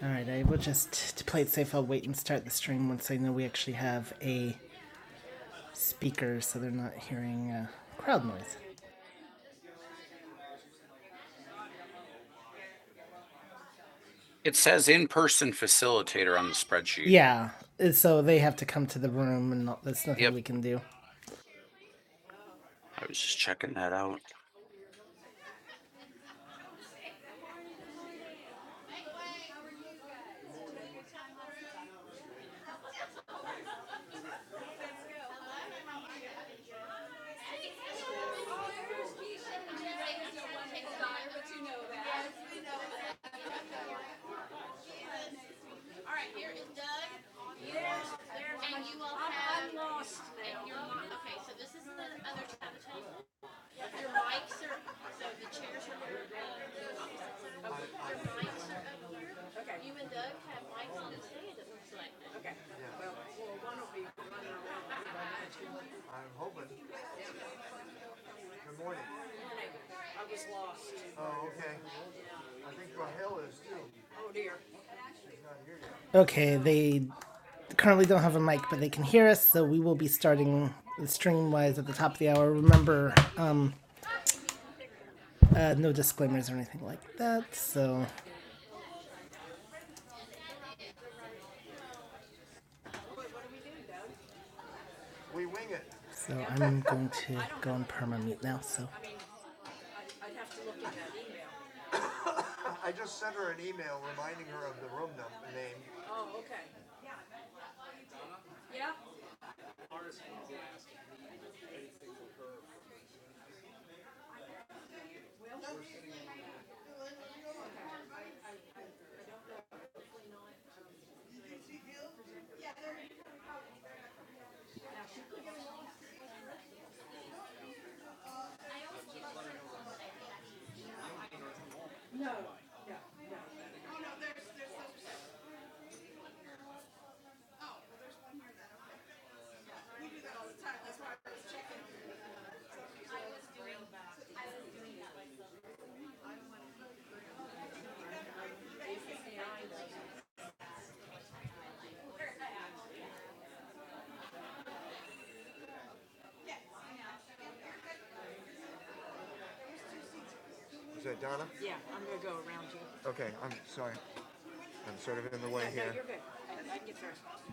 All right, I will just, to play it safe, I'll wait and start the stream once I know we actually have a speaker so they're not hearing uh, crowd noise. It says in-person facilitator on the spreadsheet. Yeah, uh, so they have to come to the room and not, there's nothing Yep, we can do. I was just checking that out. And you all have, I'm lost now. And you're, okay, so this is the other tab. Your mics are, so the chairs are here, uh, the mics are up. Okay. You and Doug have mics on the stand, it looks like. Okay. Good morning. Oh, okay. I think Rahel is too. Okay, they currently don't have a mic, but they can hear us, so we will be starting stream wise at the top of the hour. Remember, uh, uh, no disclaimers or anything like that. So, We wing it. so I'm going to go on perma mute now. So, I mean, I'd have to look at that email. I just sent her an email reminding her of the room num- name. Oh, okay. Yep. Yeah, I know. Is that Donna? Yeah, I'm gonna go around you. Okay, I'm sorry. I'm sort of in the way No, here. No, you're good. I, I can get there.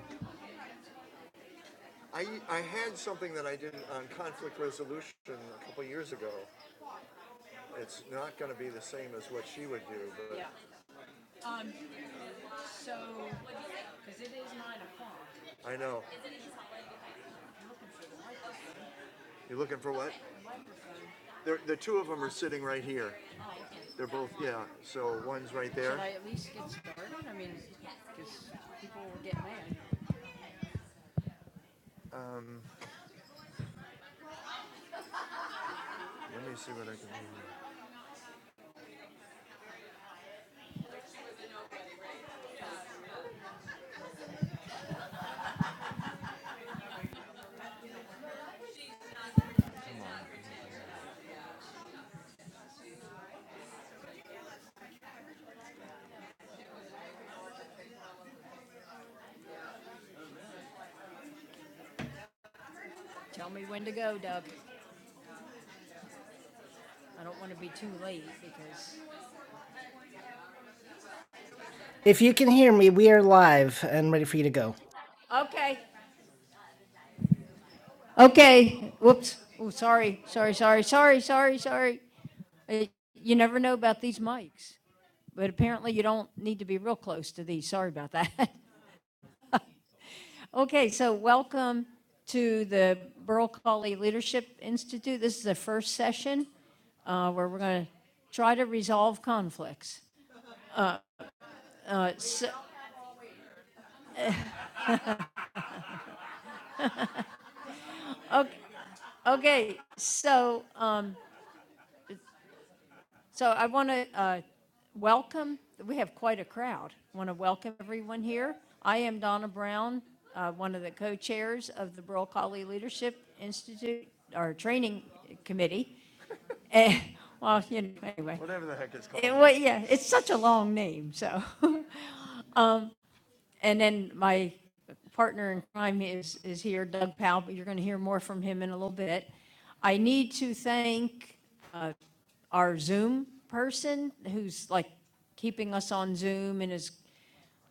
I, I had something that I did on conflict resolution a couple years ago. It's not going to be the same as what she would do, but Yeah. Um, so, because it is nine o'clock. I know. You're looking for what? They're, the two of them are sitting right here. They're both, yeah, so one's right there. Should I at least get started? I mean, because people will get mad. Let me see what I can do. Tell me when to go, Doug. I don't want to be too late because. If you can hear me, we are live and ready for you to go. Okay. Okay. Whoops. Oh, sorry. Sorry, sorry, sorry, sorry, sorry. Uh, You never know about these mics, but apparently you don't need to be real close to these. Sorry about that. Okay, so welcome to the Burl Colley Leadership Institute. This is the first session uh, where we're going to try to resolve conflicts. Uh, so, okay, so uh, so I want to uh, welcome. We have quite a crowd. I Want to welcome everyone here. I am Donna Brown, uh, one of the co-chairs of the Burl Colley Leadership Institute or Training Committee. And well, you know, anyway. Whatever the heck it's It, called. It, well, yeah, it's such a long name, so. And then my partner in crime is, is here, Doug Powell, but you're going to hear more from him in a little bit. I need to thank our Zoom person who's like keeping us on Zoom and is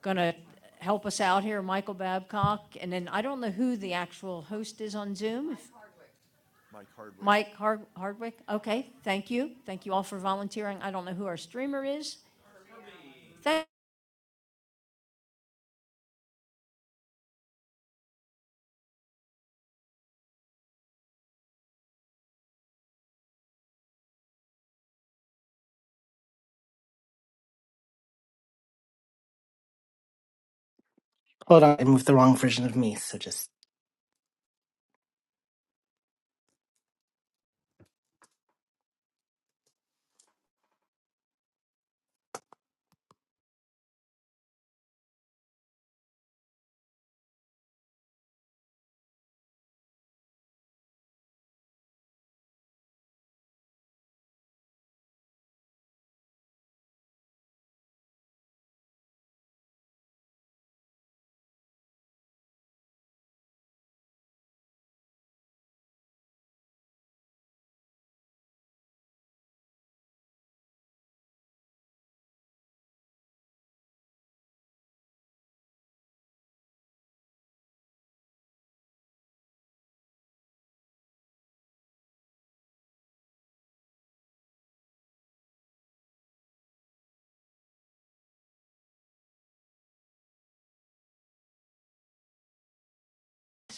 going to help us out here, Michael Babcock. And then I don't know who the actual host is on Zoom. Mike Hard- Hardwick? Okay, thank you. Thank you all for volunteering. I don't know who our streamer is. Thank Hold on, I moved the wrong version of me, so just.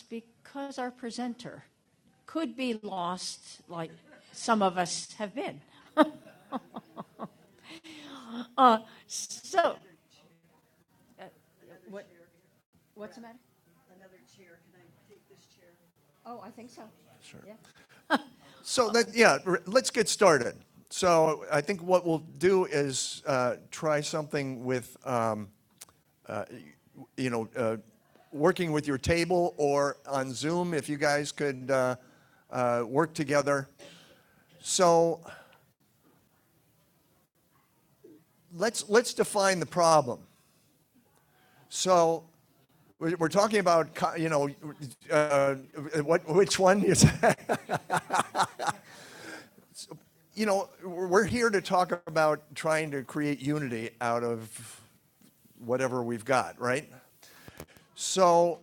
because our presenter could be lost, like some of us have been. Uh, so, uh, what, what's the matter? Oh, I think so. So let, yeah, let's get started. So I think what we'll do is uh, try something with, um, you know, uh, working with your table or on Zoom if you guys could uh, uh, work together. So let's let's define the problem. So We're talking about, you know, uh, what, which one is, that? you know, we're here to talk about trying to create unity out of whatever we've got, right? So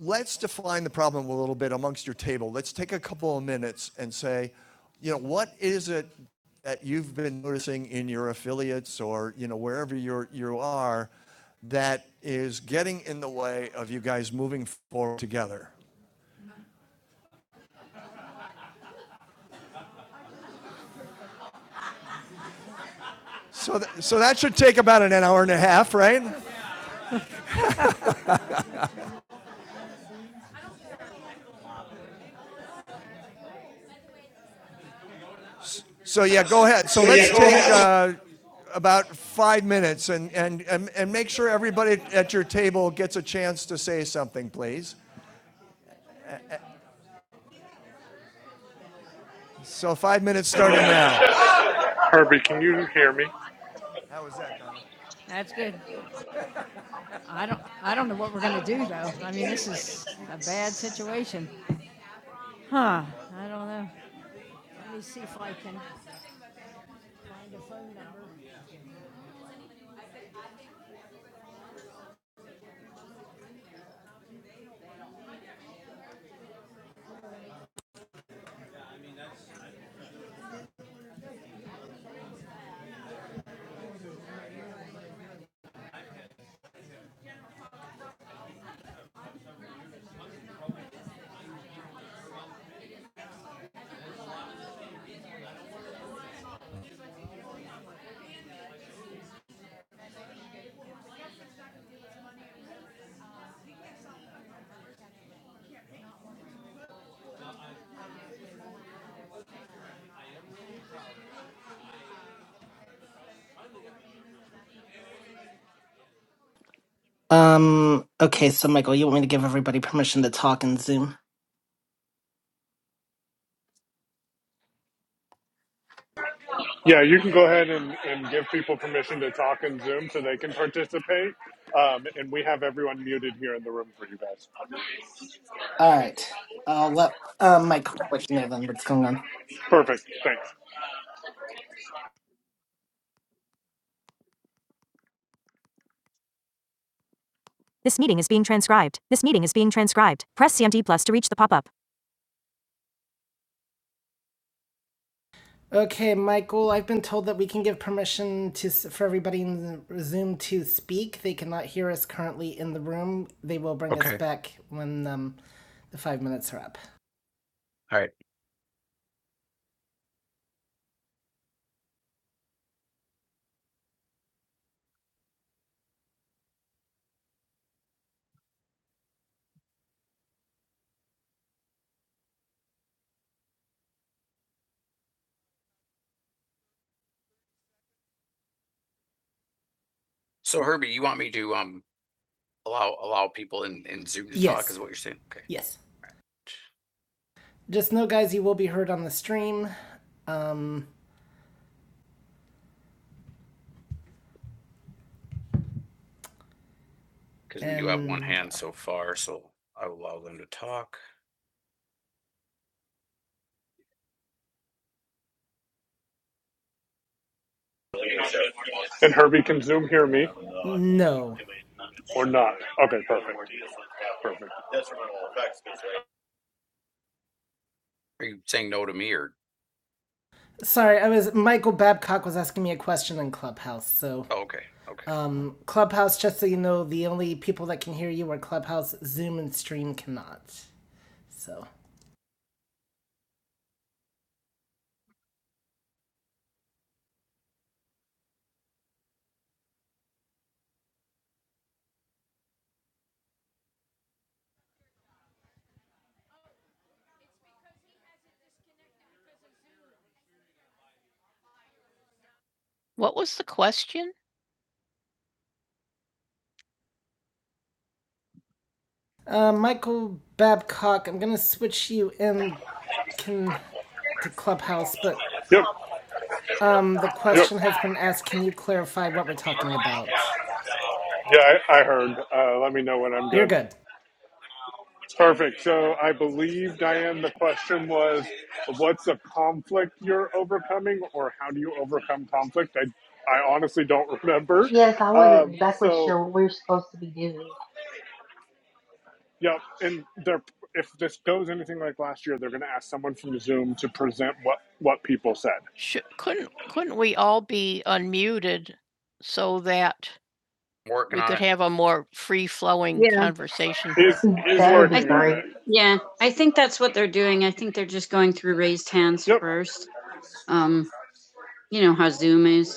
let's define the problem a little bit amongst your table. Let's take a couple of minutes and say, you know, what is it that you've been noticing in your affiliates or, you know, wherever you're, you are that is getting in the way of you guys moving forward together? So, th- so that should take about an hour and a half, right? So yeah, go ahead. So let's take uh, about five minutes and, and, and, and make sure everybody at your table gets a chance to say something, please. So five minutes starting now. Herbie, can you hear me? How was that, Donna? That's good. I don't I don't know what we're gonna do though. I mean this is a bad situation. Huh. I don't know. Let me see if I can find a phone number. Um, okay, so Michael, you want me to give everybody permission to talk in Zoom? Yeah, you can go ahead and, and give people permission to talk in Zoom so they can participate. Um, and we have everyone muted here in the room for you guys. Alright, I'll let uh, Mike let you know then what's going on. Perfect. Thanks. This meeting is being transcribed. This meeting is being transcribed. Press CMD plus to reach the pop-up. Okay, Michael, I've been told that we can give permission to for everybody in Zoom to speak. They cannot hear us currently in the room. They will bring Okay. us back when um, the five minutes are up. All right. So Herbie, you want me to um allow allow people in in Zoom to yes. talk Yes. is what you're saying? Okay, Yes. Just know, guys, you will be heard on the stream. Um, because we do have one hand so far, so I will allow them to talk. And Herbie, can Zoom hear me no. or not? Okay, perfect. Perfect. Are you saying no to me or Sorry, I was Michael Babcock was asking me a question in Clubhouse. So, Oh, okay. Okay. um, Clubhouse, just so you know, the only people that can hear you are Clubhouse, Zoom, and Stream cannot. So, What was the question? uh, Michael Babcock, I'm gonna switch you in can to Clubhouse, but Yep. um, the Yep. question has been asked. Can you clarify what we're talking about? Yeah, I, I heard. Uh, let me know when I'm You're good. good. Perfect. So I believe, Diane, the question was what's a conflict you're overcoming or how do you overcome conflict? I, I honestly don't remember. Yes, I wasn't Um, exactly so sure what we are supposed to be doing. Yep, and they're if this goes anything like last year, they're going to ask someone from Zoom to present what what people said. Should couldn't couldn't we all be unmuted so that Working we on could it. have a more free-flowing Yeah. conversation? Is Mm, is That would I be I think- working on great. it. Yeah, I think that's what they're doing. I think they're just going through raised hands Yep. first. Um, you know how Zoom is.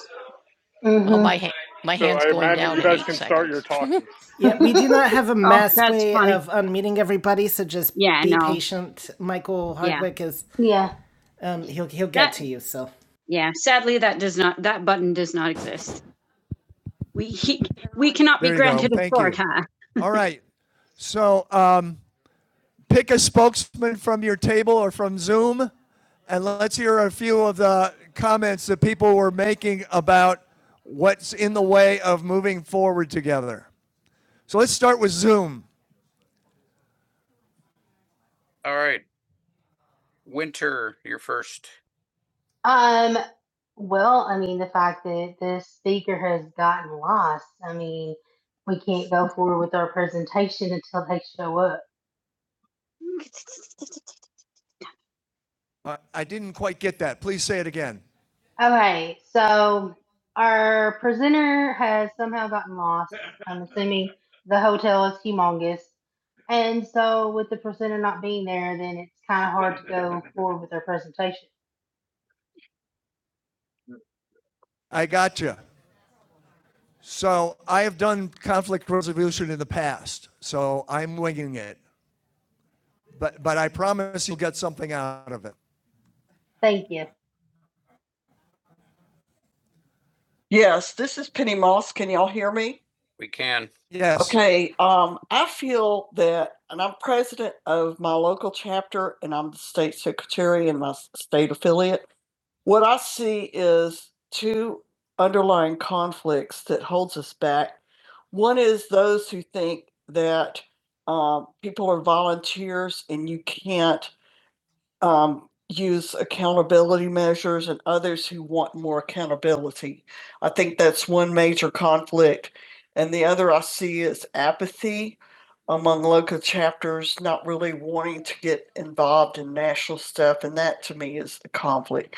Well, Mhm. my ha- my So hand's I going imagine down you in guys eight can start your seconds. talking. Yeah, we do not have a mass that's way funny. of unmuting everybody, so just Yeah, be no. patient. Michael Yeah. Hardwick yeah. is Yeah. um he'll he'll get That- to you, so Yeah, sadly, that does not. That button does not exist. We he, we cannot be There you granted a Thank court, huh? All right. So um, pick a spokesman from your table or from Zoom. And let's hear a few of the comments that people were making about what's in the way of moving forward together. So let's start with Zoom. All right, Winter, you're first. Um, well, I mean, the fact that this speaker has gotten lost, I mean, we can't go forward with our presentation until they show up. I- I didn't quite get that. Please say it again. Okay, so our presenter has somehow gotten lost. I'm assuming the hotel is humongous. And so with the presenter not being there, then it's kind of hard to go forward with our presentation. I got you. So I have done conflict resolution in the past, so I'm winging it. But, but I promise you'll get something out of it. Thank you. me? We can. Yes. Okay, um, I vote that, and I said other, and I'm just split. What is two that what do you think that um, people are volunteers and you can't um, use equality measures and others who want more ability? I think that's a wanting to get Netflix.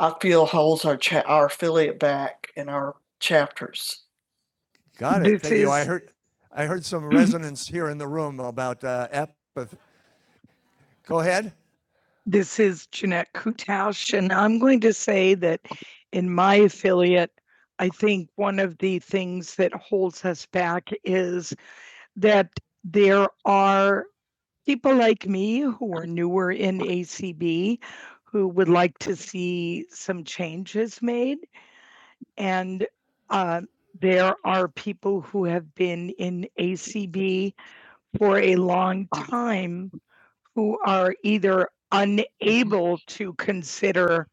I feel holds our cha- our affiliate back in our chapters. Got it. Thank you. I heard, I heard some resonance here in the room about uh, apathy. Go ahead. This is Jeanette Kutausch, and I'm going to say that in my affiliate, I think one of the things that holds us back is that there are people like me who are in A who would like to see some changes made. And uh, there are people who have been in ACB for a long time who are either unable to consider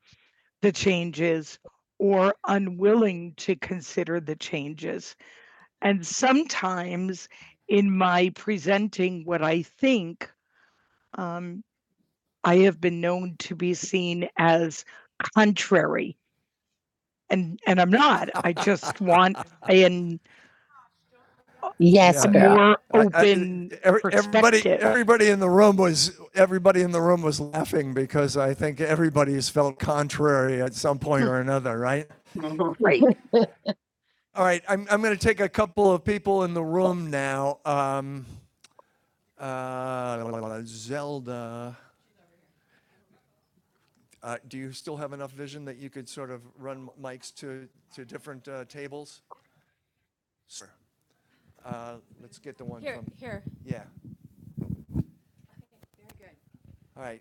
the changes or unwilling to consider the changes. And sometimes presenting um, I own as country, and I'm not. I just want an Yes, Yeah. girl. open. I, I, Every- everybody, everybody in the room was everybody in the room was laughing because I think everybody's felt contrary at some point or another, right? Right. All right, I'm I'm going to take a couple of people in the room now. Um, uh, Zelda, uh, do you still have enough vision that you could sort of run mics to to different uh, tables? Sure. Uh, Let's get the one Here, from, here. yeah, all right.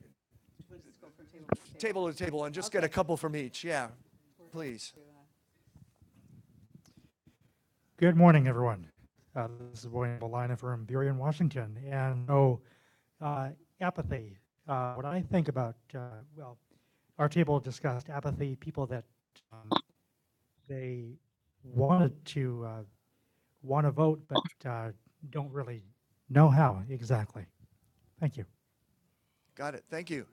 Table to table, and just okay. get a couple from each, yeah, please. Good morning, everyone. Uh, this is William Belina from Burien, Washington. And no uh, apathy. Uh, what I think about, uh, well, our table discussed that, but don't really know. Got it, thank you.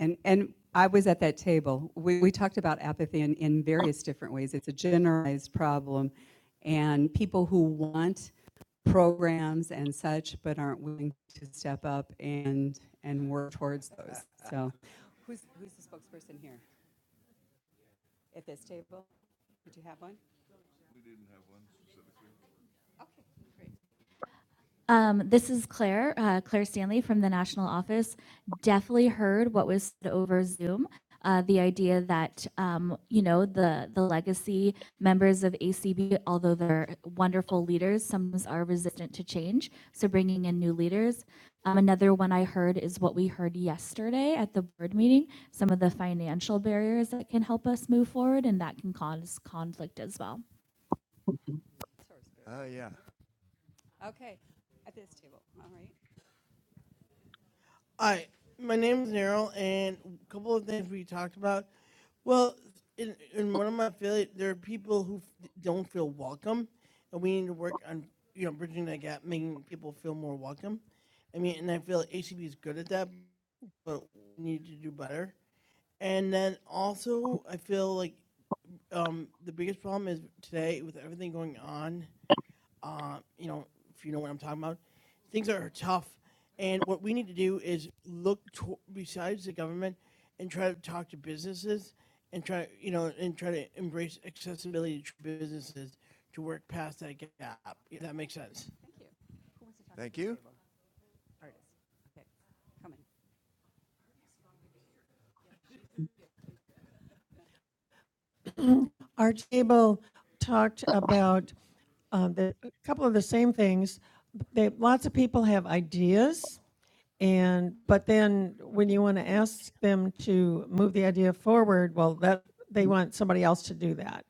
And, and I was at that table. We, we talked about apathy in, in various different ways. It's a generalized problem. And people who want programs and such, but aren't willing to step up and, and towards those. So who's, who's the spokesperson here? At this table? Did you have one? Um, this is Claire, uh, Claire Stanley from the national office. Definitely heard what was said over Zoom. Uh, the idea that um, you know the the legacy members of ACB, although they're wonderful leaders, some are resistant to change. So bringing in new leaders. Um, another one I heard is what we heard yesterday at the board meeting. Some of the financial barriers that can help us move forward, and that can cause conflict as well. Oh, yeah. Okay, at this table, all right. Hi, my name is Daryl, and a couple of things we talked about. Well, in, in one of my affiliate, there are people who f- don't feel welcome, and we need to work on you know bridging that gap, making people feel more welcome. I mean, and I feel like ACB is good at that, but we need to do better. And then also, I feel like um, the biggest problem is today with everything going on. Uh, you know, if you know what I'm talking about, things are tough, and what we need to do is look to, besides the government and try to talk to businesses and try you know and try to embrace accessibility to businesses to work past that. Thank you. Our table talked about um, the, a couple of the same things. They, lots of people have ideas, and but then when you want to ask them to move the idea forward, well, that they want somebody else to do that.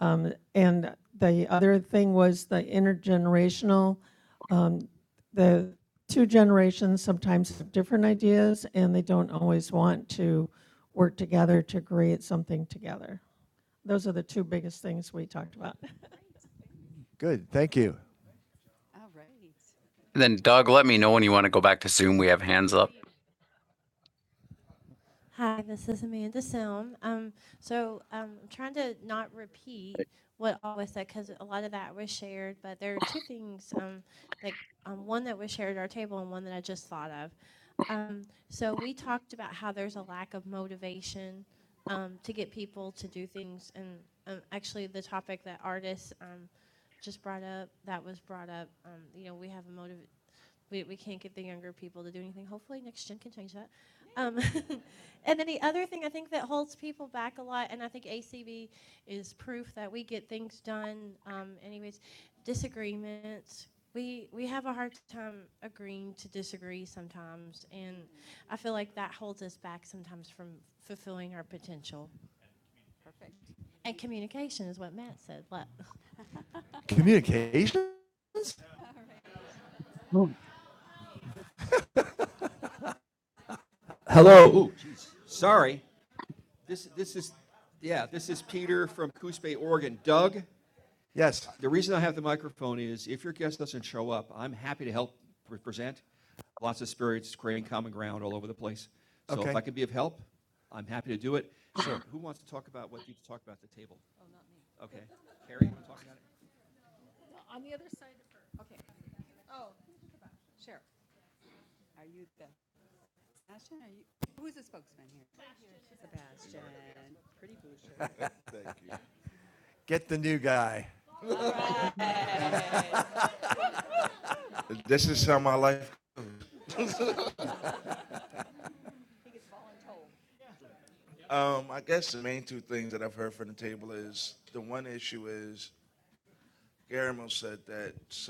Um, And the other thing was the intergenerational, um, the two generations sometimes have different ideas, and they don't always want to work together to create something together. Those are the two biggest things we talked about. Good. Thank you. And Then Doug, let me know when you want to go back to Zoom. We have hands up. Hi, this is Amanda Sound. Um, so um, I'm trying to not repeat what all was said because a lot of that was shared, but there are two things um, like um, one that was shared at our table and one that I just thought of. Um, so we talked about how there's a lack of men um, to um, sort of the younger people to do anything. Hopefully, next gen can change that. Um, and then the other thing I think that holds people back a lot, and I think ACB is proof that we get things done. Um, anyways, disagreements. We we have a hard time agreeing to disagree sometimes, and I feel like that holds us back sometimes from fulfilling our potential. Communication. Matt said, "Look, Communications? Hello. Ooh, This, this is yeah. This is Peter from Coos Bay, Oregon. Doug, Yes. should show up. So Okay. if I could be a sure, who about what you able? On the other side of her. Okay, oh, Sheriff, are you Sebastian, are you, who's the spokesman here? Sebastian, pretty Boucher. Get the new guy. that's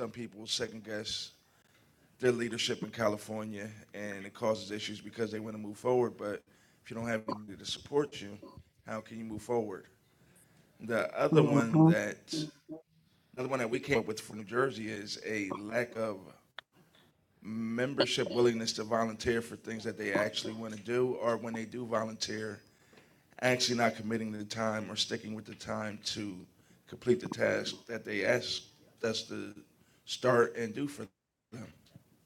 guys their leadership in California and issues because they want to move forward to support you. Can you move forward? The Other one that became a membership willingness to volunteer for things that they actually want to do, or when they do volunteer, actually not committing the time or sticking with the time to complete the task that they asked us to start and do for. them.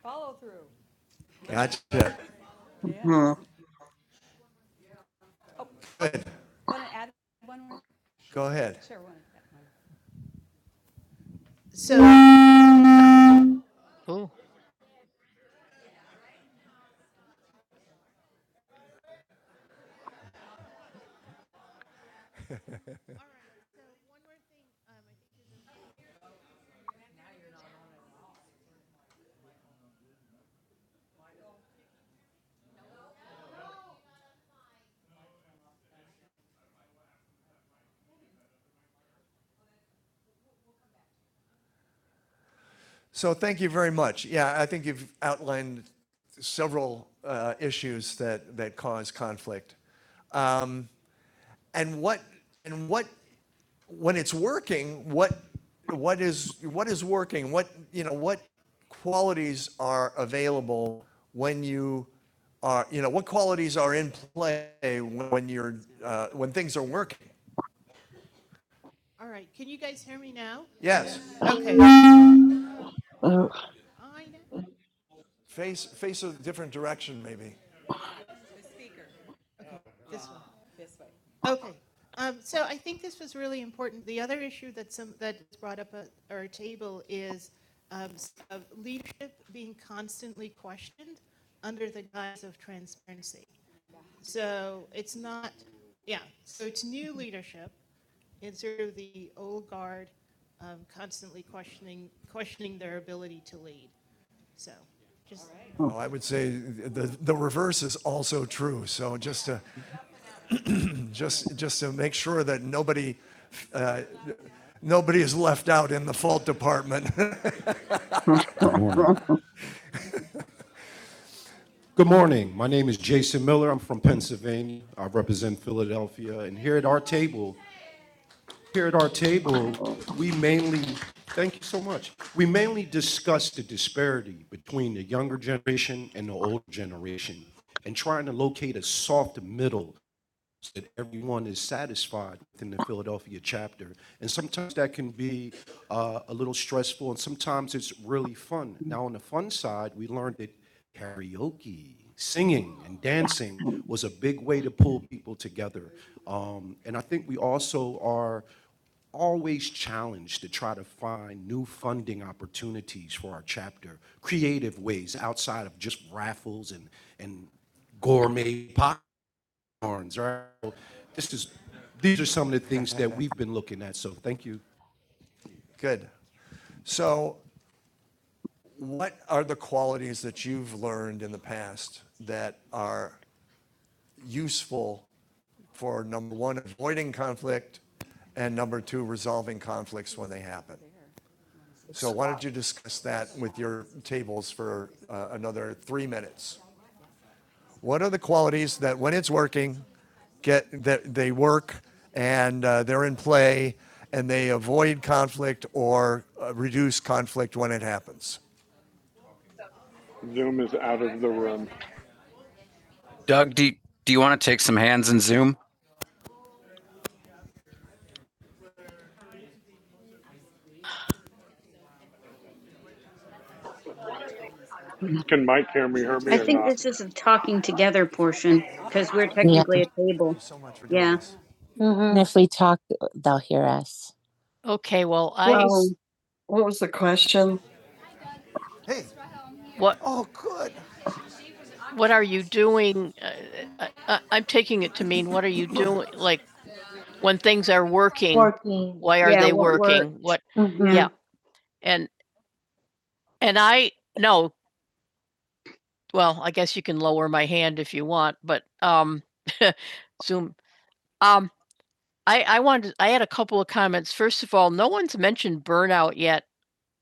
Follow through. Gotcha. Good. Want to add one more? Go ahead. Sure, So, So thank you very much. Yeah, I think you've outlined several uh, issues that, that cause conflict. Um, and what and what when it's working, what what is what is working? What you know what qualities are available when you are you know what qualities are in play when you're uh, when things are working? Right. Can you guys hear me now? Yes. Yeah. Face face a different direction maybe. This was really or under the transparency. So it's not, yeah. So it's new leadership. Oh, I would say the the reverse is also true. So just to just, just to make sure that nobody, nobody is left out in the fault department. My name is Jason Miller. I'm from Pennsylvania. I represent Philadelphia. And here, at our table, please, thank you so much. We mainly discuss the disparity between the younger generation and the older generation and trying to locate a soft middle. One is satisfied within the Philadelphia chapter. And sometimes that can be a, a little stressful, and sometimes it's really fun. Now, on the fun side, we learn karaoke singing and dancing was a big way to pull people together. Um, and I think we also are always challenged to try to find new funding opportunities for our chapter, creative ways outside of just raffles and, and gourmet. Just these are some of the things that we've been looking at. So thank you. Good. So, what are the qualities that you've learned in the past that are useful for number one, avoiding conflict, and number two, resolving conflicts when they happen. So why don't you discuss that with your tables for uh, another three minutes? What are the qualities that when it's working, get, that they work and uh, they're in play and they avoid conflict or uh, reduce conflict when it happens? Zoom is out of the room. Doug, do you, do you want to take some hands in Zoom? Can Mike hear me, I Herbie, or think not? this is a talking together portion because we're technically yeah. a table. So much Yeah. doing this. Mm-hmm. Okay, well, I Well, what was the question? Hey. what Oh, good. what are you doing? Uh, I, I, I'm taking it to mean what are you doing? Like when things are working, Working. why are Yeah, they what works. working? works? What hmm Yeah. and and I no, well, I guess you can lower my hand if you want, but um Zoom. Um I I wanted I had a couple of comments. First of all, no one's mentioned burnout yet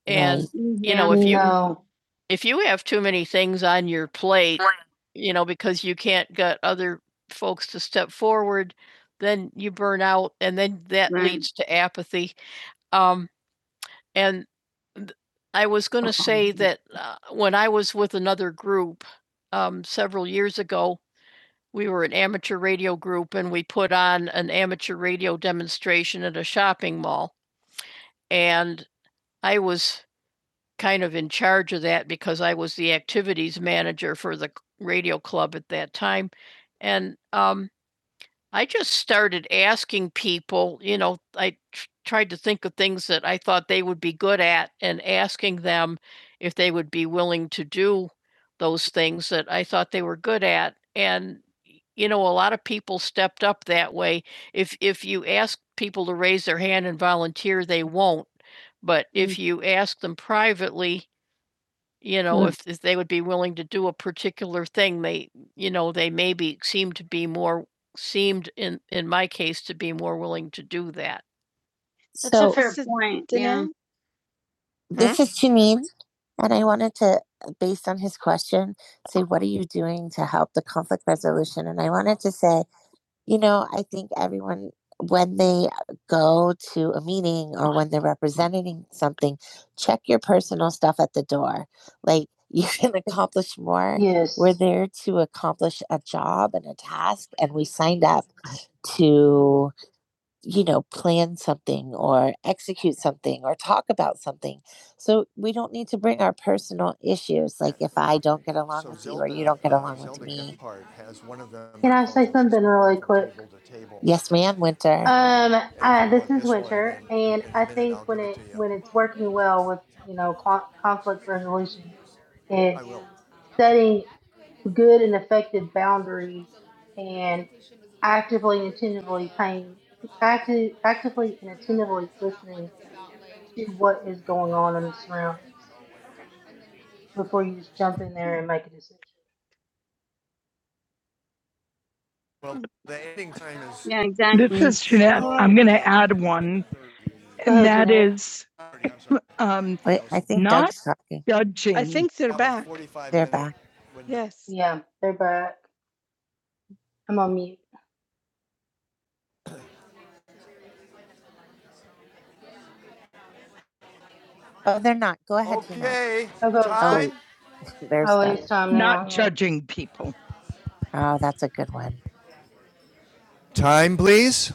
And You Yeah, know, if you- No, if you have too many things on your plate, you know, because you can't get other folks to step forward, then you burn out and then that Right. leads to apathy. Um, and th- I was going to say that uh, when I was with another group um, several years ago, we were an amateur radio group and we put on an amateur radio demonstration at a shopping mall. And I was kind of in charge of that because I was the activities manager for the radio club at that time. And um, I just started asking people, you know, I tr- tried to think of things that I thought they would be good at and asking them if they would be willing to do those things that I thought they were good at. And y- you know, a lot of people stepped up that way. If if you ask people to raise their hand and volunteer, they won't. But Mm. if you ask them privately, you know, Mm. if, if they would be willing to do a particular thing, they, you know, they maybe seem to be more seemed in in my case to be more willing to do that. That's so, a So, fair so point, yeah. this is Janine. or Yes. Where there's like get along So with Zelda, you or you don't get along Zelda with me. has one of them. Can I say something really quick? Table table. Yes, sir. Um, I, this is this Winter, and I think when it when it's working well with you know con- conflict resolution, I it's setting good and effective boundaries and actively and attentively paying, active, actively and attentively listening to what is going on in the surroundings before you just jump in there and make a decision. Well, the ending time is Yeah, exactly. This exactly. is Jeanette. I'm going to add one, and oh, that Jeanette. is um, Wait, I think Not- judging. I think they're back. they They're back. Yes. Yeah, they're back. I'm on mute. They're not. Go ahead. Okay, i go. time there's Always that. Not now. judging. Time, please.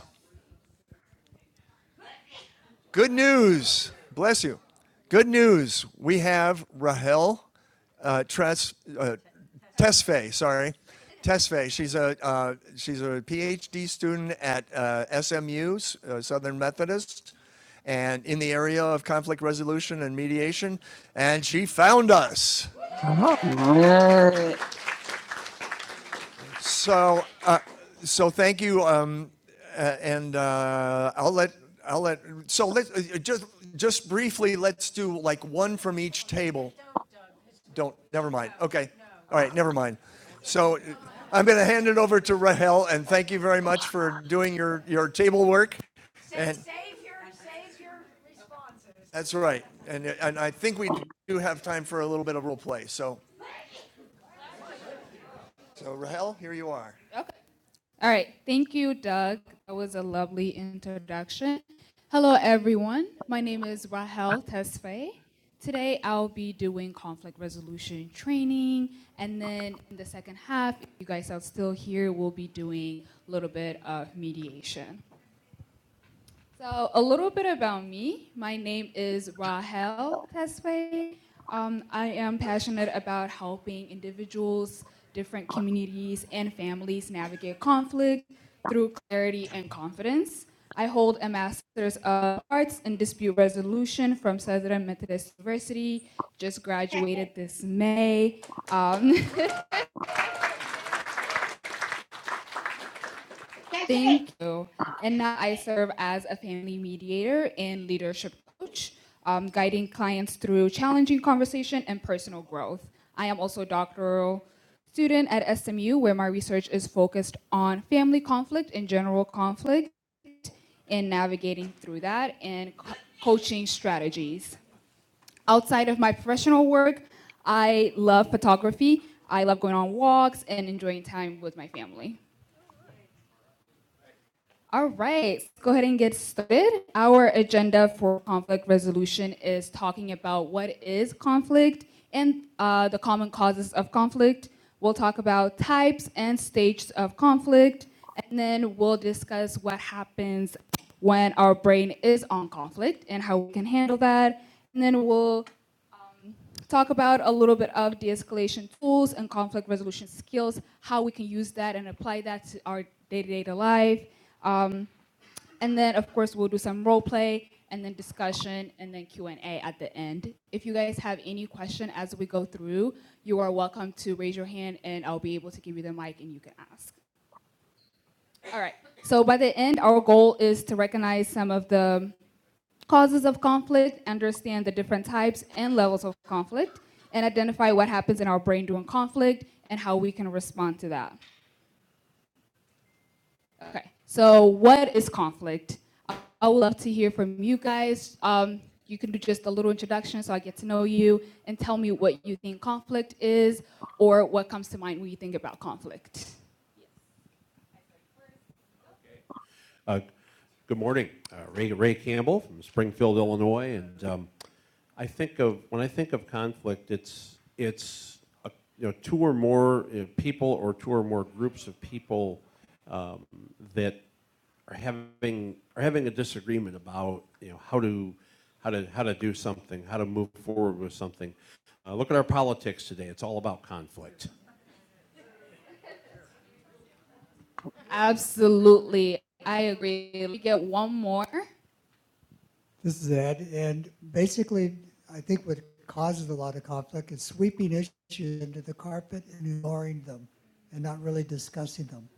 Good news. Bless you. Good news. We have Rahel uh, Tres, uh, Tesfaye, sorry. Tesfaye. She's a, uh, she's a PhD student at uh, SMU, uh, Southern Methodist, and in the area of conflict resolution and mediation. And she found us. Wow. So, uh, so thank you, um, uh, and uh, I'll let I'll let. So let's uh, uh, just just briefly. Let's do like one from each table. Don't. Never mind. Okay. All right. Never mind. So. uh, I'm going to hand it over to Rahel, and thank you very much for doing your, your table work. And that's right. And, and I think we do have time for a little bit of role play. So, so Rahel, here you are. All right. Thank you, Doug. That was a lovely introduction. Hello, everyone. My name is Rahel Tesfaye. Today, I'll be doing conflict resolution training. And then in the second half, if you guys are still here, we'll be doing a little bit of mediation. Uh, a little bit about me. My name is Rahel Tesfaye. Um, I am passionate about helping individuals, different communities, and families navigate conflict through clarity and confidence. I hold a Master's of Arts in Dispute Resolution from Southern Methodist University. Just graduated this May. Uh, Thank you. And now I serve as a family mediator and leadership coach, um, guiding clients through challenging conversation and personal growth. I am also a doctoral student at SMU, where my research is focused on family conflict and general conflict and navigating through that and co- coaching strategy. Outside of my professional work, I love photography. I love going on walks and enjoying time with my family. All right, let's go ahead and get started. Our agenda for conflict resolution is talking about what is conflict and uh, the common causes of conflict. We'll talk about types and stages of conflict, and then we'll discuss what happens when our brain is on conflict and how we can handle that. And then we'll talk about a little bit of de escalation tools and conflict resolution skills, how we can use that and apply that to our day to day life. And then, of course, we'll do some role play and then discussion and then Q&A at the end. If you guys have any question as we go through, you are welcome to raise your hand and I'll be able to give you the mic and you can ask. All right. So by the end, our goal is to recognize some of the causes of conflict, understand the different types and levels of conflict, and identify what happens in our brain during conflict and how we can respond to that. Okay, so what is conflict? I- would love to hear from you guys. Um, you can do just a little introduction so I get to know you and tell me what you think conflict is or what comes to mind when you think about conflict. Good morning, uh, Ray, Ray Campbell from Springfield, Illinois, and um, I think of when I think of conflict, it's you know two or more uh, people or two or more groups of people are having an agreement. Absolutely, I agree. We get one more. And the the conflict is sweeping issues under the carpet and ignoring them and not really discussing them.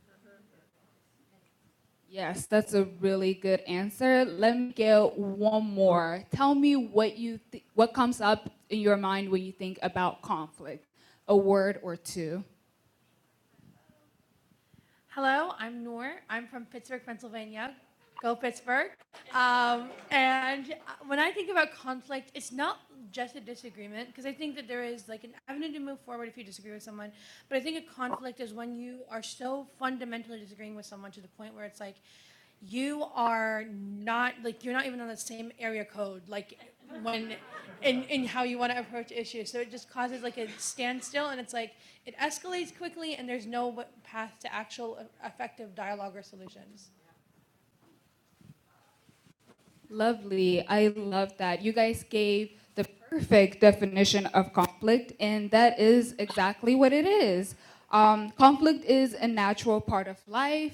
Yes, that's a really good answer. Let me get one more. Tell me what you th- what comes up in your mind when you think about conflict, a word or two. Hello, I'm Noor. I'm from Pittsburgh, Pennsylvania. Go Pittsburgh. Um, and uh, when I think about conflict, it's not just a disagreement, because I think that there is like an avenue to move forward if you disagree with someone. But I think a conflict is when you are so fundamentally disagreeing with someone to the point where it's like you are not like you're not even on the same area code like when in in how you want to approach issues so it just causes like a standstill and it's like it escalates quickly and there's no path to actual e- effective dialogue or solutions Lovely. I love that. You guys gave the perfect definition of conflict, and that is exactly what it is. Um, conflict is a natural part of life.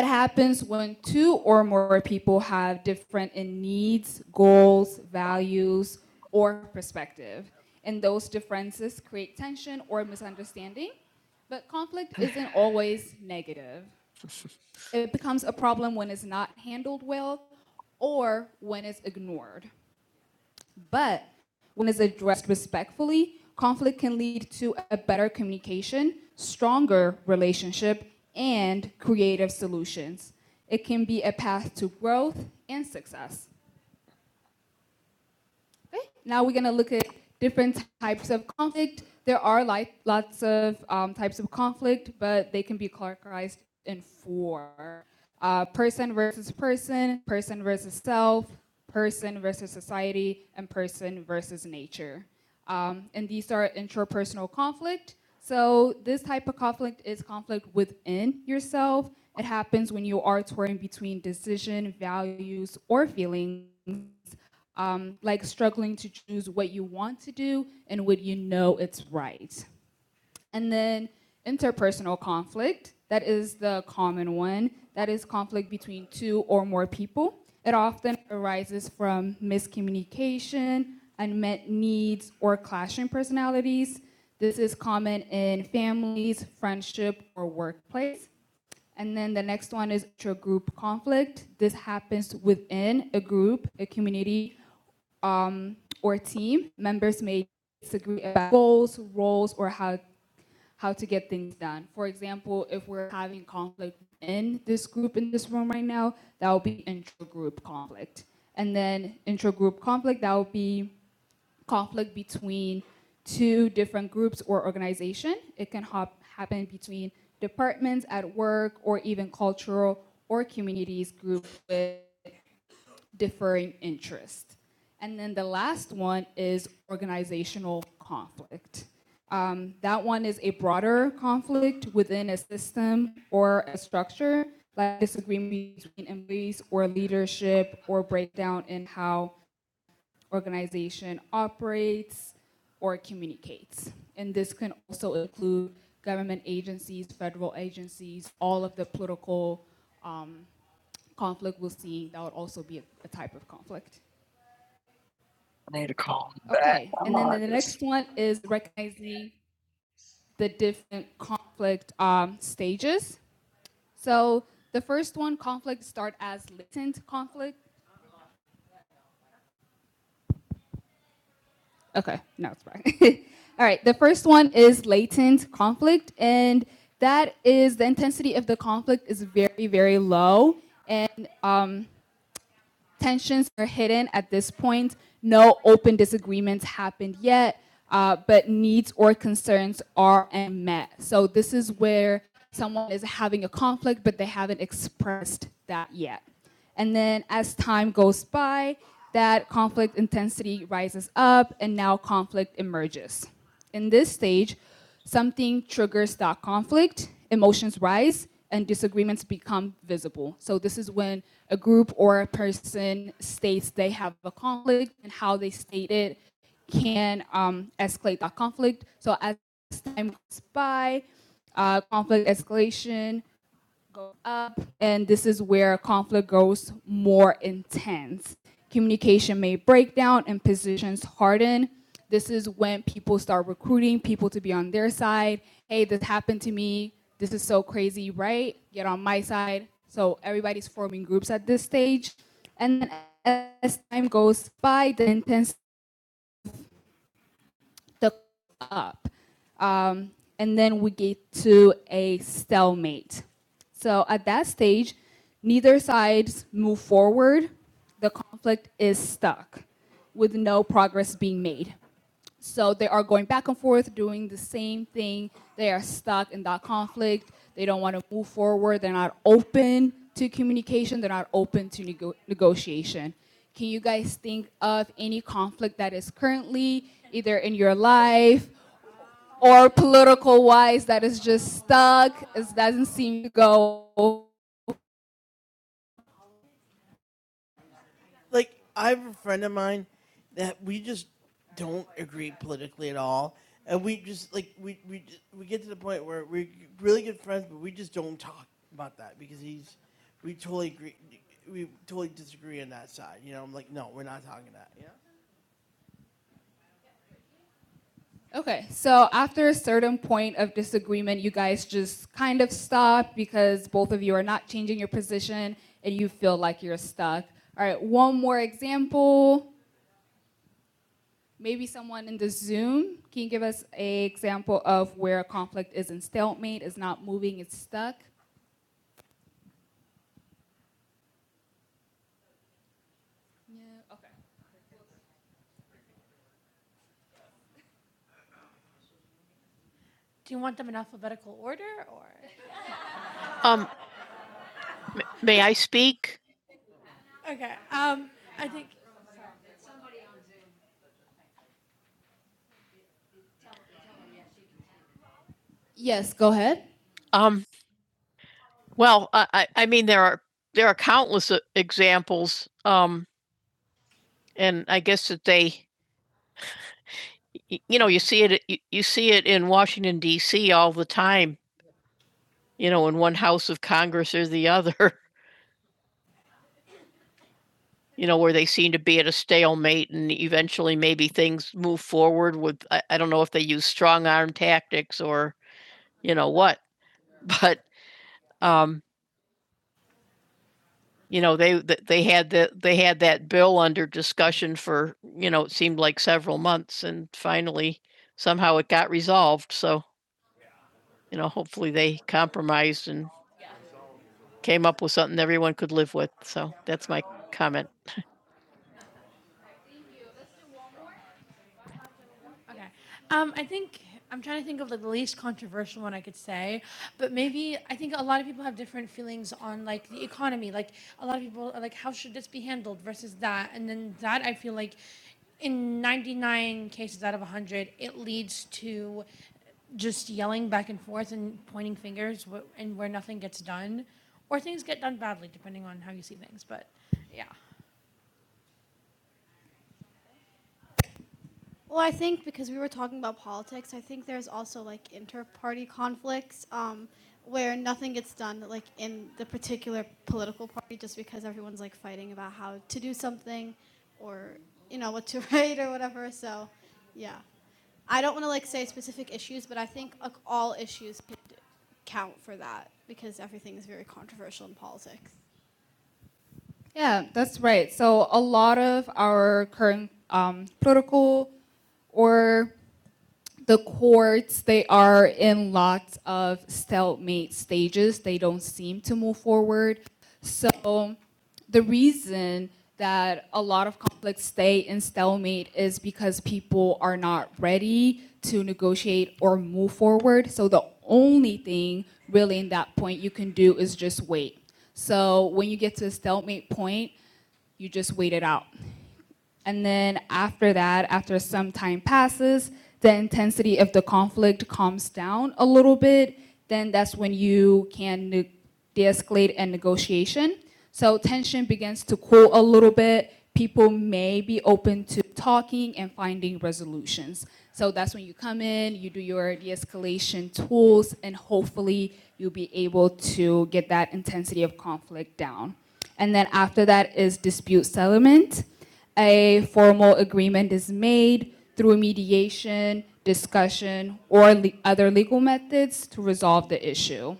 It happens when two or more people have different in needs, goals, values, or perspective. And those differences create tension or misunderstanding. But conflict isn't always negative. It becomes a problem when it's not handled well or when it's ignored. But when it's addressed respectfully, conflict can lead to a better communication, stronger relationship, and creative solutions. It can be a path to growth and success. Now we're going to look at different types of conflict. There are like lots of um, types of conflict, but they can be categorized in four uh, person versus person, person versus self, person versus society, and person versus nature. Um, and these are intrapersonal conflict. So, this type of conflict is conflict within yourself. It happens when you are torn between decision, values, or feelings like struggling to choose what you want to do and what you know it's right. And then interpersonal conflict, that is the common one. That is conflict between two or more people. It often arises from miscommunication, unmet needs, or clashing personalities. This is common in families, friendship, or workplace. And then the next one is intragroup conflict. This happens within a group, a community, or team, members may disagree about goals, roles, or how, how to get things done. For example, if we're having conflict in this group in this room right now, that will be intra-group conflict. And then intra-group conflict, that will be conflict between two different groups or organization. It can hop, happen between departments at work or even cultural or communities group with differing interests. And then the last one is organizational conflict. That one is a broader conflict within a system or a structure, like disagreement between employees or leadership or breakdown in how organization operates or communicates. And this can also include government agencies, federal agencies, all of the political um, conflict we'll see. That would also be a, a type of conflict. Okay, and then the next one is recognizing the different conflict um, stages. So the first one, conflict start as latent conflict. Okay, no, it's fine. All right, the first one is latent conflict, and that is the intensity of the conflict is very, very low, and um, Tensions are hidden at this point. No open disagreements happened yet, uh, but needs or concerns are unmet. So this is where someone is having a conflict, but they haven't expressed that yet. And then as time goes by, that conflict intensity rises up and now conflict emerges. In this stage, something triggers that conflict, emotions rise, and disagreements become visible. So, this is when a group or a person states they have a conflict, and how they state it can um, escalate that conflict. So, as time goes by, uh, conflict escalation go up, and this is where conflict grows more intense. Communication may break down and positions harden. This is when people start recruiting people to be on their side. Hey, this happened to me. This is so crazy, right? Get on my side. So everybody's forming groups at this stage. And then as time goes by, the intensity the up. Um, and then we get to a stalemate. So at that stage, neither sides move forward. The conflict is stuck with no progress being made. So they are going back and forth doing the same thing. They are stuck in that conflict. They don't want to move forward. They're not open to communication. They're not open to nego- negotiation. Can you guys think of any conflict that is currently either in your life or political wise that is just stuck? It doesn't seem to go Like I have a friend of mine that we we, we we get to the point where we're really good friends, but we just don't talk about that because he's we totally agree, we totally disagree on that side. You know, I'm like, no, we're not talking that. You know? Okay, so after a certain point of disagreement, you guys just kind of stop because both of you are not changing your position and you feel like you're stuck. All right, one more example. Maybe someone in the Zoom give us a Do you want them in alphabetical order or? Um, may I speak? Okay. Um, I think Yes, go ahead. Um, well, I, I, mean, there are there are countless uh, examples, um, and I guess that they, you know, you see it you, you see it in Washington D.C. all the time. You know, in one house of Congress or the other. You know, where they seem to be at a stalemate, and eventually maybe things move forward with I, I don't know if they use strong arm tactics or you know what, but um, you know, they, they had the, they had that bill under discussion for, you know, it seemed like several months and finally somehow it got resolved. So, you know, hopefully they compromised and came up with something everyone could live with. So that's my comment. Okay. Um, I think I'm trying to think of like the least controversial one I could say, but maybe I think a lot of people have different feelings on like the economy. Like a lot of people are like, how should this be handled versus that, and then that I feel like in 99 cases out of 100, it leads to just yelling back and forth and pointing fingers wh- and where nothing gets done, or things get done badly depending on how you see things. But yeah. Well, I think because we were talking about politics, I think there's also like inter-party conflicts um, where nothing gets done like in the particular political party just because everyone's like fighting about how to do something or you know what to write or whatever. So, yeah, I don't want to like say specific issues, but I think like, all issues could count for that because everything is very controversial in politics. Yeah, that's right. So a lot of our current um, political or the courts, they are in lots of stalemate stages. They don't seem to move forward. So the reason that a lot of conflicts stay in stalemate is because people are not ready to negotiate or move forward. So the only thing really in that point you can do is just wait. So when you get to a stalemate point, you just wait it out. And then after that, after some time passes, the intensity of the conflict calms down a little bit, then that's when you can ne- de-escalate a negotiation. So tension begins to cool a little bit. People may be open to talking and finding resolutions. So that's when you come in, you do your de-escalation tools, and hopefully you'll be able to get that intensity of conflict down outcome. And then after that is dispute settlement. A formal agreement is made through mediation, discussion, or le- other legal methods to resolve the issue.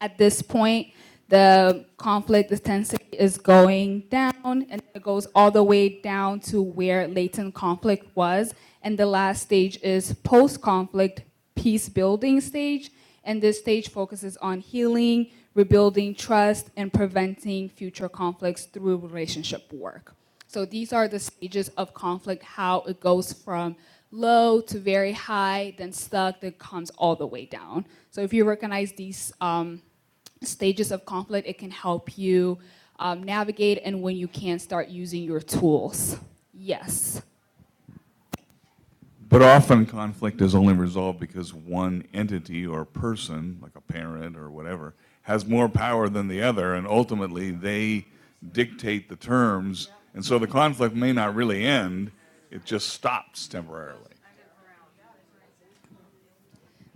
At this point, the conflict intensity is going down, and it goes all the way down to where latent conflict was. And the last stage is post-conflict peace building stage. And this stage focuses on healing, rebuilding trust, and preventing future conflicts through relationship work. So these are the stages of conflict, how it goes from low to very high, then stuck, then comes all the way down. So if you recognize these um, stages of conflict. It can help you um, navigate and when you can start using your tools. Yes. But often conflict is only resolved because one entity or person, like a parent or whatever, has more power than the other, and ultimately they dictate the term. And so the conflict may not really end, stops temporarily.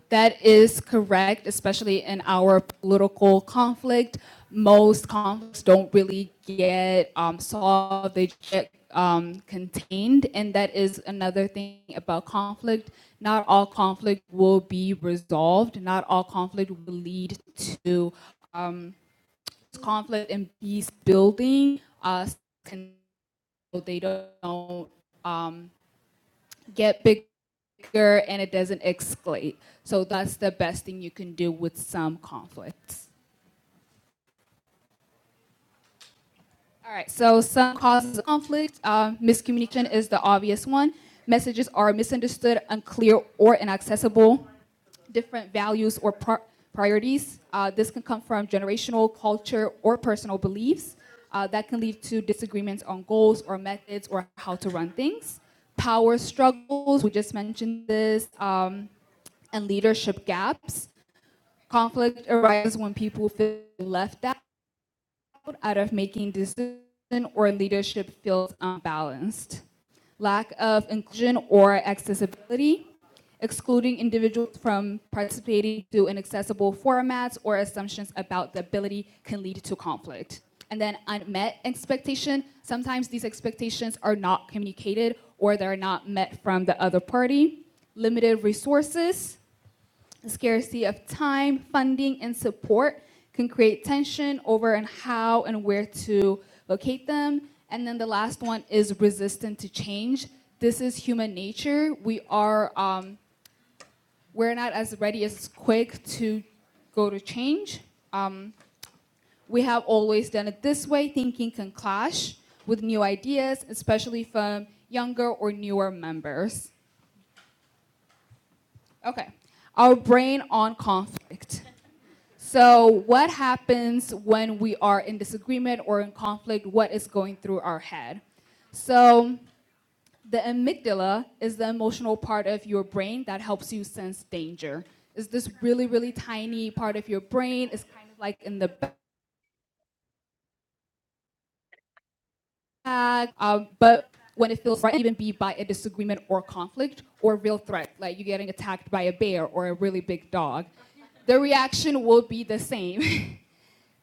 That is correct, especially in our political conflict. Most conflicts don't really get um, solved, they get um, contained. And that is another thing about conflict. Not all conflict will be resolved, not all conflict will lead to conflict and peace building. Uh, they don't get bigger and it doesn't escalate. So that's the best thing you can do with some conflicts. So some causes of conflict. Uh, miscommunication is the obvious one. Messages are misunderstood, unclear, or inaccessible. Different values or pri- priorities. Uh, this can come from generational, culture, or personal beliefs. Uh, that can lead to disagreements on goals or methods or how to run things. Power struggles, we just mentioned this, um, and leadership gaps. Conflict arises when people feel left out of making decisions or leadership feels unbalanced. lack of inclusion or accessibility, excluding individuals from participating to inaccessible formats or assumptions about the ability can lead to conflict. And then unmet expectation, sometimes these expectations are not communicated or they're not met from the other party. Limited resources, the scarcity of time, funding, and support can create tension over and how and where to locate them. And then the last one is resistant to change. This is human nature. We are um, we're not as ready as quick to go to change. We have always done it this way. Thinking can clash with new ideas, especially from younger or newer members. Okay, our brain on conflict. So, what happens when we are in disagreement or in conflict? What is going through our head? So, the amygdala is the emotional part of your brain that helps you sense danger. It's this really, really tiny part of your brain. It's kind of like in the back, um, but when it feels right, even be by a disagreement or conflict or real threat, like you getting attacked by a bear or a really big dog, the reaction will be the same.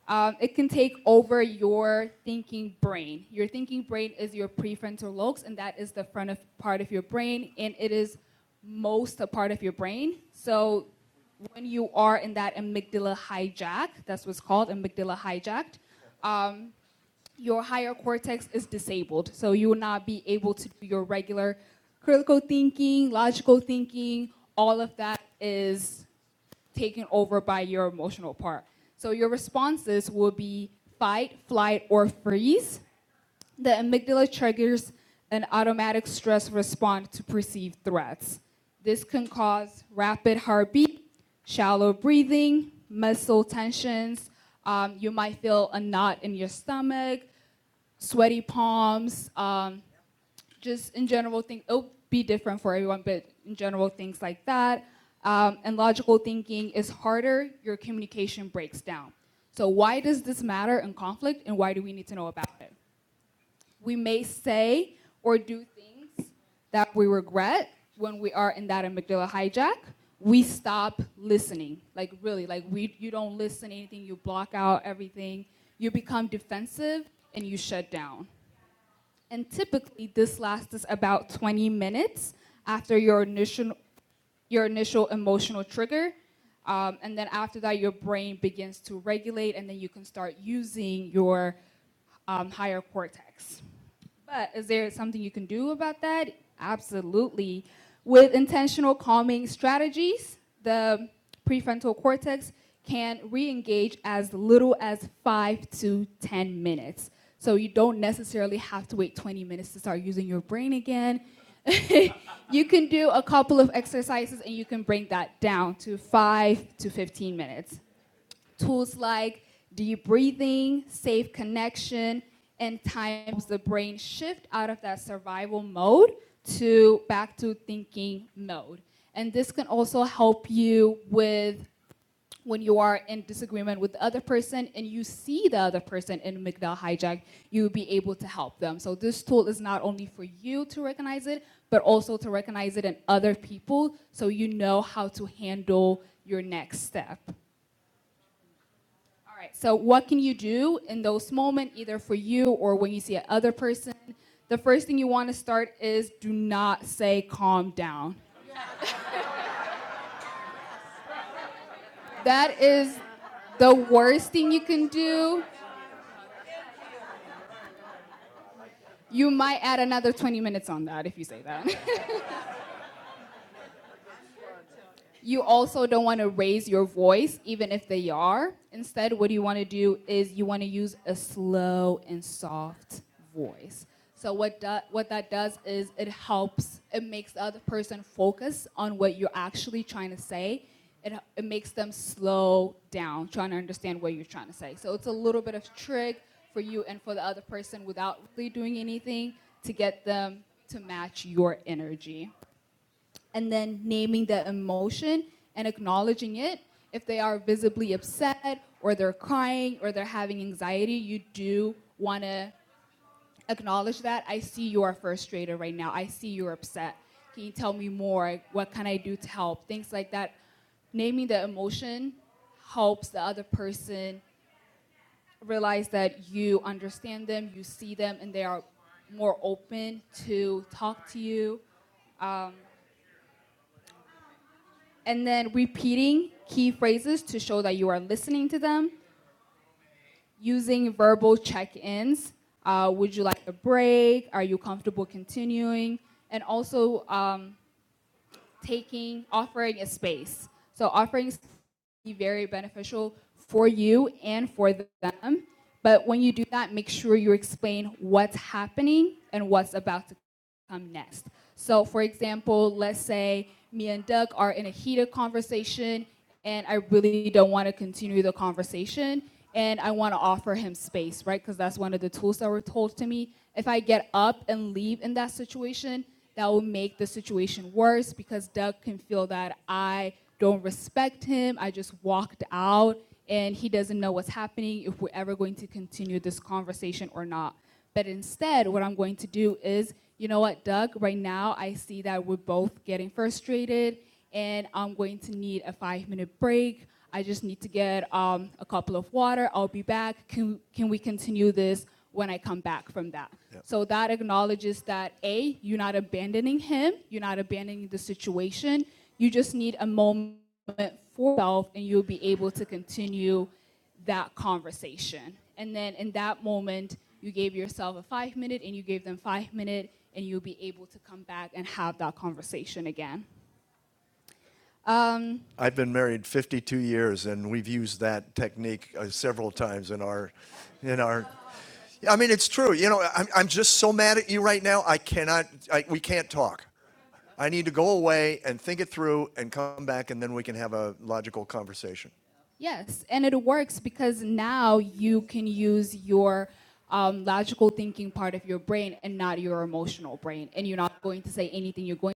Um, it can take over your thinking brain. Your thinking brain is your prefrontal lobes, and that is the front of part of your brain, and it is most a part of your brain. So when you are in that amygdala hijack, that's what's called amygdala hijacked, your higher cortex is disabled. So you will not be able to do your regular critical thinking, logical thinking, all of that is taken over by your emotional part. So your responses will be fight, flight, or freeze. The amygdala triggers an automatic stress response to perceived threats. This can cause rapid heartbeat, shallow breathing, muscle tensions. Um, you might feel a knot in your stomach, sweaty palms, um, just in general things it'll be different for everyone but in general things like that um, and logical thinking is harder your communication breaks down so why does this matter in conflict and why do we need to know about it we may say or do things that we regret when we are in that amygdala hijack we stop listening like really like we you don't listen to anything you block out everything you become defensive and you shut down and typically, this lasts about 20 minutes after your initial, your initial emotional trigger. Um, and then after that, your brain begins to regulate, and then you can start using your um, higher cortex. But is there something you can do about that? Absolutely. With intentional calming strategies, the prefrontal cortex can re engage as little as five to 10 minutes. So you don't necessarily have to wait 20 minutes to start using your brain again. You can do a couple of exercises and you can bring that down to five to 15 minutes tools like deep breathing, safe connection, and times the brain shift out of that survival mode to back to thinking mode. And this can also help you with when you are in disagreement with the other person and you see the other person in amygdala hijack, you will be able to help them. So this tool is not only for you to recognize it, but also to recognize it in other people so you know how to handle your next step. All right. So what can you do in those moments, either for you or when you see another person? The first thing you want to start is do not say calm down. That is the worst thing you can do. You might add another 20 minutes on that if you say that. You also don't want to raise your voice, even if they are. Instead, what you want to do is you want to use a slow and soft voice. So what that what that does is it helps. It makes the other person focus on what you're actually trying to say. It it makes them slow down, trying to understand what you're trying to say. So it's a little bit of trick for you and for the other person without really doing anything to get them to match your energy then naming the emotion and acknowledging it. If they are visibly upset or they're crying or they're having anxiety, you do want to acknowledge that. I see you are first now. I see that. Can you tell me what can I do to help? Things like that. Naming the emotion helps the other person realize that you understand them, you see them, and they are more open to talk to you. And then repeating key phrases to show that you are listening to them using verbal check-ins. Uh, would you like a break? Are you comfortable continuing? And also um, taking, offering a space. Offerings can be very beneficial for you and for them. But when you do that, make sure you explain what's happening and what's about to come next. So, for example, let's say me and Doug are in a heated conversation, and I really don't want to continue the conversation, and I want to offer him space, right? Because that's one of the tools that were told to me. If I get up and leave in that situation, that will make the situation worse because Doug can feel that I don't respect him. I just walked out and he doesn't know what's happening, if we're ever going to continue this conversation or not. But instead, what I'm going to do is, you know what, Doug, right now I see that we're both getting frustrated frustrated and I'm going to need a five minute break. I just need to get um, a couple of water. I'll be back. Can, can we continue this when I come back from that? Yep. So that acknowledges that A, you're not abandoning him, you're not abandoning the situation. You just need a moment for yourself and you'll be able to continue that conversation. And then in that moment, you gave yourself a five minute and you gave them five minute and you'll be able to come back and have that conversation again. Um, I've been married 52 years, and we've used that technique uh, several times in our, in our. I mean, it's true. You know, I'm, I'm just so mad at you right now. I cannot. I, we can't talk. I need to go away and think it through and come back, and then we can have a logical conversation. yes, and it works because now you can use your um, logical thinking part of your brain and not your emotional brain, and you're not going to say anything. You're going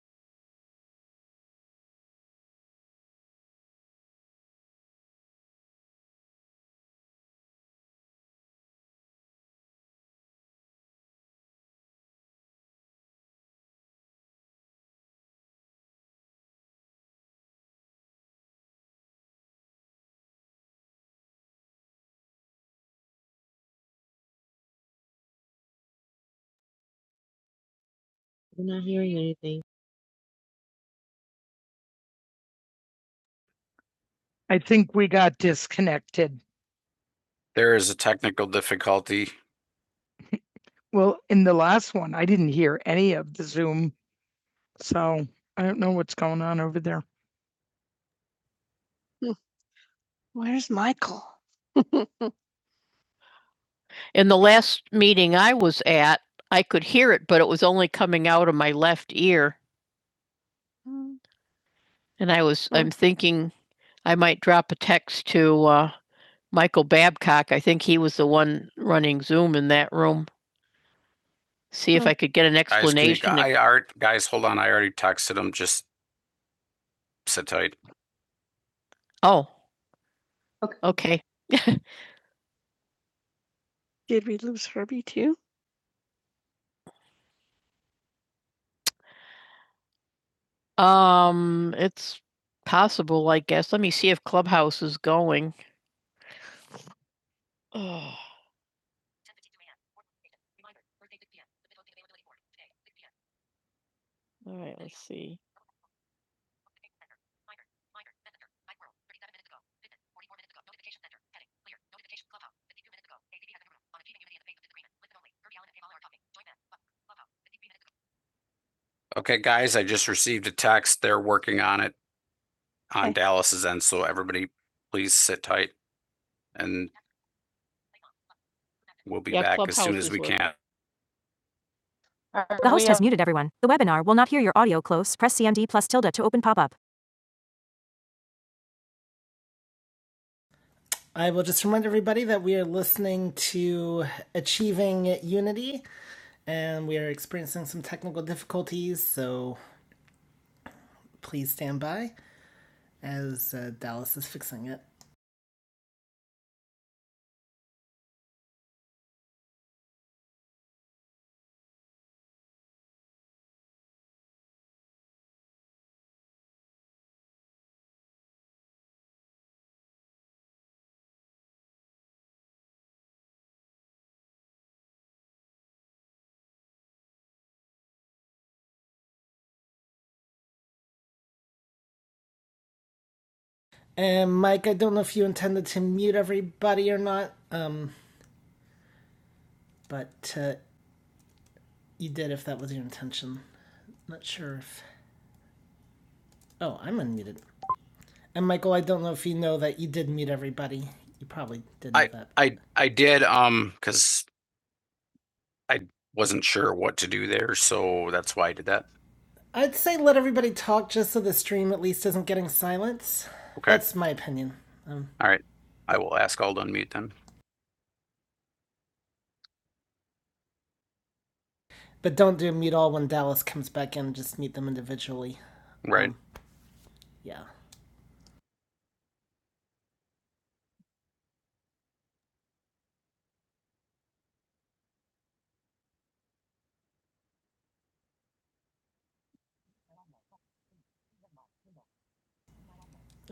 I think we got disconnected. There is a technical difficulty. Well, in the last one, I didn't hear any of the Zoom, so I don't know what's going on over there. In the last meeting I was at, I could hear it, but it was only coming out of my left ear. And I was, Oh. I'm thinking I might drop a text to uh, Michael Babcock. I think he was the one running Zoom in that room. See if Oh. I could get an explanation. Guys, can you, I, I, guys, hold on. I already texted him. Just sit tight. Oh, Okay. okay. Um, it's possible, I guess. Let me see if Clubhouse is going. Oh, all right, let's see. Okay, guys, I just received a text. They're working on it on okay. Dallas's end, so everybody please sit tight and We'll be Yeah, back Clubhouse as soon as we working. can. The host has muted everyone. The webinar will not hear your audio close. Press CMD plus tilde to open pop up. I will just remind everybody that we are listening to Achieving Unity and we are experiencing some technical difficulties, so please stand by as uh, Dallas is fixing it. And Mike, I don't know if you intended to mute everybody or not, um, but uh, you did if that was your intention. Not sure if. Oh, I'm unmuted. And Michael, I don't know if you know that you did meet everybody. You probably did know I, that. I I did um because I wasn't sure what to do there, so that's why I did that. I'd say let everybody talk just so the stream at least isn't getting silence. Okay. That's my opinion. Um, All right. I will ask all to unmute them. but don't do mute all when Dallas comes back in. Just mute them individually. Right. Um, yeah.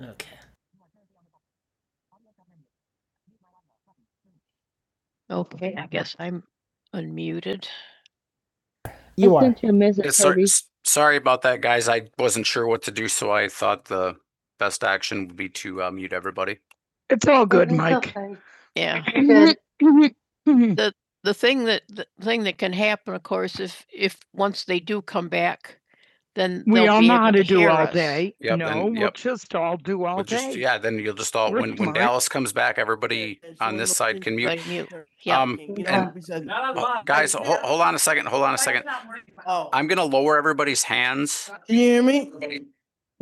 Okay. Okay, I guess I'm unmuted. You are. Yeah, sor- sorry about that, guys. I wasn't sure what to do, so I thought the best action would be to uh, mute everybody. Good, Mike. okay. Yeah. the The thing that the thing that can happen, of course, if if once they do come back, then We all know how to do all day. Yep, no, and- No, we'll yep. just all do all We'll just, day. Just, yeah, then you'll just all, when, when Dallas comes back, everybody on this side can mute. Like mute. Yeah. Um, and- Well, Guys, hold, hold on a second, hold on a second. Oh, I'm gonna lower everybody's hands. can you hear me? Can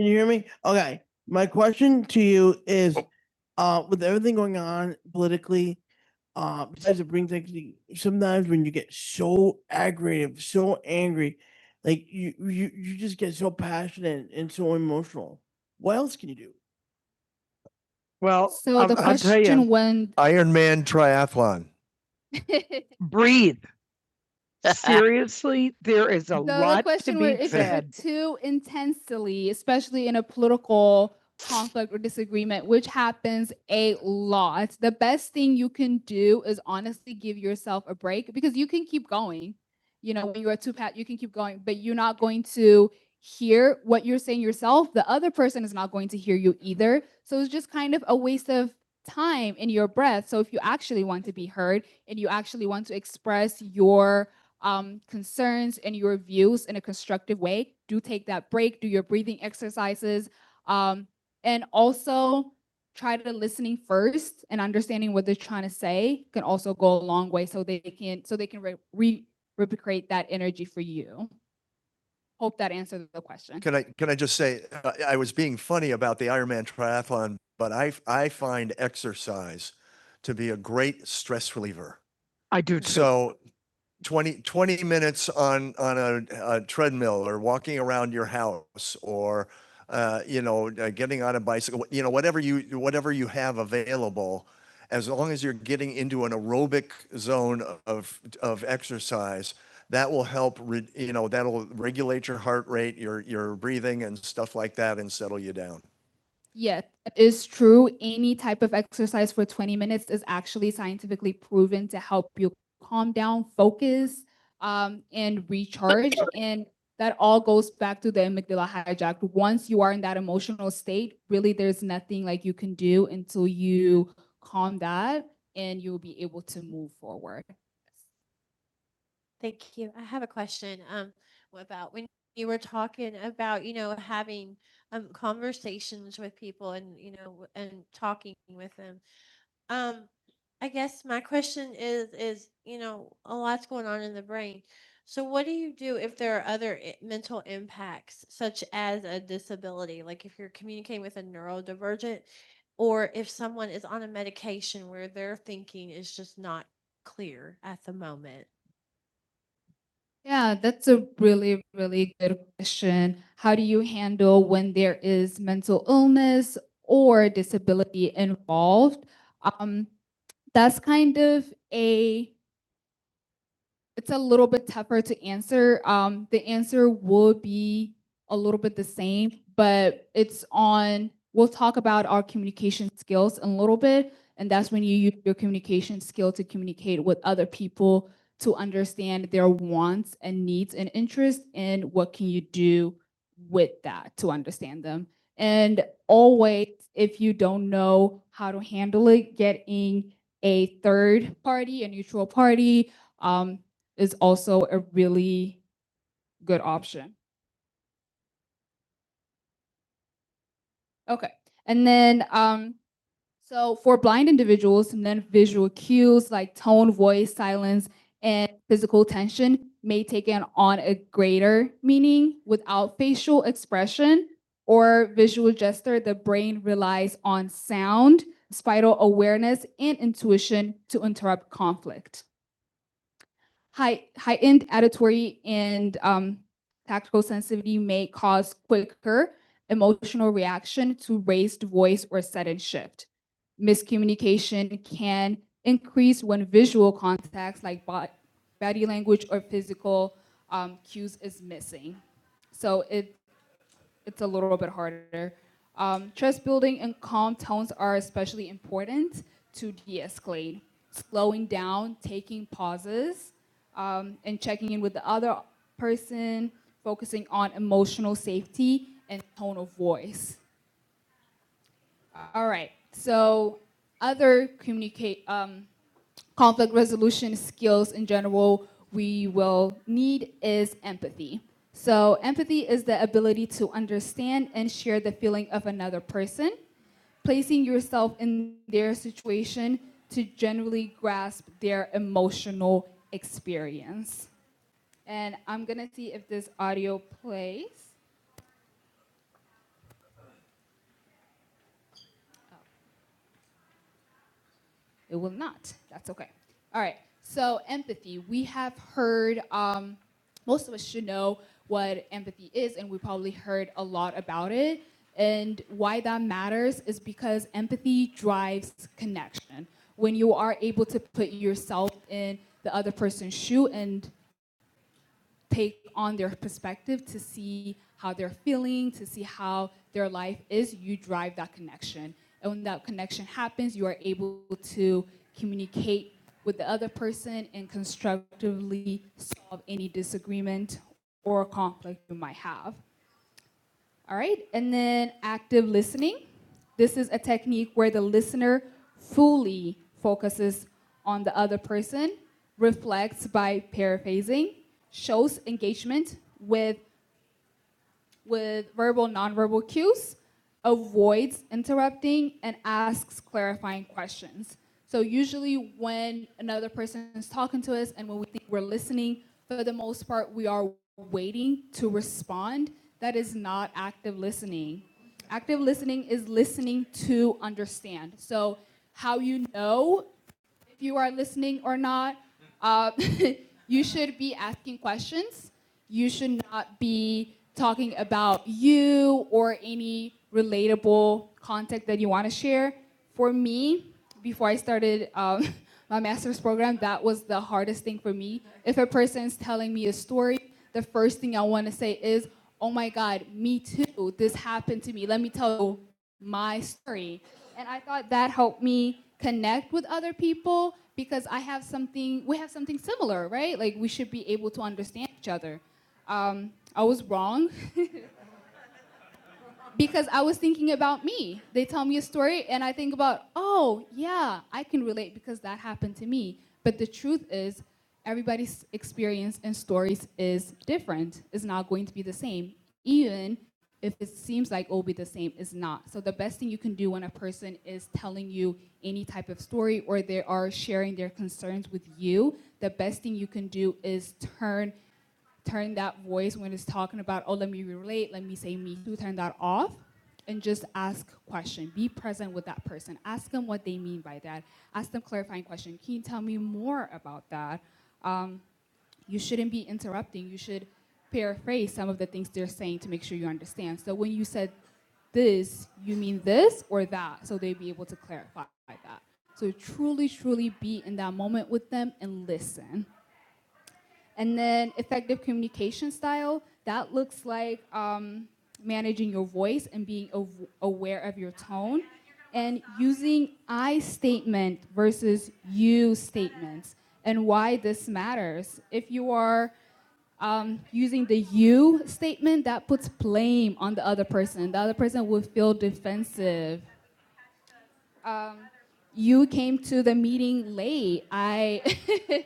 you hear me? Okay, my question to you is, Oh, uh, with everything going on politically, uh, besides it brings actually sometimes when you get so aggravated, so angry, like you you you just get so passionate and so emotional. What else can you do? Well, So I'll, the I'll tell you, question went Ironman triathlon. breathe. Seriously, there is a So lot to question was be if said. too intensely, especially in a political conflict or disagreement, which happens a lot, the best thing you can do is honestly give yourself a break because you can keep going. You know, when you are too pat, you can keep going, but you're not going to hear what you're saying yourself. The other person is not going to hear you either. So it's just kind of a waste of time in your breath. So if you actually want to be heard and you actually want to express your um, concerns and your views in a constructive way. Do take that break, do your breathing exercises, um, and also try to listening first and understanding what they're trying to say can also go a long way so they can so they can re- re- replicate that energy for you. Hope that answers the question. Can I can I just say uh, I was being funny about the Ironman triathlon, but I I find exercise to be a great stress reliever. Dude, so So 20 20 minutes on, on a, a treadmill or walking around your house or, uh, you know, uh, getting on a bicycle, you know, whatever you, whatever you have available, as long as you're getting into an aerobic zone of, of exercise, that will help, re- you know, that'll regulate your heart rate, your, your breathing and stuff like that and settle you down. Yeah, it is true. Any type of exercise for 20 minutes is actually scientifically proven to help you calm down, focus, um, and recharge. And that all goes back to the amygdala hijacked. Once you are in that emotional state, really there's nothing like you can do until you calm that and you'll be able to move forward. Thank you. I have a question um about when you were talking about, you know, having um conversations with people and, you know, and talking with them. Um I guess my question is is, you know, a lot's going on in the brain. So what do you do if there are other i- mental impacts such as a disability, like if you're communicating with a neurodivergent or if someone is on a medication where their thinking is just not clear at the moment? Yeah, that's a really, really good question. How do you handle when there is mental illness or disability involved? Um, that's kind of a it's a little bit tougher to answer. Um, the answer will be a little bit the same, but it's on, we'll talk about our communication skills in a little bit. And that's when you use your communication skill to communicate with other people to understand their wants and needs and interests and what can you do with that to understand them. And always, if you don't know how to handle it, getting a third party, a neutral party, um, is also a really good option. Okay. And then, um, so for blind individuals, and then visual cues like tone, voice, silence, and physical tension may take on a greater meaning without facial expression or visual gesture. The brain relies on sound, spatial awareness, and intuition to interrupt conflict. High, heightened auditory and um, tactical sensitivity may cause quicker emotional reaction to raised voice or sudden shift. Miscommunication can increase when visual contacts like body language or physical um, cues is missing. So it it's a little bit harder. Um, trust building and calm tones are especially important to de escalate. Slowing down, taking pauses, um, and checking in with the other person, focusing on emotional safety and tone of voice. All right, so other communicate. Um, conflict resolution skills in general we will need is empathy. So, empathy is the ability to understand and share the feeling of another person, placing yourself in their situation to generally grasp their emotional experience. And I'm gonna see if this audio plays. It will not. That's okay. All right. So empathy. We have heard. Um, most of us should know what empathy is, and we probably heard a lot about it. And why that matters is because empathy drives connection. When you are able to put yourself in the other person's shoe and take on their perspective to see how they're feeling, to see how their life is, you drive that connection. And when that connection happens, you are able to communicate with the other person and constructively solve any disagreement or conflict you might have. All right, and then active listening. This is a technique where the listener fully focuses on the other person, reflects by paraphrasing, shows engagement with with verbal, nonverbal cues, avoids interrupting, and asks clarifying questions. So usually when another person is talking to us and when we think we're listening, for the most part, we are waiting to respond. That is not active listening. Active listening is listening to understand. So how you know if you are listening or not. Uh, you should be asking questions. You should not be talking about you or any relatable content that you want to share. For me, before I started um, my master's program, that was the hardest thing for me. If a person is telling me a story, the first thing I want to say is, Oh my God, me too. This happened to me. Let me tell you my story. And I thought that helped me connect with other people because I have something, we have something similar, right? Like we should be able to understand each other. Um, I was wrong. because I was thinking about me. They tell me a story, and I think about, oh, yeah, I can relate because that happened to me. But the truth is, everybody's experience and stories is different, it's not going to be the same. Even if it seems like it will be the same, it's not. So the best thing you can do when a person is telling you any type of story or they are sharing their concerns with you, the best thing you can do is turn turn that voice when it's talking about, oh, let me relate, let me say me too, turn that off and just ask question. Be present with that person. Ask them what they mean by that. Ask them clarifying question. Can you tell me more about that? Um, you shouldn't be interrupting. You should paraphrase some of the things they're saying to make sure you understand. So when you said this, you mean this or that, so they'd be able to clarify that. So truly, truly be in that moment with them and listen. And then effective communication style, that looks like um, managing your voice and being aware of your tone and using I statement versus you statements and why this matters. If you are um, using the you statement, that puts blame on the other person. The other person will feel defensive. Um, you came to the meeting late. I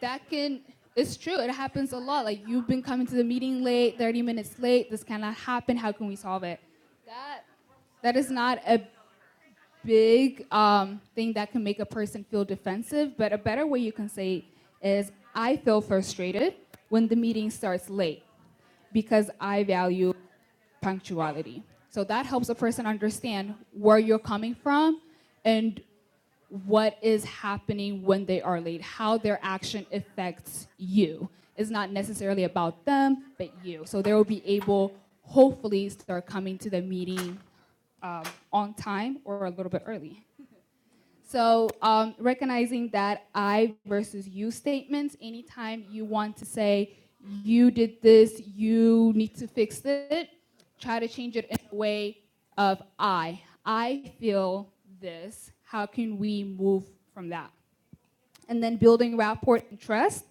that can it's true it happens a lot like you've been coming to the meeting late 30 minutes late this cannot happen how can we solve it that that is not a big um, thing that can make a person feel defensive but a better way you can say is, i feel frustrated when the meeting starts late because i value punctuality so that helps a person understand where you're coming from and what is happening when they are late, how their action affects you. It's not necessarily about them, but you. So they will be able, hopefully, start coming to the meeting um, on time or a little bit early. So um, recognizing that I versus you statements, anytime you want to say, you did this, you need to fix it, try to change it in a way of I. I feel this. How can we move from that? And then building rapport and trust.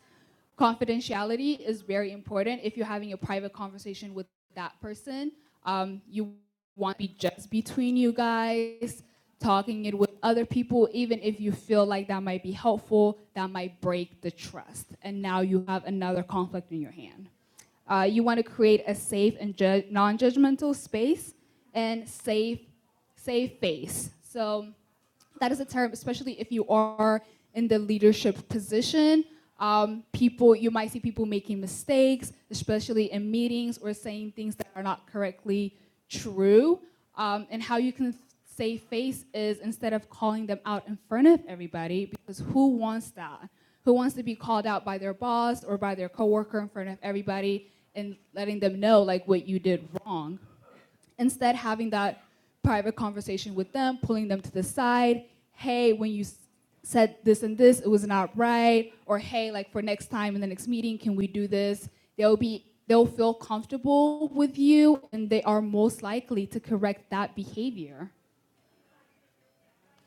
Confidentiality is very important. If you're having a private conversation with that person, um, you want to be just between you guys, talking it with other people, even if you feel like that might be helpful, that might break the trust. And now you have another conflict in your hand. Uh, you want to create a safe and ju- non-judgmental space and safe, safe face. So that is a term, especially if you are in the leadership position. Um, people, you might see people making mistakes, especially in meetings or saying things that are not correctly true. Um, and how you can save face is instead of calling them out in front of everybody, because who wants that? Who wants to be called out by their boss or by their coworker in front of everybody and letting them know like what you did wrong? Instead, having that private conversation with them, pulling them to the side. Hey, when you said this and this, it was not right. Or hey, like for next time in the next meeting, can we do this? They'll be they'll feel comfortable with you and they are most likely to correct that behavior.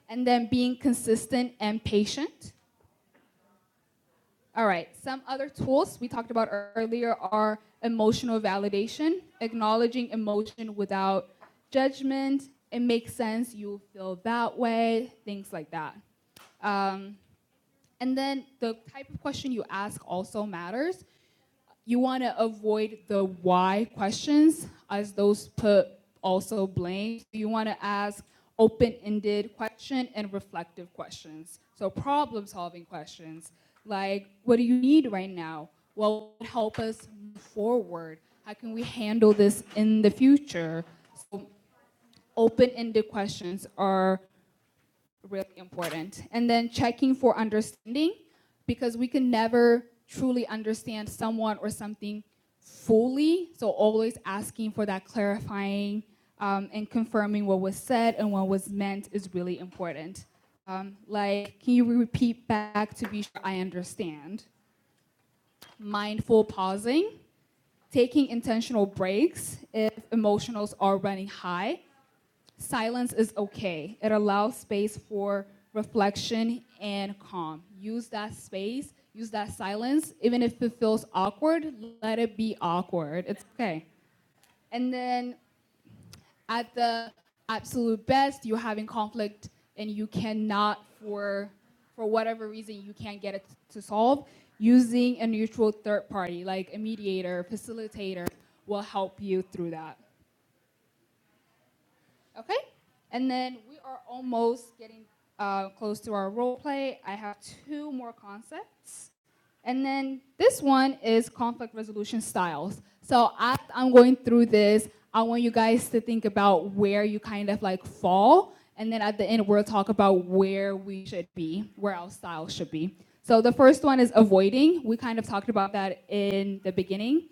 And then being consistent and patient All right, some other tools we talked about earlier are emotional validation, acknowledging emotion without judgment. It makes sense, you feel that way, things like that. Um, and then the type of question you ask also matters you want to avoid the why questions, as those put also blame. So You want to ask open-ended question and reflective questions. So problem-solving questions like, what do you need right now? What would help us move forward? How can we handle this in the future? So open-ended questions are really important. And then checking for understanding because we can never truly understand someone or something fully. So always asking for that clarifying um, and confirming what was said and what was meant is really important. Um, like, can you repeat back to be sure I understand? Mindful pausing, taking intentional breaks if emotionals are running high, Silence is okay. It allows space for reflection and calm. Use that space, use that silence. Even if it feels awkward, let it be awkward. It's okay. And then at the absolute best, you're having conflict and you cannot for for whatever reason you can't get it to solve, using a neutral third party like a mediator, facilitator will help you through that. Okay. And then we are almost getting uh, close to our role play. I have two more concepts. And then this one is conflict resolution styles. So as I'm going through this, I want you guys to think about where you kind of like fall. And then at the end, we'll talk about where we should be, where our style should be. So the first one is avoiding. We kind of talked about that in the beginning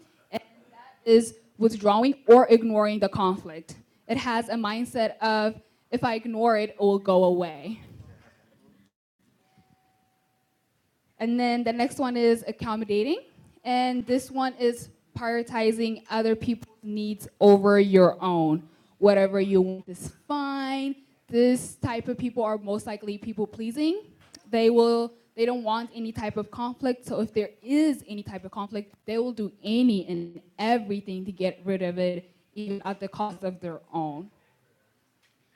is withdrawing or ignoring the conflict. It has a mindset of if I ignore it, it will go away. And then the next one is accommodating. And this one is prioritizing other people's needs over your own. Whatever you want is fine. This type of people are most likely people pleasing. They will they don't want any type of conflict. So if there is any type of conflict, they will do any and everything to get rid of it, even at the cost of their own.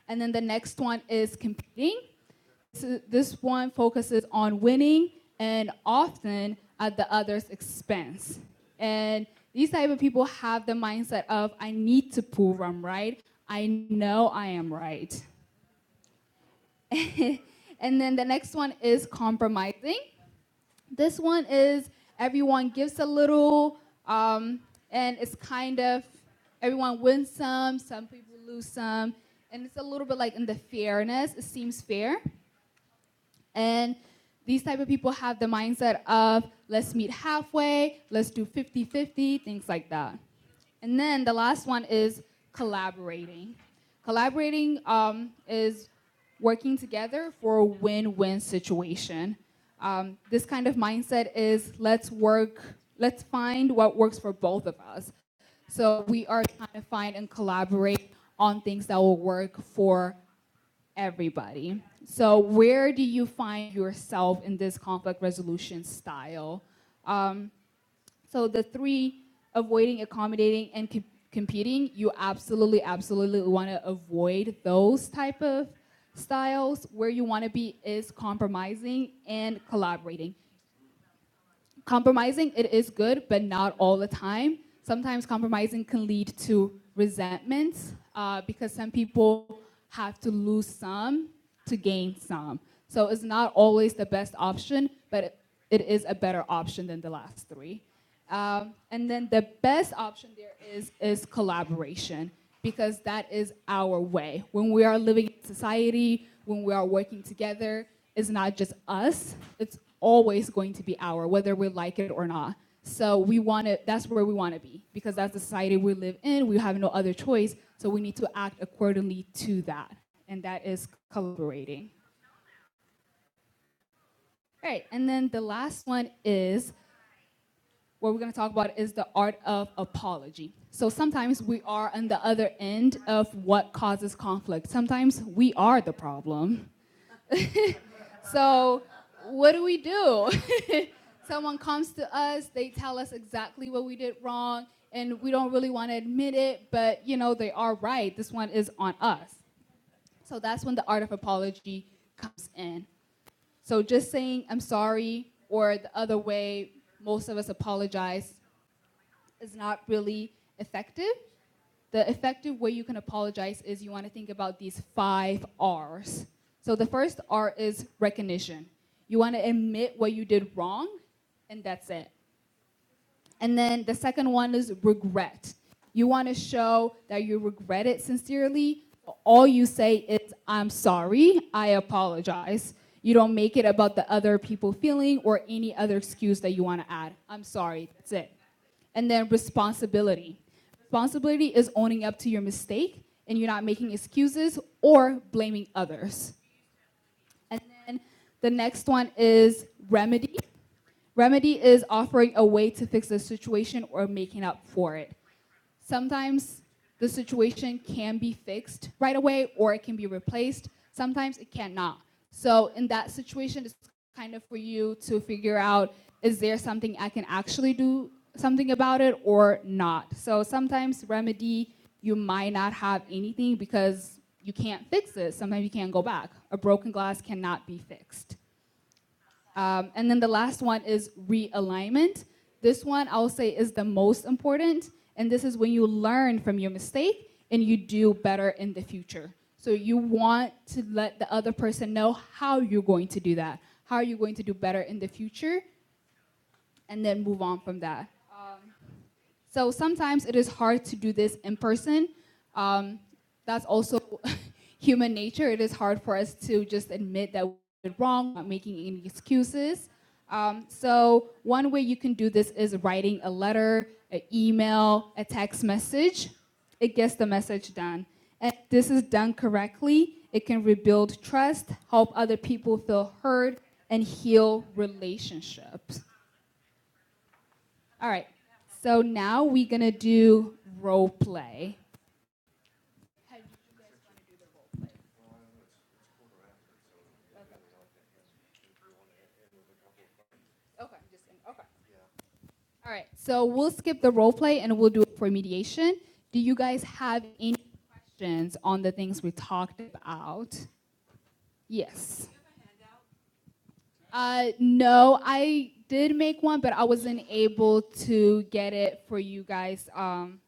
And then the next one is competing. So This one focuses on winning and often at the other's expense. And these type of people have the mindset of I need to prove I'm right. I know I am right. and then the next one is compromising. This one is everyone gives a little, um, and it's kind of everyone wins some, some people lose some, and it's a little bit like in the fairness. It seems fair And these type of people have the mindset of let's meet halfway, let's do fifty-fifty, things like that. And then the last one is collaborating. Collaborating um, is working together for a win-win situation. Um, this kind of mindset is let's work, let's find what works for both of us. So we are trying to find and collaborate on things that will work for everybody. So, where do you find yourself in this conflict resolution style? Um, so, the three avoiding, accommodating, and com- competing, you absolutely, absolutely want to avoid those type of styles. Where you want to be is compromising and collaborating compromising it is good but not all the time sometimes compromising can lead to resentment uh, because some people have to lose some to gain some so it's not always the best option but it it is a better option than the last three um, and then the best option there is is collaboration because that is our way. When we are living in society, when we are working together, it's not just us. It's always going to be our, whether we like it or not. So we want to. That's where we want to be because that's the society we live in. We have no other choice. So we need to act accordingly to that, and that is collaborating. All right, and then the last one is what we're going to talk about is the art of apology. So sometimes we are on the other end of what causes conflict. Sometimes we are the problem. So what do we do? Someone comes to us, they tell us exactly what we did wrong, and we don't really want to admit it, but you know, they are right. This one is on us. So that's when the art of apology comes in. So just saying I'm sorry or the other way most of us apologize is not really effective. The effective way you can apologize is you want to think about these five R's. So the first R is recognition. You want to admit what you did wrong, and that's it. And then the second one is regret. You want to show that you regret it sincerely. All you say is, I'm sorry, I apologize. You don't make it about the other people feeling or any other excuse that you want to add. I'm sorry, that's it. And then responsibility. Responsibility is owning up to your mistake and you're not making excuses or blaming others. And then the next one is remedy. Remedy is offering a way to fix the situation or making up for it. Sometimes the situation can be fixed right away or it can be replaced. Sometimes it cannot. So, in that situation, it's kind of for you to figure out is there something I can actually do something about it or not? So, sometimes remedy, you might not have anything because you can't fix it. Sometimes you can't go back. A broken glass cannot be fixed. Um, and then the last one is realignment. This one I'll say is the most important, and this is when you learn from your mistake and you do better in the future. So you want to let the other person know how you're going to do that, how you're going to do better in the future, and then move on from that. So sometimes it is hard to do this in person. Um, that's also human nature. It is hard for us to just admit that we did wrong, not making any excuses. Um, so one way you can do this is writing a letter, an email, a text message. It gets the message done. And if this is done correctly, it can rebuild trust, help other people feel heard, and heal relationships. All right. So now we're gonna do role play. Okay. Just, in, okay. All right. So we'll skip the role play and we'll do it for mediation. Do you guys have any questions on the things we talked about? Yes. Uh, no, I did make one, but I wasn't able to get it for you guys. Um,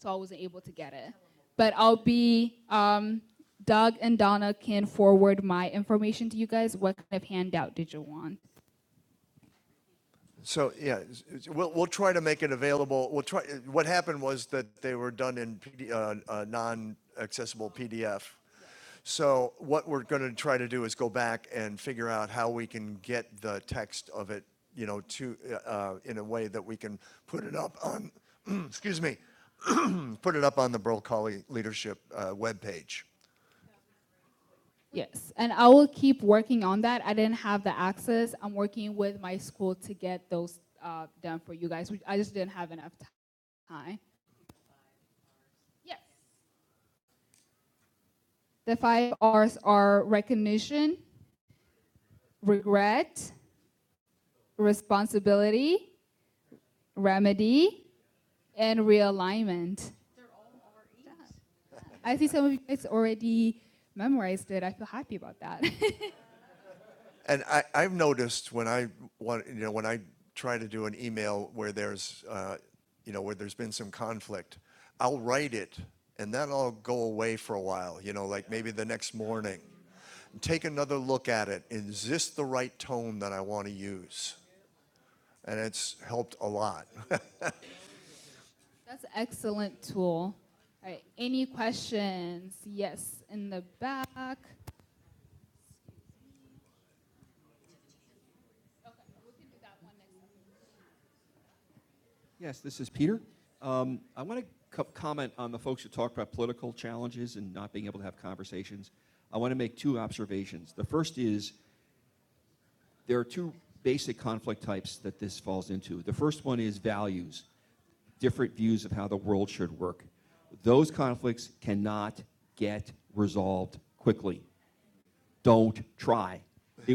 so I wasn't able to get it. But I'll be um, Doug and Donna can forward my information to you guys. What kind of handout did you want? So, yeah, we'll, we'll try to make it available. We'll try, what happened was that they were done in PD, uh, uh, non-accessible PDF. So what we're going to try to do is go back and figure out how we can get the text of it, you know, to, uh, uh, in a way that we can put it up on, excuse me, put it up on the Burl Colley Leadership, uh, webpage. Yes, and I will keep working on that. I didn't have the access. I'm working with my school to get those uh, done for you guys. I just didn't have enough time. Yes. The five R's are recognition, regret, responsibility, remedy, and realignment. I see some of you guys already memorized it. I feel happy about that. And I, I've noticed when I want, you know, when I try to do an email where there's, uh, you know, where there's been some conflict, I'll write it and that'll go away for a while, you know, like maybe the next morning. Take another look at it. Is this the right tone that I want to use? And it's helped a lot. That's an excellent tool. All right, any questions? Yes, in the back. Yes, this is Peter. Um, I want to co- comment on the folks who talk about political challenges and not being able to have conversations. I want to make two observations. The first is there are two conflict types. Those they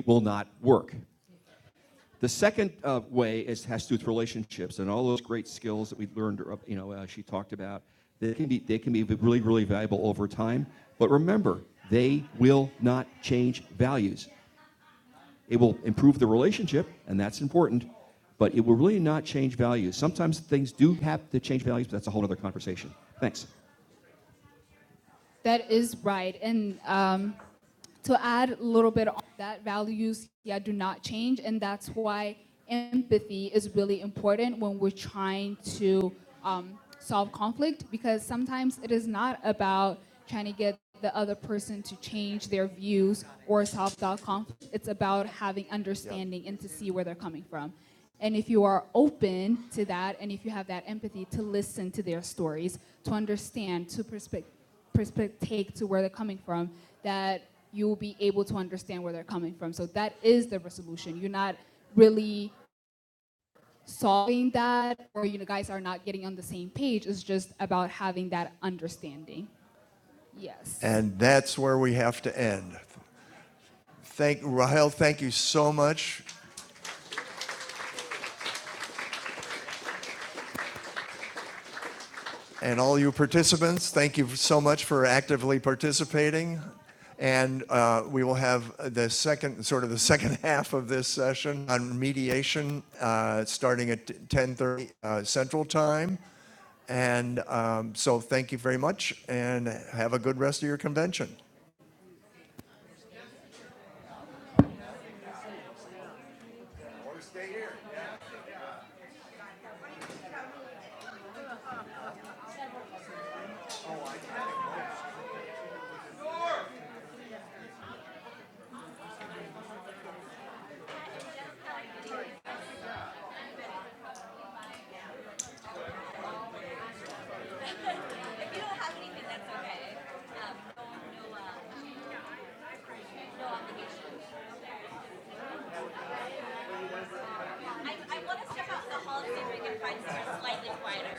would be really, really valuable over. But remember, they will not change values. It will improve the relationship, and that's important, but it will really not change values. Sometimes things do have to change values, but that's a whole other conversation. Thanks. That is right. And um, to add a little bit on that, values yeah do not change, and that's why empathy is really important when we're trying to um, solve conflict because sometimes it is not about trying to get the other person to change their views or solve that conflict. It's about having understanding yeah. and to see where they're coming from. And if you are open to that, and if you have that empathy to listen to their stories, to understand, to perspective perspective take to where they're coming from that you will be able to understand where they're coming from. So that is the resolution. You're not really solving that, or you guys are not getting on the same page. It's just about having that understanding. Yes. And that's where we have to end. Thank, Rahel, thank you so much And all you participants, thank you so much for actively participating. And uh, we will have the second, sort of the second half of this session on mediation, uh, starting at 10:30 uh, Central Time. And um, so thank you very much and have a good rest of your convention. That's okay. Um, no, no, uh, I want to step out the hall and see if we can find something slightly quieter.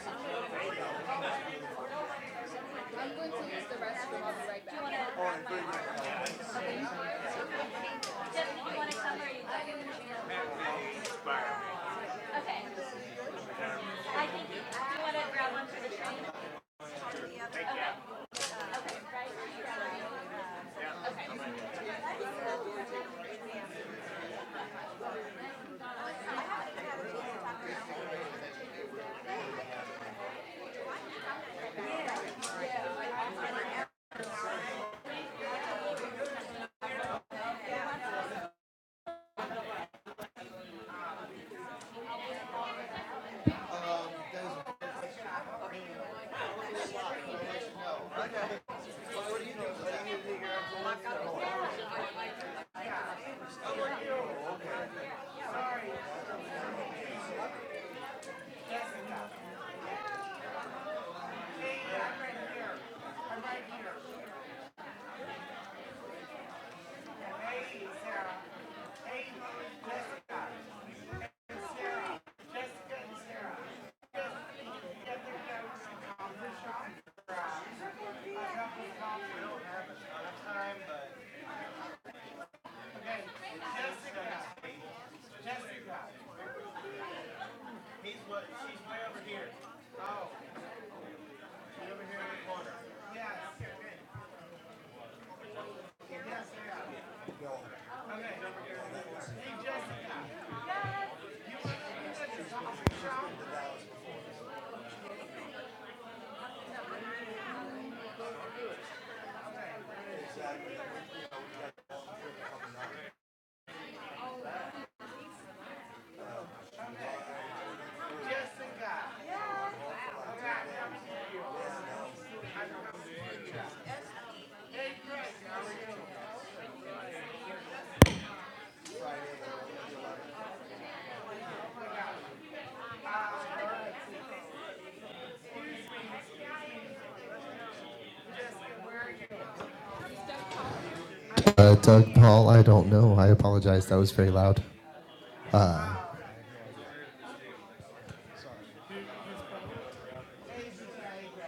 Uh, Doug, Paul, I don't. I apologize. That was very loud.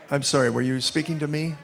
I'm sorry, were you speaking to me?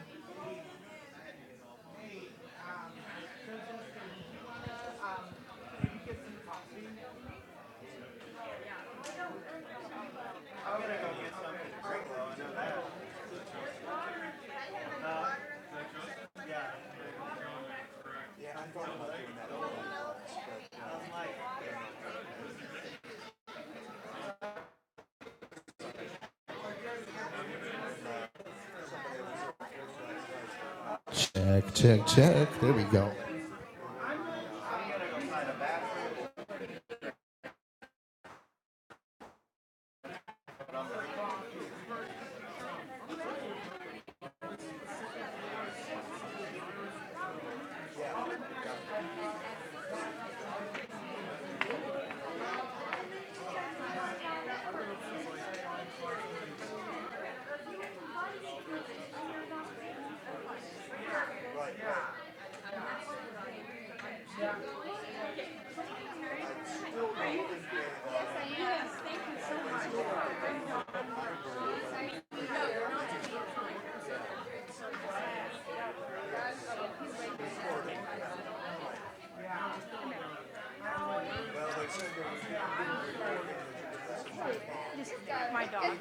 This is my dog.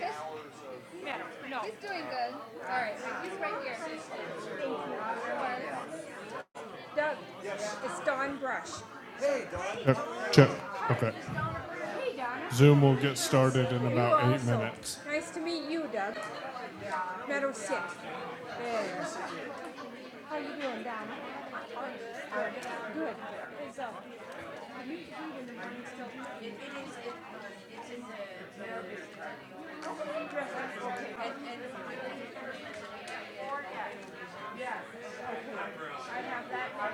Madam, no. He's doing good. All right, he's right here. Doug, it's Dawn Brush. Okay. okay. Zoom will get started in about You eight also. minutes. Nice to meet you, Doug. Meadow Six. How are you doing, Don? Good. Good. uh, do you eat in the morning still? It is. It's in the.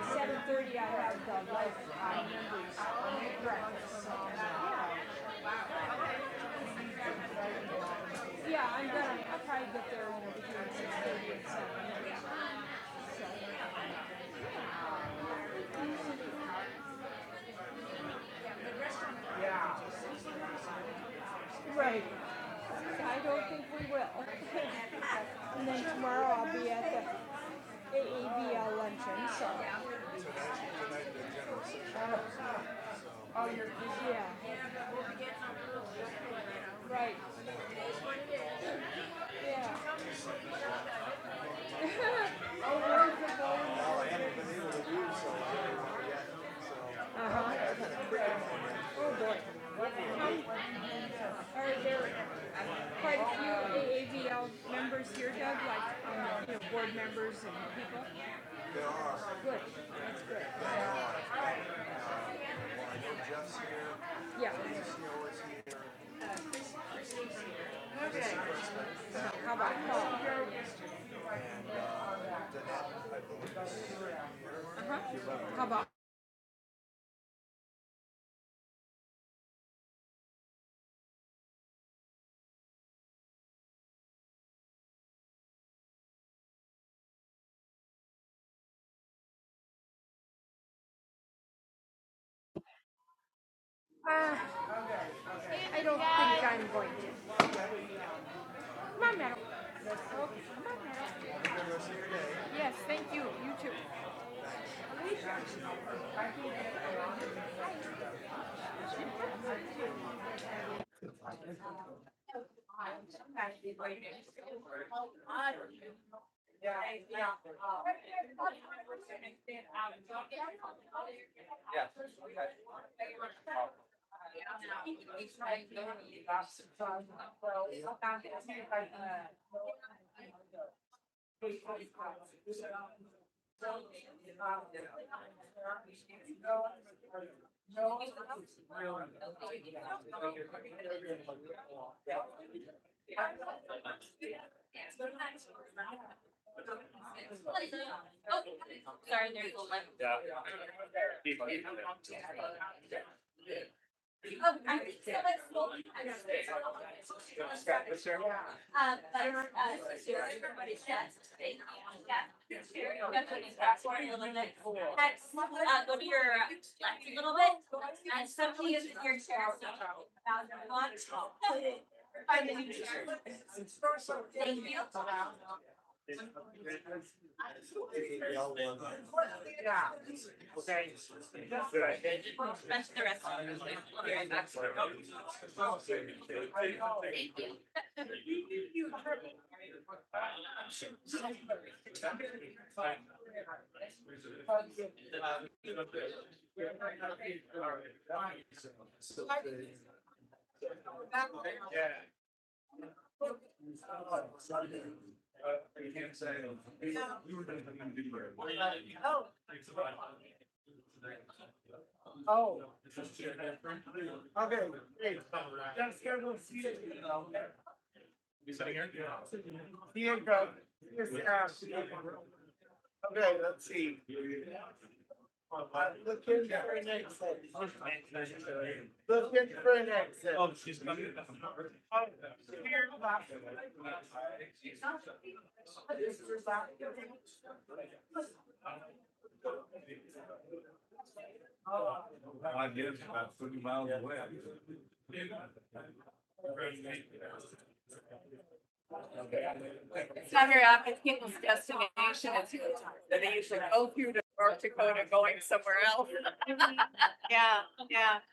Seven thirty, I have the life uh, members breakfast. so, Yeah, I'm gonna, I'll probably get there over between six thirty and seven. Right. I don't think we will. And then tomorrow I'll be at the AABL luncheon, so. Oh, you're Yeah, right, yeah. Are there quite a few AABL members here, Doug, like, um, you know, board members and people? Good, yeah. How about Paul? I don't think I'm going to. Come on, Madam Okay, Yes, thank you, you too. Yeah. yes, Uh, go to your left a little bit, and suddenly you hear your chair. Thank you. Bunch the rest. Okay, let's see. It's not very often people's destination is Utah. They usually go through to North Dakota going somewhere else. Yeah, yeah.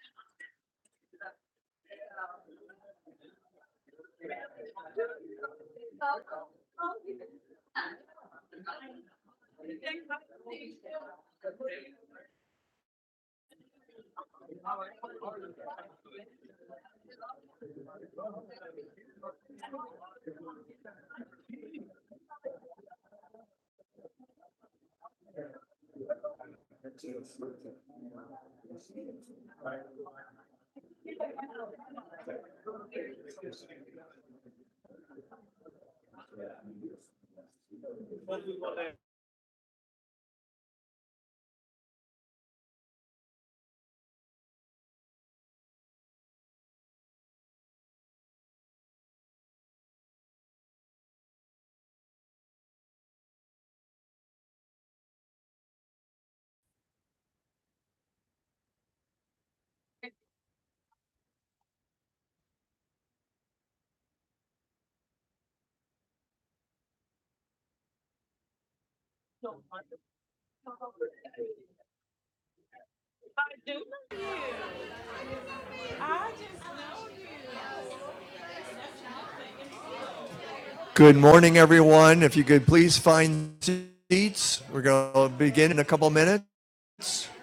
Good morning, everyone. If you could please find seats, we're going to begin in a couple minutes. Yes,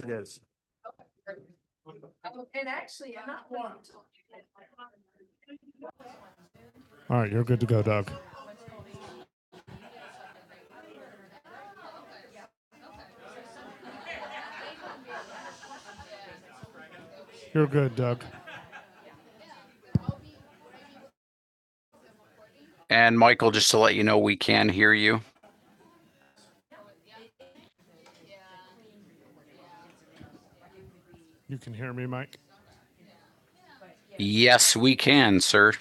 it is. All right, Doug. You're good, Doug. And Michael, just to let you know, we can hear you. You can hear me, Mike. Yes, we can, sir.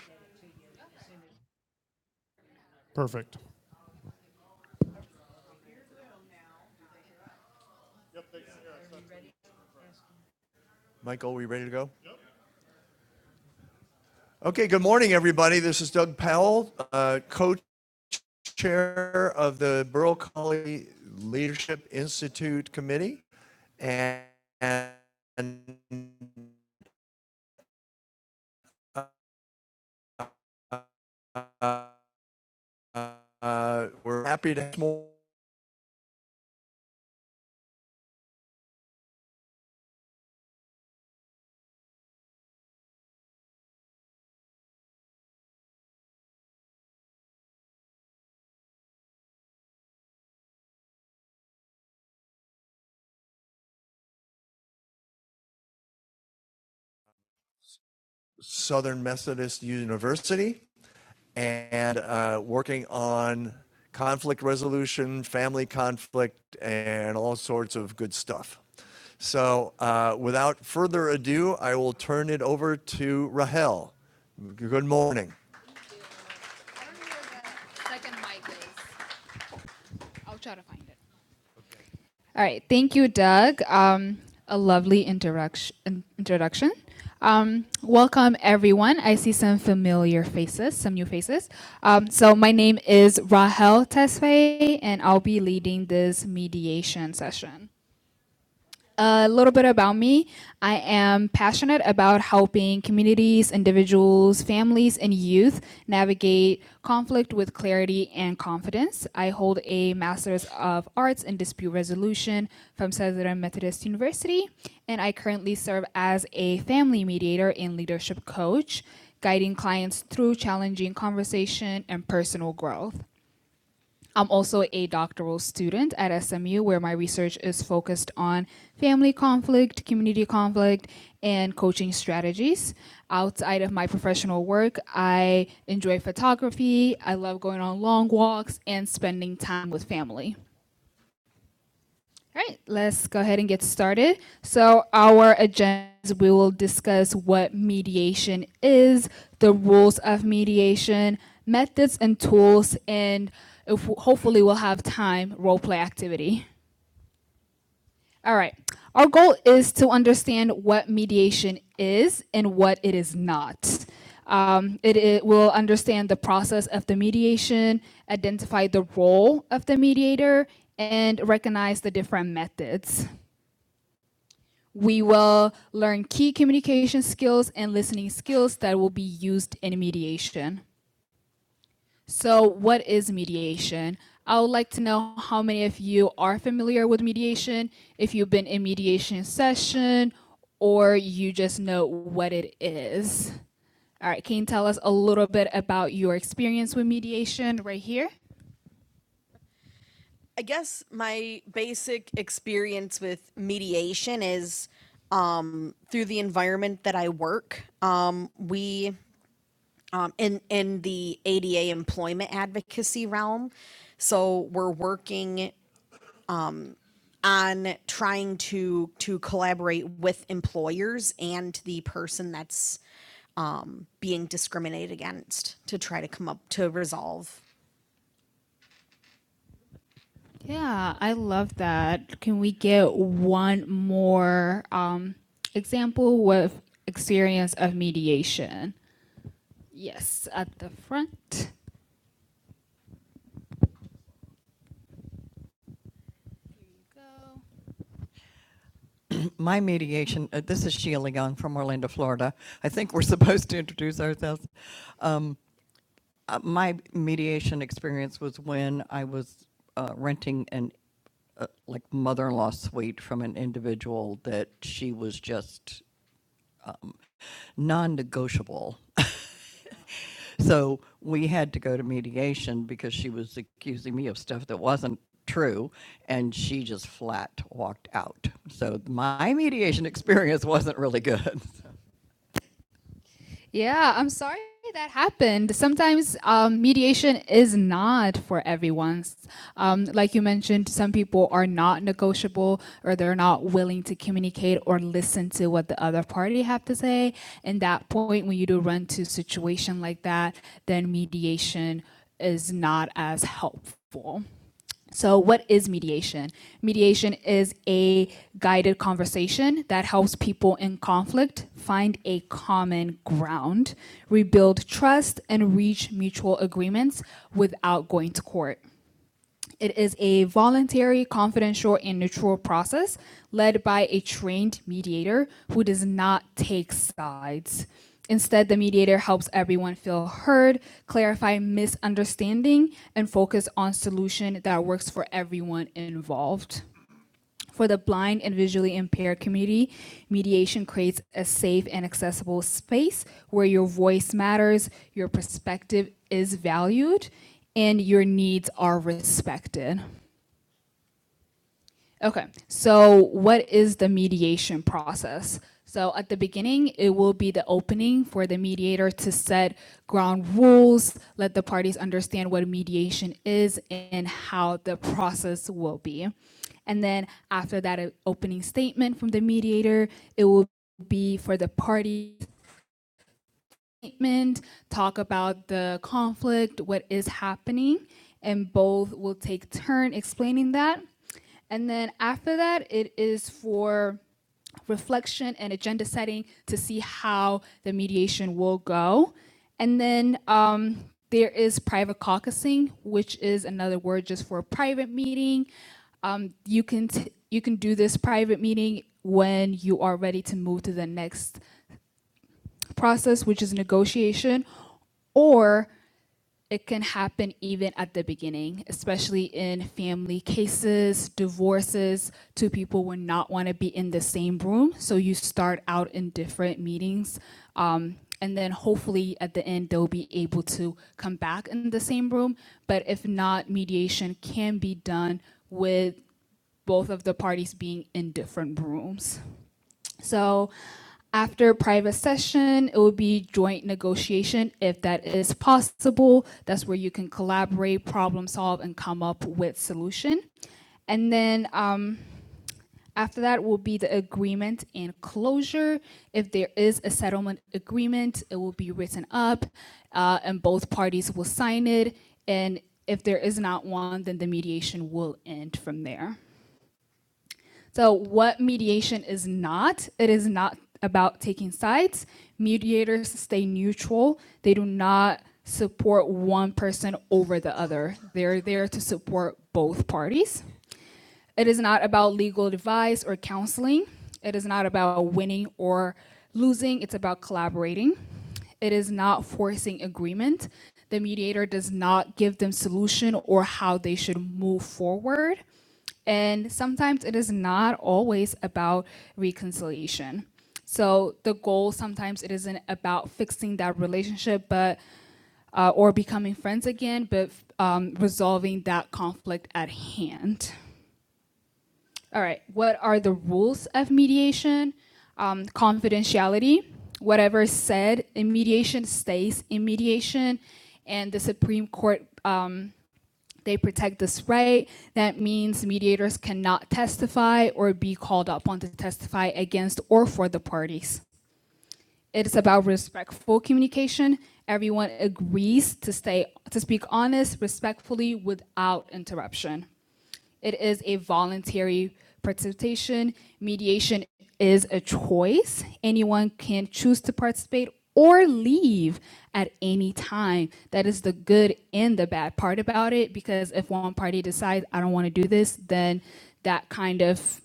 Michael, are we ready to go? Okay, good morning, everybody. This is Doug Powell, uh, co-chair of the Borough Colley Leadership Institute Committee. And, and, uh, uh, uh, we're happy to have Southern Methodist University. and uh, working on conflict resolution, family conflict, and all sorts of good stuff. So, uh, without further ado, I will turn it over to Rahel. Good morning. Thank you. I don't know where the second mic is. I'll try to find it. All right. Thank you, Doug. Um, a lovely introduc- in- introduction. Um, welcome, everyone. I see some familiar faces, some new faces. Um, so, my name is Rahel Tesfaye, and I'll be leading this mediation session a little bit about me. I am passionate about helping communities, individuals, families, and youth navigate conflict with clarity and confidence. I hold a Master's of Arts in Dispute Resolution from Southern Methodist University, and I currently serve as a family mediator and leadership coach, guiding clients through challenging conversation and personal growth. I'm also a doctoral student at SMU, where my research is focused on family conflict, community conflict, and coaching strategies. Outside of my professional work, I enjoy photography, I love going on long walks, and spending time with family. All right, let's go ahead and get started. So, our agendas we will discuss what mediation is, the rules of mediation, methods and tools, and if, hopefully, we'll have time role play activity. All right, our goal is to understand what mediation is and what it is not. Um, it, it will understand the process of the mediation, identify the role of the mediator, and recognize the different methods. We will learn key communication skills and listening skills that will be used in mediation. So, what is mediation? I would like to know how many of you are familiar with mediation, if you've been in mediation session, or you just know what it is. All right, can you tell us a little bit about your experience with mediation right here? I guess my basic experience with mediation is through the environment that I work, um, we um, in in the ADA employment advocacy realm. So we're working on trying to to collaborate with employers and the person that's being discriminated against to try to come up to resolve. Yeah, I love that. Can we get one more um, example with experience of mediation? Yes, at the front. my mediation, uh, this is Sheila Young from Orlando, Florida. I think we're supposed to introduce ourselves. Uh, My mediation experience was when I was uh, renting an, uh, like, mother-in-law suite from an individual that she was just non-negotiable. So we had to go to mediation because she was accusing me of stuff that wasn't true and she just flat walked out. So my mediation experience wasn't really good. Yeah, I'm sorry that happened. Sometimes um, mediation is not for everyone. Um, like you mentioned, some people are not negotiable or they're not willing to communicate or listen to what the other party have to say. And that point, when you do run to a situation like that, then mediation is not as helpful. So, what is mediation? Mediation is a guided conversation that helps people in conflict find a common ground, rebuild trust, and reach mutual agreements without going to court. It is a voluntary, confidential, and neutral process led by a trained mediator who does not take sides. Instead, the mediator helps everyone feel heard, clarify misunderstanding, and focus on solution that works for everyone involved. For the blind and visually impaired community, mediation creates a safe and accessible space where your voice matters, your perspective is valued, and your needs are respected. Okay, so what is the mediation process? So at the beginning, it will be the opening for the mediator to set ground rules, let the parties understand what mediation is and how the process will be. And then after that uh, opening statement from the mediator, it will be for the party statement, talk about the conflict, what is happening, and both will take turn explaining that. And then after that, it is for reflection and agenda setting to see how the mediation will go. And then um, there is private caucusing, which is another word just for a private meeting. Um, you can t- you can do this private meeting when you are ready to move to the next process, which is negotiation, or it can happen even at the beginning, especially in family cases, divorces. Two people would not want to be in the same room, so you start out in different meetings. Um, and then hopefully at the end, they'll be able to come back in the same room. But if not, mediation can be done with both of the parties being in different rooms. So after private session, it would be joint negotiation if that is possible. That's where you can collaborate, problem solve, and come up with solution. And then um, after that will be the agreement and closure. If there is a settlement agreement, it will be written up, uh, and both parties will sign it. And if there is not one, then the mediation will end from there. So, what mediation is not, it is not about taking sides. Mediators stay neutral, they do not support one person over the other. They're there to support both parties. It is not about legal advice or counseling. It is not about winning or losing. It's about collaborating. It is not forcing agreement. The mediator does not give them solution or how they should move forward. And sometimes it is not always about reconciliation. So the goal sometimes it isn't about fixing that relationship, but uh, or becoming friends again, but um, resolving that conflict at hand. All right. What are the rules of mediation? Um, confidentiality. Whatever is said in mediation stays in mediation, and the Supreme Court um, they protect this right. That means mediators cannot testify or be called upon to testify against or for the parties. It is about respectful communication. Everyone agrees to stay to speak honest, respectfully, without interruption. It is a voluntary participation. Mediation is a choice. Anyone can choose to participate or leave at any time. That is the good and the bad part about it because if one party decides, I don't want to do this, then that kind of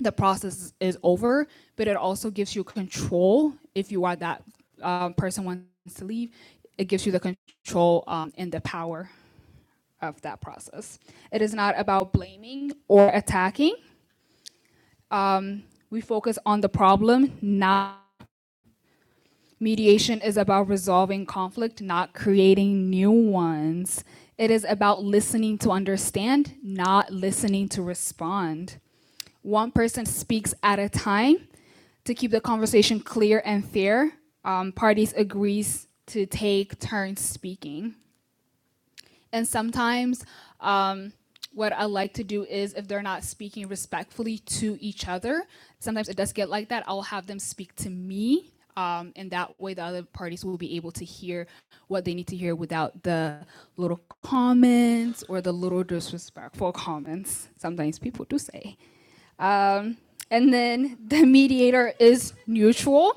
the process is over, but it also gives you control if you are that um, person wants to leave. It gives you the control um, and the power of that process. It is not about blaming or attacking. Um, we focus on the problem, not mediation is about resolving conflict, not creating new ones. It is about listening to understand, not listening to respond. One person speaks at a time to keep the conversation clear and fair. Um, parties agrees to take turns speaking. And sometimes um, what I like to do is if they're not speaking respectfully to each other, sometimes it does get like that. I'll have them speak to me. Um, and that way, the other parties will be able to hear what they need to hear without the little comments or the little disrespectful comments sometimes people do say. Um, and then the mediator is neutral.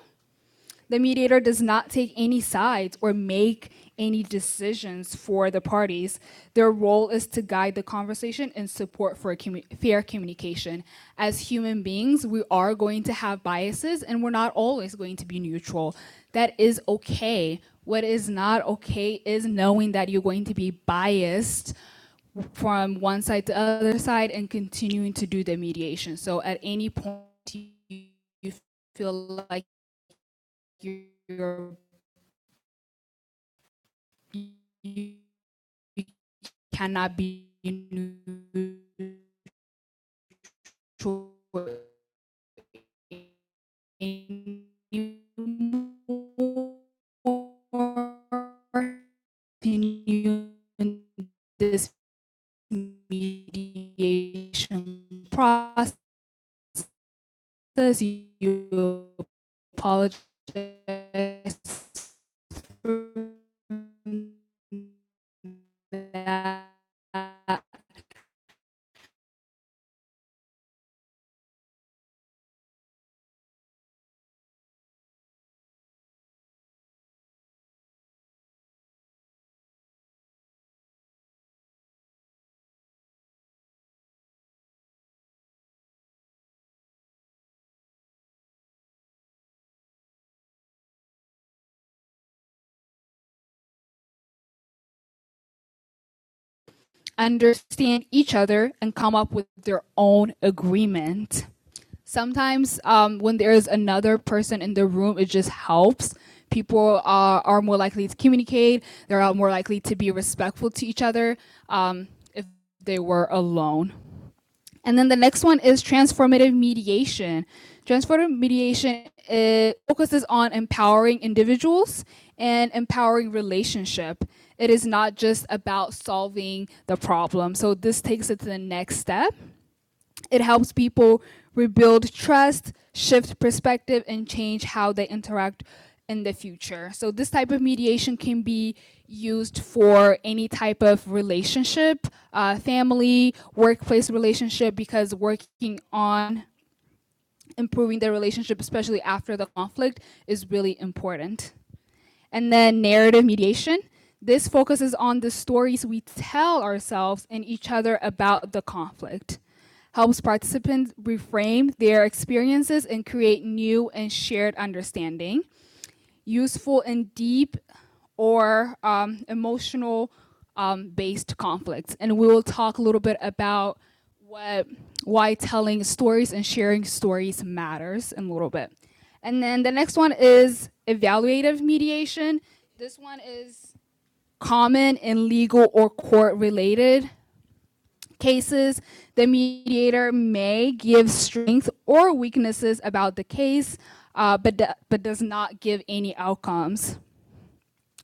The mediator does not take any sides or make any decisions for the parties. Their role is to guide the conversation and support for commu- fair communication. As human beings, we are going to have biases and we're not always going to be neutral. That is okay. What is not okay is knowing that you're going to be biased from one side to the other side and continuing to do the mediation. So at any point you feel like you you cannot be neutral anymore. Continue in this mediation process. You apologize for that understand each other and come up with their own agreement. Sometimes, um, when there is another person in the room, it just helps. People are, are more likely to communicate, they're more likely to be respectful to each other um, if they were alone. And then the next one is transformative mediation. Transformative mediation it focuses on empowering individuals and empowering relationship. It is not just about solving the problem. So this takes it to the next step. It helps people rebuild trust, shift perspective, and change how they interact in the future. So, this type of mediation can be used for any type of relationship, uh, family, workplace relationship, because working on improving their relationship, especially after the conflict, is really important. And then narrative mediation. This focuses on the stories we tell ourselves and each other about the conflict, helps participants reframe their experiences and create new and shared understanding useful and deep or um, emotional um, based conflicts. And we will talk a little bit about what why telling stories and sharing stories matters in a little bit. And then the next one is evaluative mediation. This one is common in legal or court related cases. The mediator may give strengths or weaknesses about the case, uh, but, but does not give any outcomes.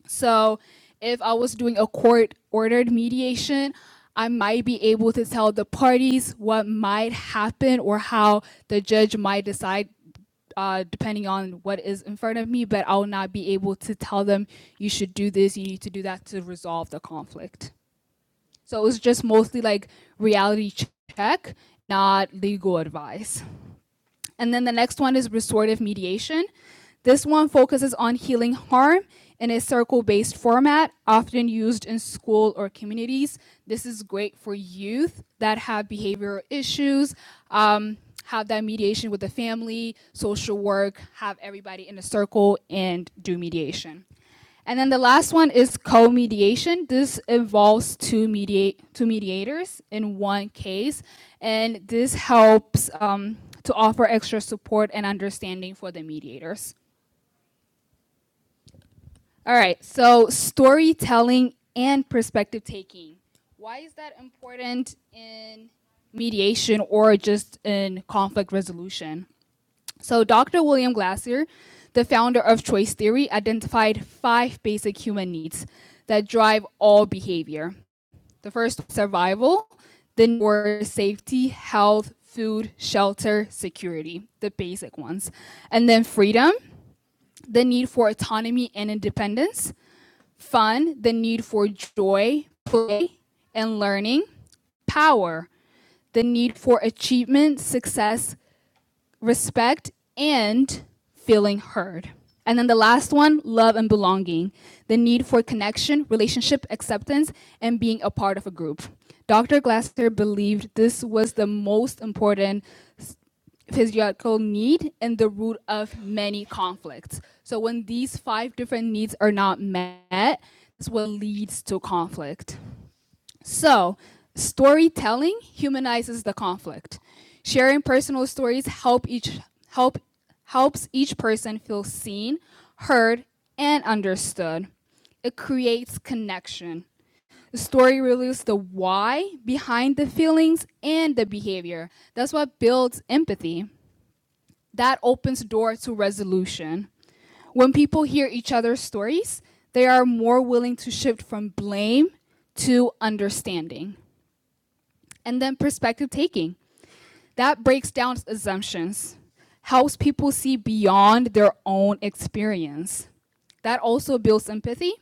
So if I was doing a court ordered mediation, I might be able to tell the parties what might happen or how the judge might decide uh, depending on what is in front of me, but I'll not be able to tell them you should do this, you need to do that to resolve the conflict. So it was just mostly like reality check, not legal advice. And then the next one is restorative mediation. This one focuses on healing harm in a circle based format, often used in school or communities. This is great for youth that have behavioral issues, um, have that mediation with the family, social work, have everybody in a circle and do mediation. And then the last one is co-mediation. This involves two mediate two mediators in one case, and this helps um, to offer extra support and understanding for the mediators. All right. So storytelling and perspective taking. Why is that important in mediation or just in conflict resolution? So, Dr. William Glasser, the founder of choice theory, identified five basic human needs that drive all behavior. The first, survival, then were safety, health, food, shelter, security, the basic ones. And then freedom, the need for autonomy and independence, fun, the need for joy, play, and learning, power, the need for achievement, success, respect, and feeling heard. And then the last one, love and belonging, the need for connection, relationship, acceptance, and being a part of a group. Dr. Glasser believed this was the most important physiological need and the root of many conflicts. So when these five different needs are not met, that's what leads to conflict. So, storytelling humanizes the conflict. Sharing personal stories help each help helps each person feel seen, heard, and understood. It creates connection. The story reveals the why behind the feelings and the behavior. That's what builds empathy. That opens door to resolution. When people hear each other's stories, they are more willing to shift from blame to understanding and then perspective taking. That breaks down assumptions, helps people see beyond their own experience. That also builds empathy.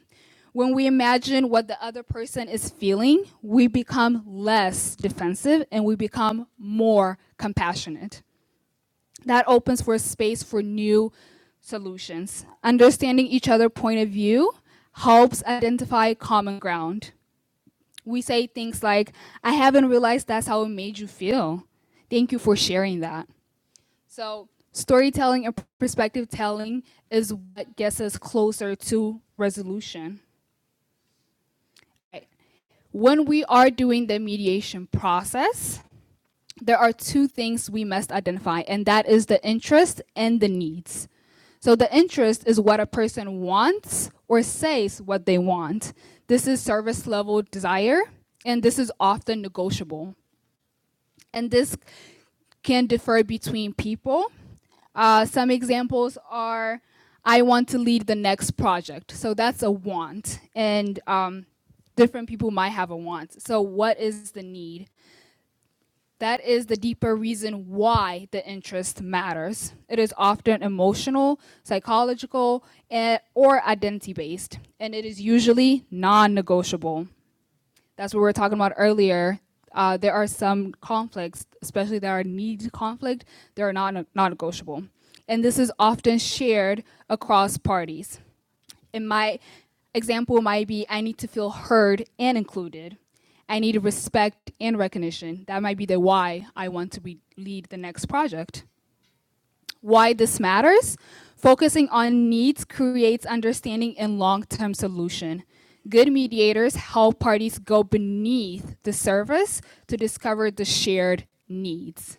When we imagine what the other person is feeling, we become less defensive and we become more compassionate. That opens for space for new solutions. Understanding each other's point of view helps identify common ground we say things like, I haven't realized that's how it made you feel. Thank you for sharing that. So, storytelling and perspective telling is what gets us closer to resolution. Right. When we are doing the mediation process, there are two things we must identify, and that is the interest and the needs. So, the interest is what a person wants or says what they want. This is service level desire, and this is often negotiable. and this can differ between people. Uh, some examples are I want to lead the next project. So that's a want. And um, different people might have a want. So, what is the need? That is the deeper reason why the interest matters. It is often emotional, psychological, and, or identity based, and it is usually non negotiable that's what we were talking about earlier. Uh, there are some conflicts, especially that are need conflict, that are not non negotiable. And this is often shared across parties. In my example might be I need to feel heard and included. I need respect and recognition. That might be the why I want to be lead the next project. Why this matters? Focusing on needs creates understanding and long-term solution. Good mediators help parties go beneath the surface to discover the shared needs.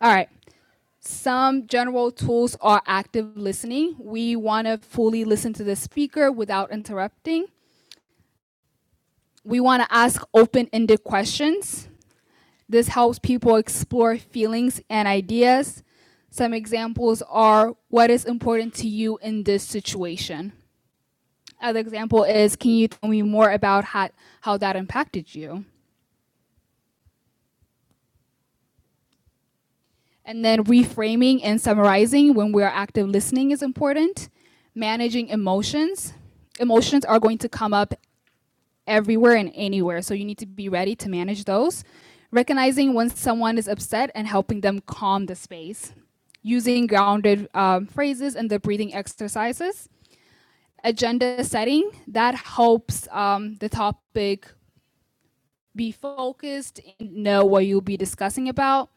All right. Some general tools are active listening. We want to fully listen to the speaker without interrupting. We want to ask open ended questions. This helps people explore feelings and ideas. Some examples are what is important to you in this situation. Other example is can you tell me more about how, how that impacted you? And then reframing and summarizing when we are active listening is important. Managing emotions. Emotions are going to come up everywhere and anywhere. So you need to be ready to manage those. Recognizing when someone is upset and helping them calm the space. Using grounded um, phrases and the breathing exercises. Agenda setting that helps um, the topic be focused and know what you'll be discussing about.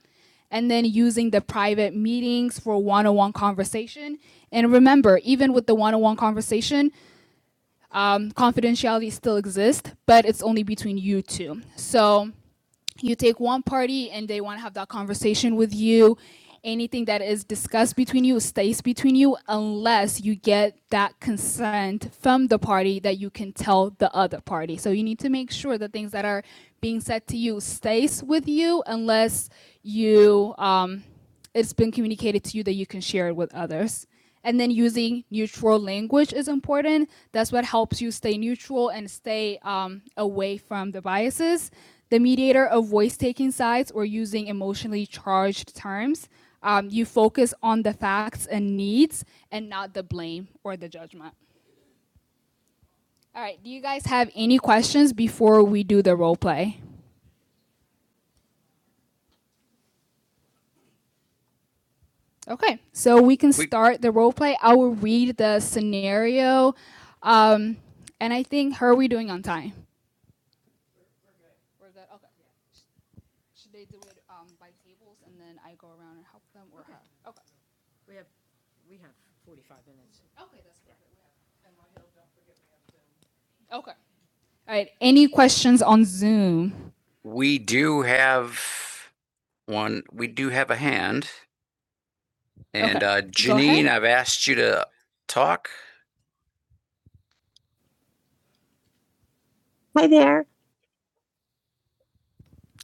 And then using the private meetings for one on one conversation. And remember, even with the one on one conversation, um, confidentiality still exists, but it's only between you two. So you take one party and they want to have that conversation with you. Anything that is discussed between you stays between you unless you get that consent from the party that you can tell the other party. So you need to make sure the things that are being said to you stays with you unless you um, it's been communicated to you that you can share it with others. And then using neutral language is important. That's what helps you stay neutral and stay um, away from the biases. The mediator avoids taking sides or using emotionally charged terms. Um, you focus on the facts and needs and not the blame or the judgment. All right, do you guys have any questions before we do the role play? Okay, so we can start the role play. I will read the scenario, um, and I think how are we doing on time? Or is that okay? Should they do it um, by tables and then I go around and help them, or okay. how? Okay, okay, that's perfect. Okay. All right. Any questions on Zoom? We do have one. We do have a hand, and Okay. uh, Go ahead. Janine, I've asked you to talk. Hi there.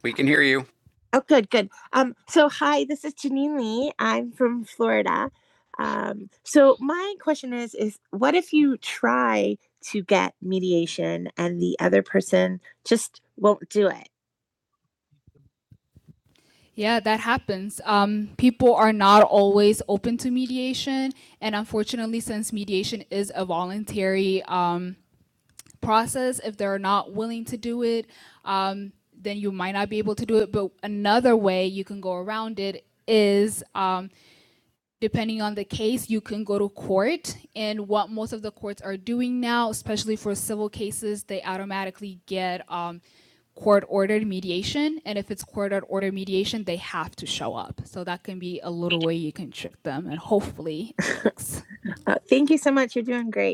We can hear you. Oh, good, good. Um, so hi, this is Janine Lee. I'm from Florida. Um, so my question is, is what if you try to get mediation and the other person just won't do it? Yeah, that happens. Um, people are not always open to mediation. And unfortunately, since mediation is a voluntary um, process. If they're not willing to do it, um, then you might not be able to do it. But another way you can go around it is um, depending on the case, you can go to court. And what most of the courts are doing now, especially for civil cases, they automatically get um, court ordered mediation. And if it's court ordered mediation, they have to show up. So that can be a little way you can trick them, and hopefully it works.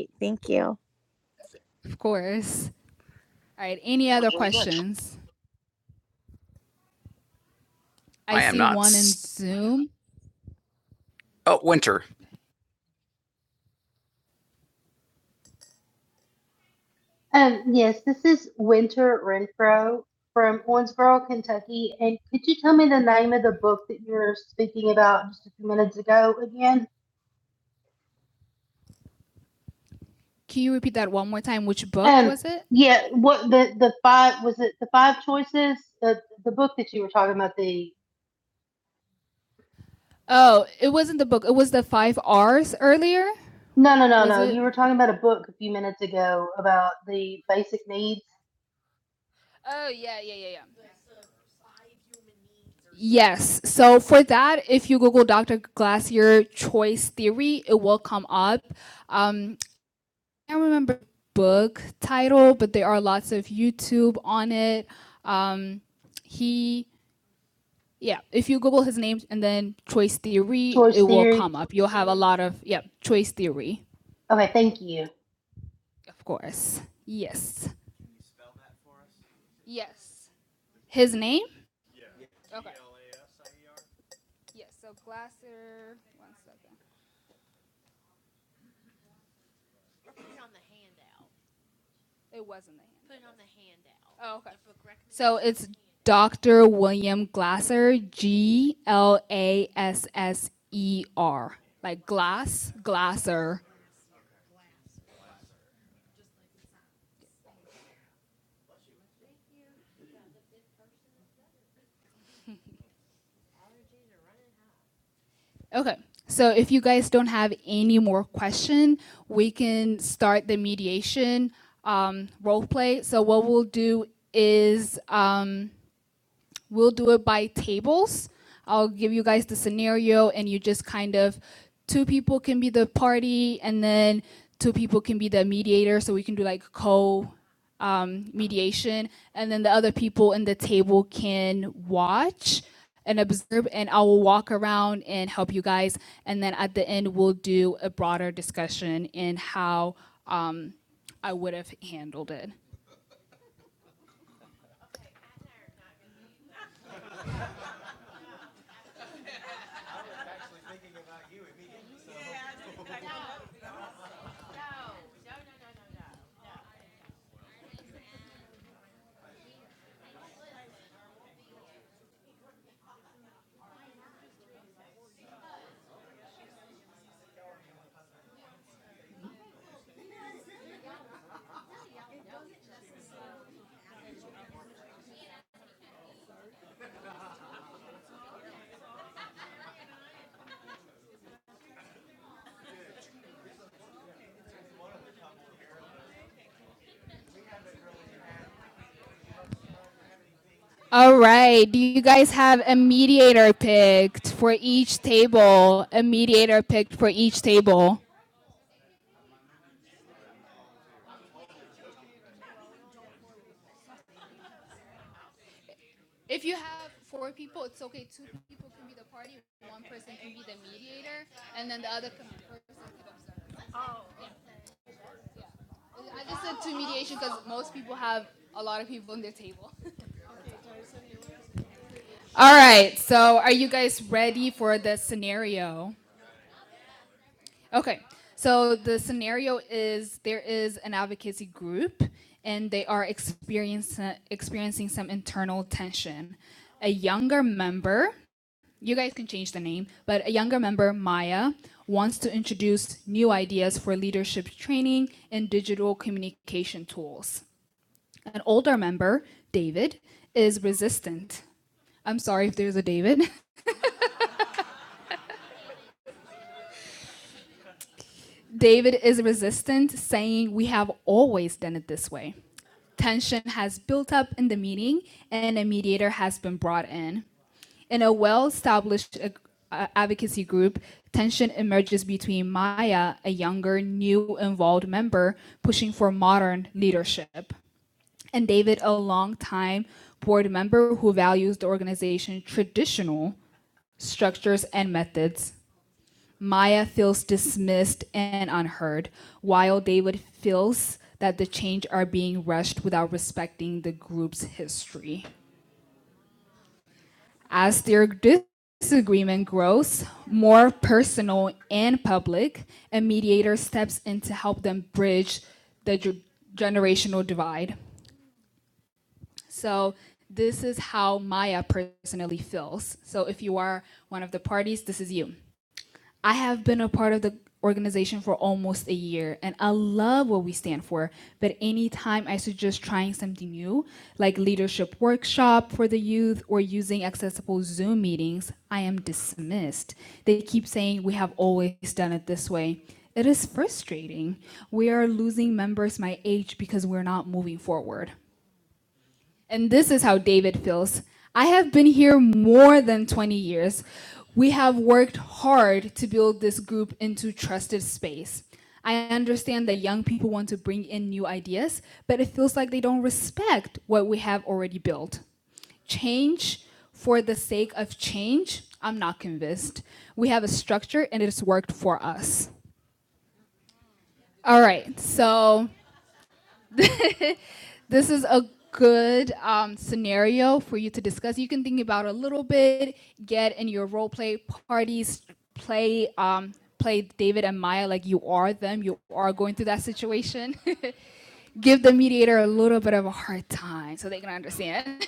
Thank you. Of course. All right, any other questions? I I am see not one in Zoom. Oh, Winter. Um, yes, this is Winter Renfro from Owensboro, Kentucky. And could you tell me the name of the book that you were speaking about just a few minutes ago again? Can you repeat that one more time? Which book Um, was it? Yeah, what the the five was it the five choices? The the book that you were talking about the Oh, it wasn't the book. It was the five R's earlier. no no no Was no it- you were talking about a book a few minutes ago about the basic needs Oh yeah, yeah, yeah, yeah. the five human needs or Yes. So for that, if you Google Dr. Glassier choice theory, it will come up. Um, I can't remember the book title, but there are lots of YouTube on it. Um, he, yeah. If you Google his name and then choice theory, Choice it theory. will come up. You'll have a lot of yeah choice theory, of course. Yes. Yes. His name. Okay. Yes. So Glassier. One second. It wasn't the hand. Oh, okay. So it's Dr. William Glasser, G L A S S E R, like glass, glasser. Okay. So if you guys don't have any more question, we can start the mediation um, role play. So what we'll do is um, We'll do it by tables. I'll give you guys the scenario, and you just kind of two people can be the party, and then two people can be the mediator. So we can do like co um, mediation, and then the other people in the table can watch and observe. And I will walk around and help you guys. And then at the end, we'll do a broader discussion in how um, I would have handled it. All right. Do you guys have a mediator picked for each table? A mediator picked for each table. If you have four people, it's okay. Two people can be the party, one person can be the mediator, and then the other person can observe. Oh. Yeah. I just said two mediation because most people have a lot of people on their table. All right. So, are you guys ready for the scenario? Okay. So the scenario is there is an advocacy group and they are experiencing experiencing some internal tension. A younger member, you guys can change the name, but a younger member, Maya, wants to introduce new ideas for leadership training and digital communication tools. An older member, David, is resistant. I'm sorry if there's a David. David is resistant, saying, We have always done it this way. Tension has built up in the meeting, and a mediator has been brought in. In a well established advocacy group, tension emerges between Maya, a younger, new involved member pushing for modern leadership, and David, a long-time board member who values the organization's traditional structures and methods Maya feels dismissed and unheard, while David feels that the change are being rushed without respecting the group's history. As their disagreement grows more personal and public, a mediator steps in to help them bridge the ge- generational divide. So this is how Maya personally feels. So if you are one of the parties, this is you. I have been a part of the organization for almost a year and I love what we stand for. But anytime I suggest trying something new, like leadership workshop for the youth or using accessible Zoom meetings, I am dismissed. They keep saying we have always done it this way. It is frustrating. We are losing members my age because we're not moving forward. And this is how David feels. I have been here more than 20 years. We have worked hard to build this group into trusted space. I understand that young people want to bring in new ideas, but it feels like they don't respect what we have already built. Change for the sake of change, I'm not convinced. We have a structure and it's worked for us. All right, so this is a good um, scenario for you to discuss. You can think about a little bit, get in your role play parties, play um, play David and Maya like you are them. You are going through that situation. Give the mediator a little bit of a hard time so they can understand.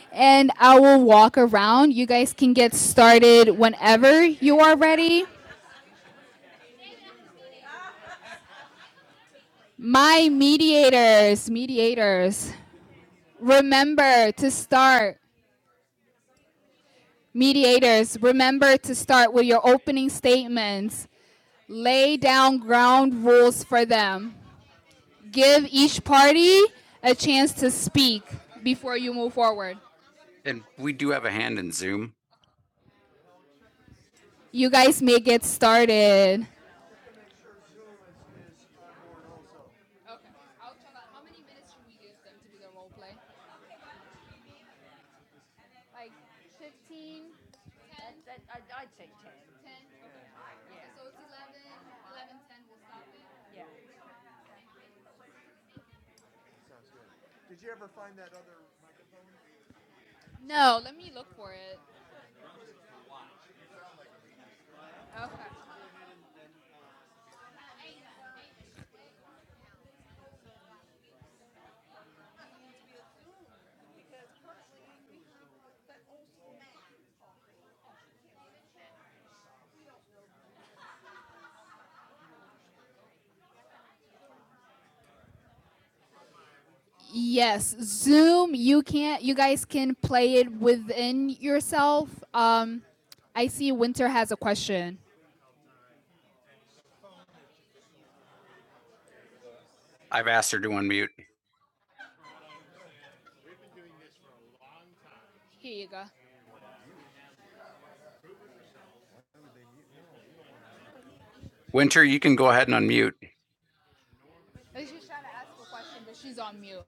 and I will walk around. You guys can get started whenever you are ready. My mediators, mediators, remember to start Mediators, remember to start with your opening statements. Lay down ground rules for them. Give each party a chance to speak before you move forward. And we do have a hand in Zoom. You guys may get started. Okay. I'll check out how many minutes should we give them to do the role play? Like 15? 10? That, I'd, I'd say 10. 10? Okay. Yeah. Yeah. So it's 11, 11, ten, we'll stop it. Yeah. Did you ever find that other? No, let me look for it. Okay. Yes, Zoom. You can't. You guys can play it within yourself. Um, I see. Winter has a question. I've asked her to unmute. Here you go. Winter, you can go ahead and unmute. I was just trying to ask a question, but she's on mute.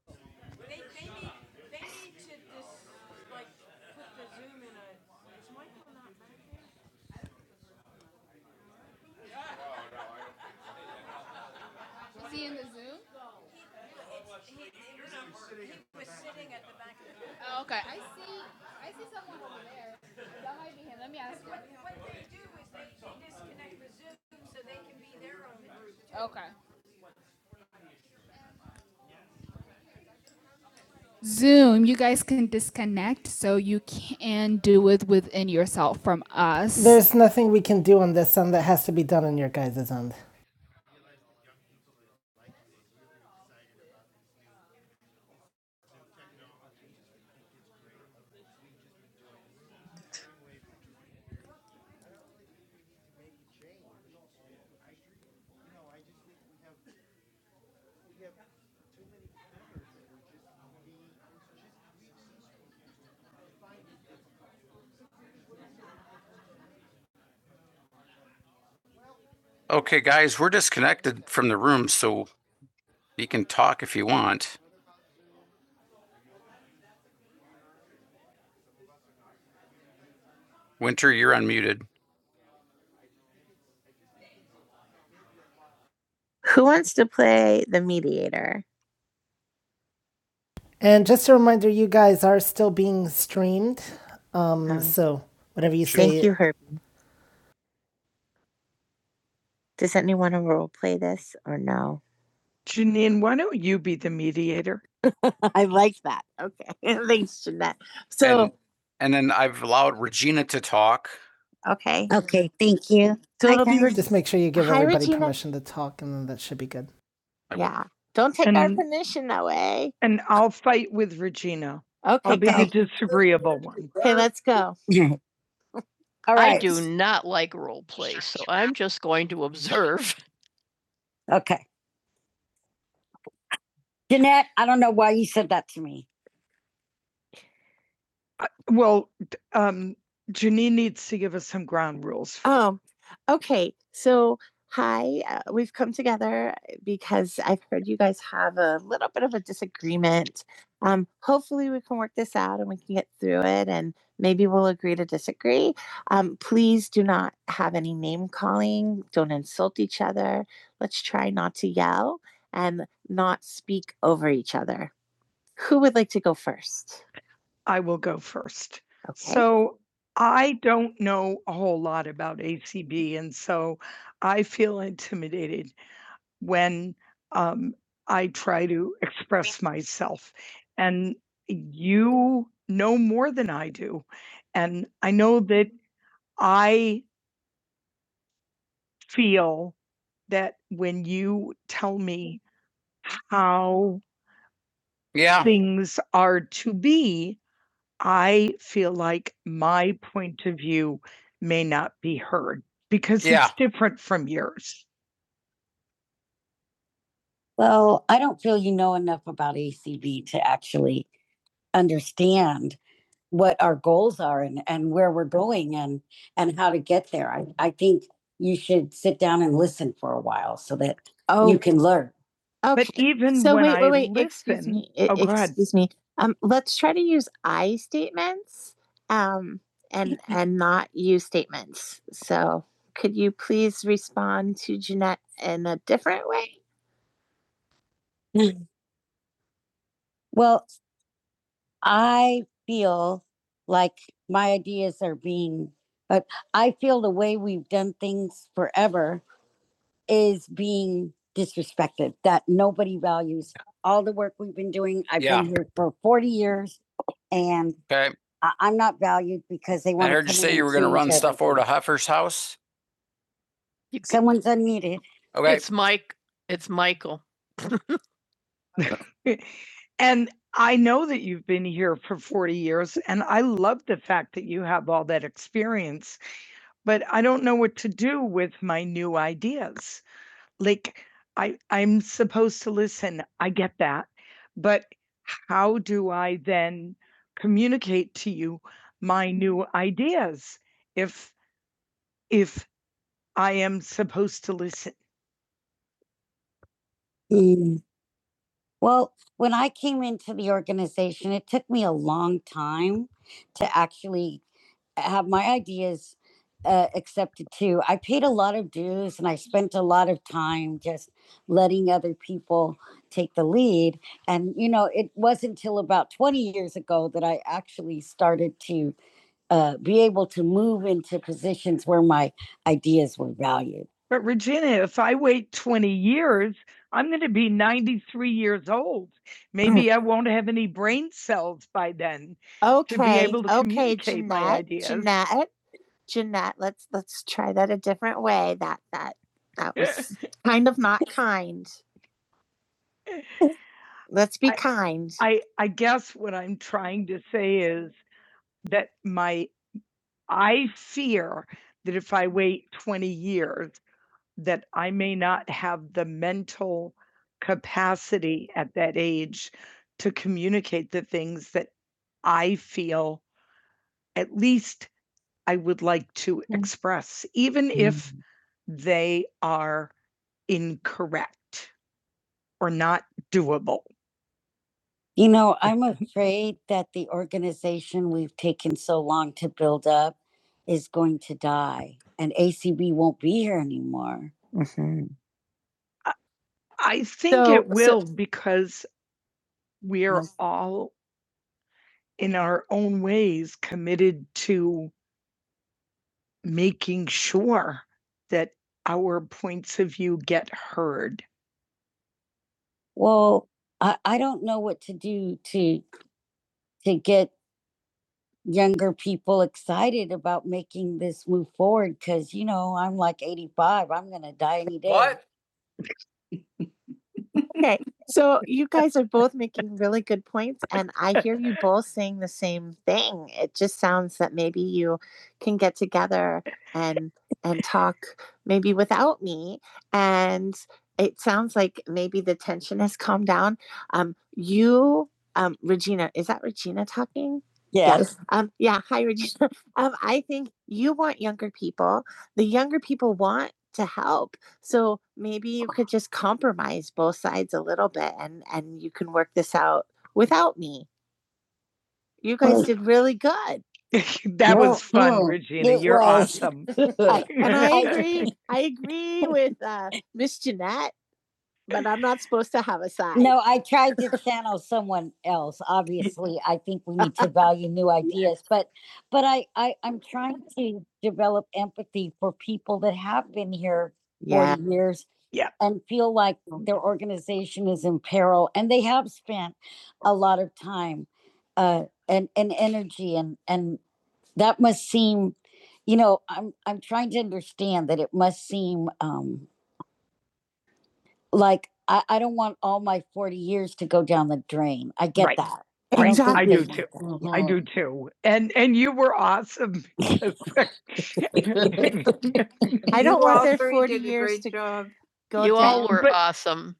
Is he in the Zoom? Oh, okay. I see. I see someone over there. That might be him. Let me ask him. What they do is they disconnect the Zoom so they can be their own group. too. Okay. Zoom, you guys can disconnect, so you can do it within yourself from us. There's nothing we can do on this end that has to be done on your guys' end. Okay, guys, we're disconnected from the room, so you can talk if you want. Winter, you're unmuted. Who wants to play the mediator? And just a reminder, you guys are still being streamed. Um, Um, so whatever you say. thank you, Herb. Does anyone else? I'm at. Okay. Thanks, Jeanette. So, and, and then I've allowed Regina to talk. okay. Oh, thank you. So Hi, it'll be. guys. just make sure you give Hi, everybody Regina. permission to talk, and then that should be good. I will. Yeah. I'll Take our And- our permission away. And I'll fight with Regina. Okay. I'll be the disagreeable one. Okay. Let's. All right. I right. do not like role play, so I'm just going to observe. okay. Jeanette, I don't know why you said that to me. I- Well, um, Janine needs to give us some ground rules. Oh, okay. So, hi, uh, we've come together because I've heard you guys have a little bit of agreement. Um, hopefully, we can get through it and maybe we'll agree to disagree. Um, please do not have any name calling, don't insult each other, try not to yell, and not speak over each other. Who would like to go first? I will go first. Okay. So I don't know a whole lot about ACB, and so I feel intimidated when um, I try to express myself. And you know more than I do. And I know that I feel that when you tell me how Yeah. things are to be, because Yeah. it's Well, I don't feel you know enough about ACB to actually understand what our goals are and, and where we're going and, and how to get there. I, I think you should sit down and listen for a while so that Oh, you can learn. okay. But even So when wait, I wait, wait, excuse listen, excuse me, e- Oh, go excuse me. Um, let's try to use I statements, um, and, and not you statements. So could you please respond to Jeanette in a different way? Well, I feel like my ideas are being, but I feel the way we've done things forever is being disrespected, that nobody values all the work we've been doing. I've Yeah. been here for 40 years and Okay. I, I'm not valued because they want. to. I heard you say you were going to run stuff over to Huffer's house. Someone's unmuted. Okay. It's Mike, it's Michael. And I know that you've been here for 40 years, and I love the fact that you have all that experience, but I don't know what to do with my new ideas. Like, I I'm supposed to listen, I get that, but how do I then communicate to you my new ideas if if I am supposed to listen? Well, when I came into the organization, it took me a long time to actually have my ideas uh, accepted too. I paid a lot of dues and I spent a lot of time just letting other people take the lead. And, you know, it wasn't until about 20 years ago that I actually started to uh, be able to move into positions where my ideas were valued. But Regina, if I wait 20 years, I'm going to be 93 years old. Maybe I won't have any brain cells by then. to be Okay, able to okay, communicate my Jeanette, ideas. Jeanette, Jeanette. Let's let's try that a different way. That that that was kind of not kind. Let's be I- kind. I, I guess what I'm trying to say is that my I fear that if I wait 20 years that I may not have the mental capacity at that age to communicate the things that I feel least I would like to Mm. express, even mm. if Mm. they are incorrect or not doable. You know, I'm afraid that the organization we've taken so long to build up is going to die and ACB won't be here anymore. Mhm. I think So- it so- will so, because we're Yes. all in our own ways committed to making sure that our points of view get heard. Well, I, I don't know what to do to to get younger people excited about making this move forward because you know I'm like 85. I'm gonna die any day. What? and I hear you both same thing. It just you can get together and and talk maybe without me. And it sounds like maybe the tension has calmed down. Um, you um, we're talking yes yes. Um, yeah. Hi, Regina. Um, I think you people to help. So maybe you could just compromise and out me. You guys did really good. That Well, was fun, well, Regina. You're was. awesome. I- and I agree. I agree with uh, Miss Jeanette, but aside. No, I tried to channel someone else. Obviously, I think we need to value new ideas, but but I, I I'm trying to develop empathy for people that have been here Yeah. 40 years Yeah. and feel like their organization is in peril and they have spent a lot of time uh and and energy and and that must seem you know i'm i'm trying to understand that it must seem um like I, I don't want all my 40 years to go down the drain. I get Right. that. Right. I do too. anything I do too. And and you were awesome. I don't You want their 40 years to job. go you all down. all were But- awesome.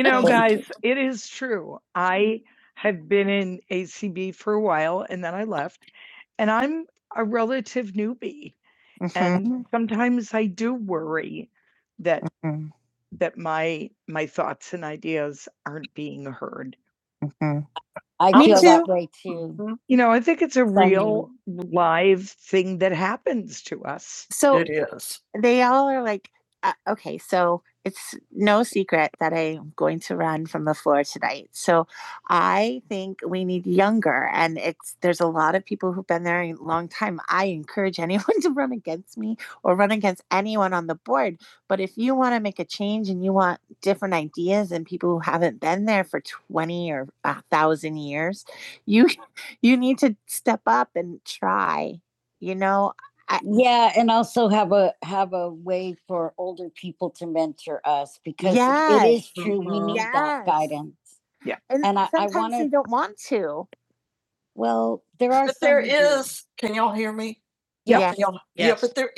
You know, Thank guys, it's true. I have been in ACB for a while and then I left, and I'm a relative newbie. Mm-hmm. And sometimes I do worry that Mhm. my my thoughts and ideas aren't being heard. I Me feel that too. that way too. You know, I think it's a Funny. real live thing that happens to us. So, uh, oh, it's hey, I'm going to run from right. So, I think we need year, and it's there's a lot of people who've been there a long time. I encourage anyone to run against me or run against anyone on the board. You want different ideas and people who are 20 or uh, thousands. You, you need to st- try Oh, I, Yeah, and also have a have a way for older people to mentor us because yes. it is Yes. true Mm-hmm. we need yes. that Yes. guidance. And, And I- sometimes they wanna- they don't want to. Well, there are But there some who do. is, me. Yep. Yes. Yeah, yeah, Yes. but there,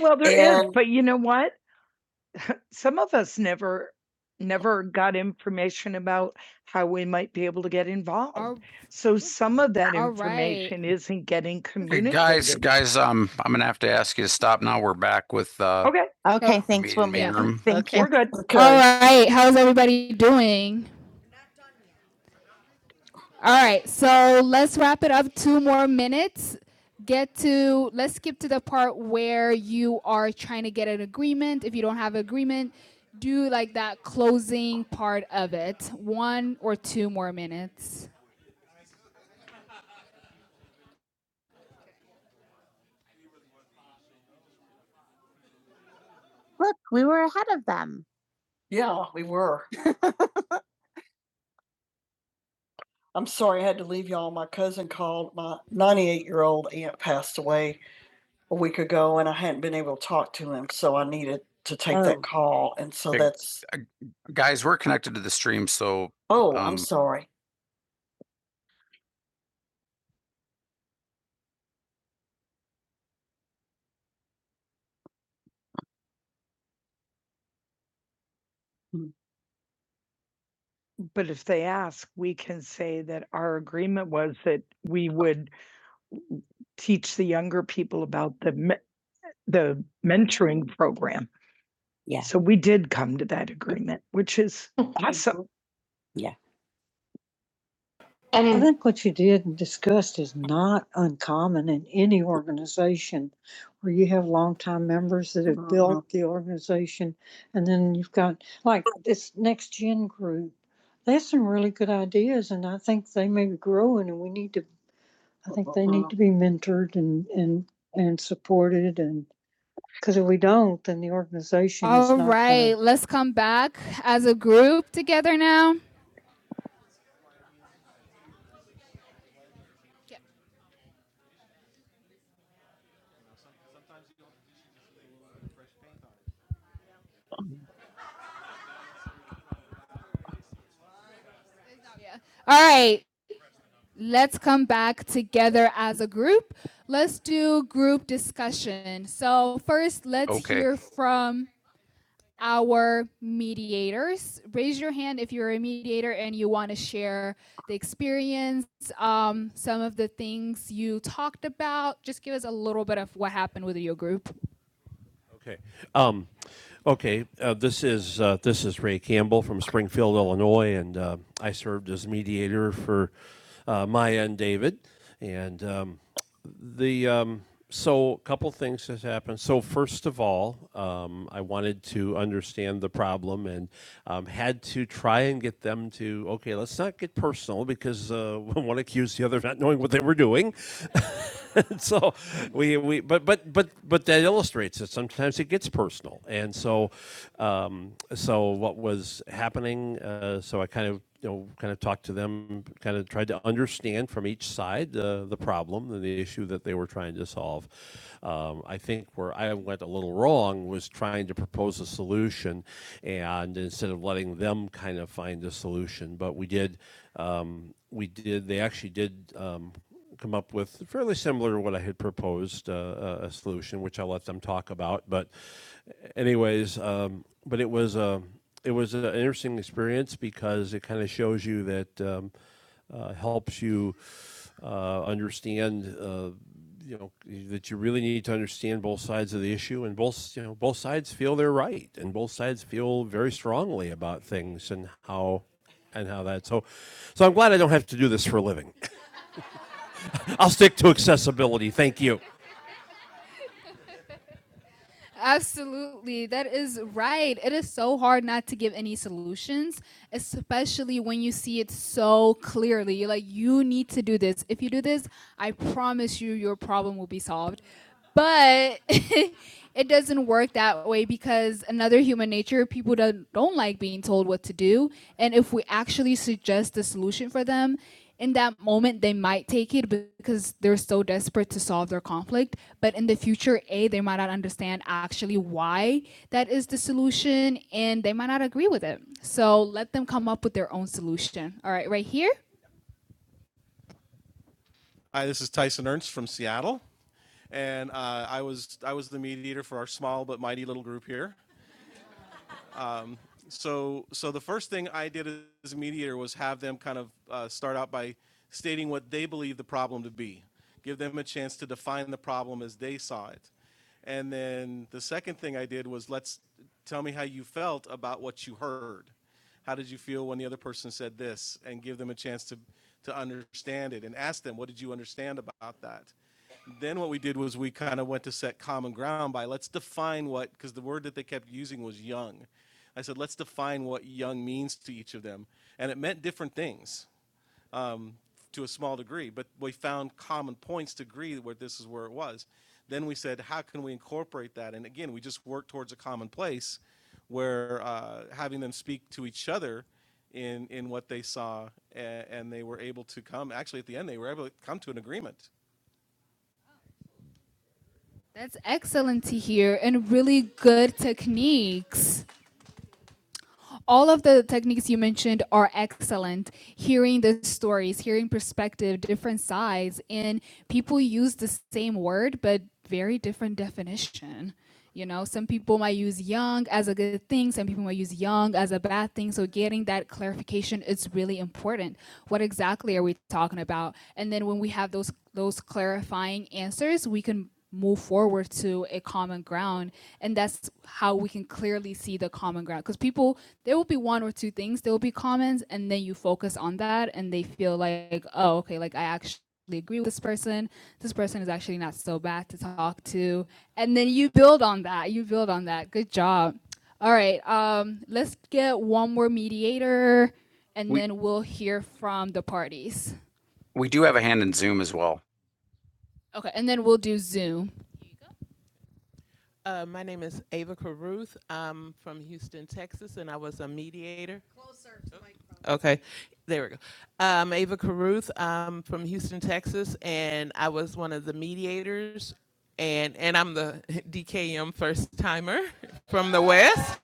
Well, there is, And- is. but you know what? some of us never never got information about how we might be able to get involved. All So some of that all right. information isn't getting Hey, guys, communicated. guys, um, I'm gonna have to ask you to stop now. We're back with uh Okay, Okay, Oh, thanks. We'll meeting meet. main yeah. room. Thank Okay. you. we're good. All right. How's everybody doing? All right, so let's wrap it up. Two more minutes. Get to let's skip to the part where you are trying to get an agreement. If you don't have an agreement, do like that closing part of it. One or two more minutes. Yeah, we were. I'm sorry I had to leave y'all. My cousin called 98 year old passed away a week ago and I hadn't been able to talk to him, so I needed to take Oh. that call. And so Okay. that's Guys, we're connected to the stream, so oh, Um, I'm sorry. But if they ask, we can say that our agreement was that we would teach the younger people about the me- the mentoring program. Yeah. So we did come to that agreement, which is awesome. And I think what you did and discussed is not uncommon in any organization where you have longtime members that have built up the organization. And then you've got like this next gen group. They have some really good ideas and I think they may be growing and we need to I think they need to be mentored and, and, and supported and, because if we don't, then the organization is not All right, gonna- right, let's come back as a group together now. Yeah, no, yeah. All right, let's come back together as a group. Let's do group discussion. So first, let's Okay. hear from our mediators. Raise your hand if you're a mediator and you want to share the experience, um, some of the things you talked about. Just give us a little bit of what happened with your group. Okay. Um, okay. Uh, this is uh, this is Ray Campbell from Springfield, Illinois, and uh, I served as mediator for uh, Maya and David. And um, the um, so a couple things has happened. So first of all, um, I wanted to understand the problem and um, had to try and get them to okay personal uh, wing. We, we but but but but that illustrates that sometimes it's Personal And so what was happening? Uh, so I kind of you know kind of talked to them, kind of tried to understand from each side uh, the problem and the issue that they were trying to solve. Um, I think where I went a little wrong was trying to propose a solution, and instead of letting them kind of find a solution, but we did. Um, we did. They actually did um, come up with fairly similar to what I had proposed uh, uh, a solution, which I'll let them talk about. But anyways, um, but it was a it was an interesting experience because it kind of shows you that um, uh, helps you uh, understand uh, you know that you really need to understand both sides of the issue and both you know both sides feel they're right thing how and how that's I'm glad I don't have this for a living. I'll stick to accessibility. Thank you. Absolutely. That is right. It is so hard not to give any solutions, especially when you see it so clearly. You're like, you need to do this. If you do this, I promise you your problem will be solved. But it doesn't work that way because another human nature, people don't, don't like being told what to do. And if we actually suggest the solution for them, in that moment they might take it because they're so desperate to solve their conflict but in the future a they might not understand actually why that is the solution and they might not agree with it so let them come up with their own solution all right right here Hi, this is Tyson Ernst from Seattle, and uh, I was I was the mediator for our small but mighty little group here. First thing I did is. kind of uh, start out by stating what they believe the problem to be. Give them a chance to define the problem as they saw it. And then the second thing I did was let's tell me how you felt about what you heard. How did you feel when the other person said this? And give them a chance to, to understand it and ask them, what did you understand about that? Let's define what, because the word using was young, what young means to each of them, common points to this incorporate that. And again, we just work towards a common place where uh, having them speak to each other. That's excellent to hear and really good techniques. all of the techniques you mentioned are excellent. Hearing the stories, hearing perspective, different sides, and people use the same word but very different definition. You know, some people might use young as a good thing, some people might use young as a bad thing. So getting that clarification is really important. What exactly are we talking about? And then when we have those those clarifying answers, we can move forward to a common ground and that's how we can clearly see the common ground because people there will be one or two things there will be commons and then you focus on that and they feel like oh okay like i actually agree with this person this person is actually not so bad to talk to and then you build on that you build on that good job all right um let's get one more mediator and We- then we'll hear from the parties We do have a hand in Zoom as well. okay and then we'll do zoom Ava Caruth. I'm from Houston, Texas, and I was a mediator. Okay, there we go. Um, Ava Caruth. I'm from Houston, Texas, and I was one of the mediators, and and I'm the DKM first timer from the West.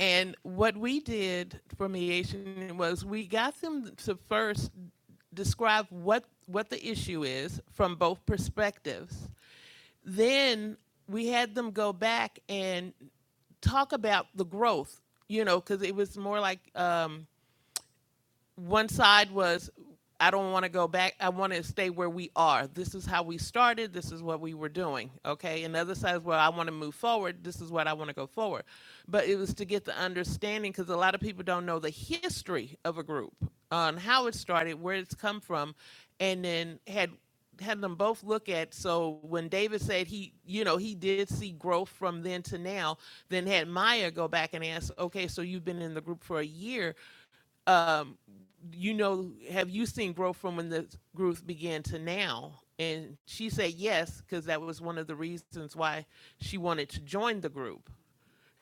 And what we did for mediation was we got them to first describe what what the issue is from both perspectives. Then we had them go back and talk about the growth because it was more like um, one side was I don't want to go back. I want to stay where we are. This is how we started. This is what we were doing. Okay. And the other side is well, I want to move forward. This is what I want to go forward. But it was to get the understanding because a lot of people don't know the history of a group on how it started, where it's come from, and then had had them both look at. So when David said he, you know, he did see growth from then to now, then had Maya go back and ask, okay, so you've been in the group for a year um, you know, have you seen growth from when the group began to now? And she said yes, because that was one of the reasons why she wanted to join the group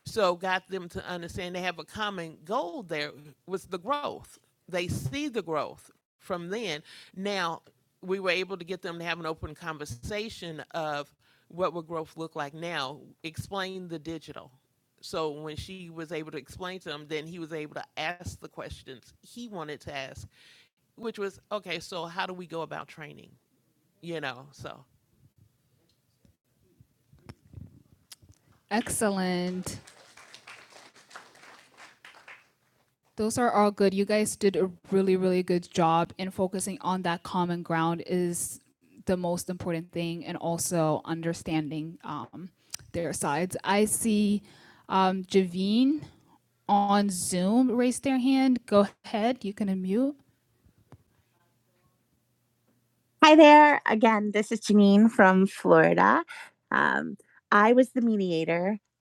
so got them to understand they have a common goal there was the growth they see the growth from then now we were able to get them to have an open conversation of what would growth look like now explain the digital so when she was able to explain to him then he was able to ask the questions he wanted to ask which was okay so how do we go about training you know so Excellent. Those are all good. You guys did a really, really good job in focusing on that common ground is the most important thing and also understanding um, their sides. I see um, Javine on Zoom raise their hand. Go ahead, you can unmute. Hi there. Again, this is Janine from Florida. Um, I was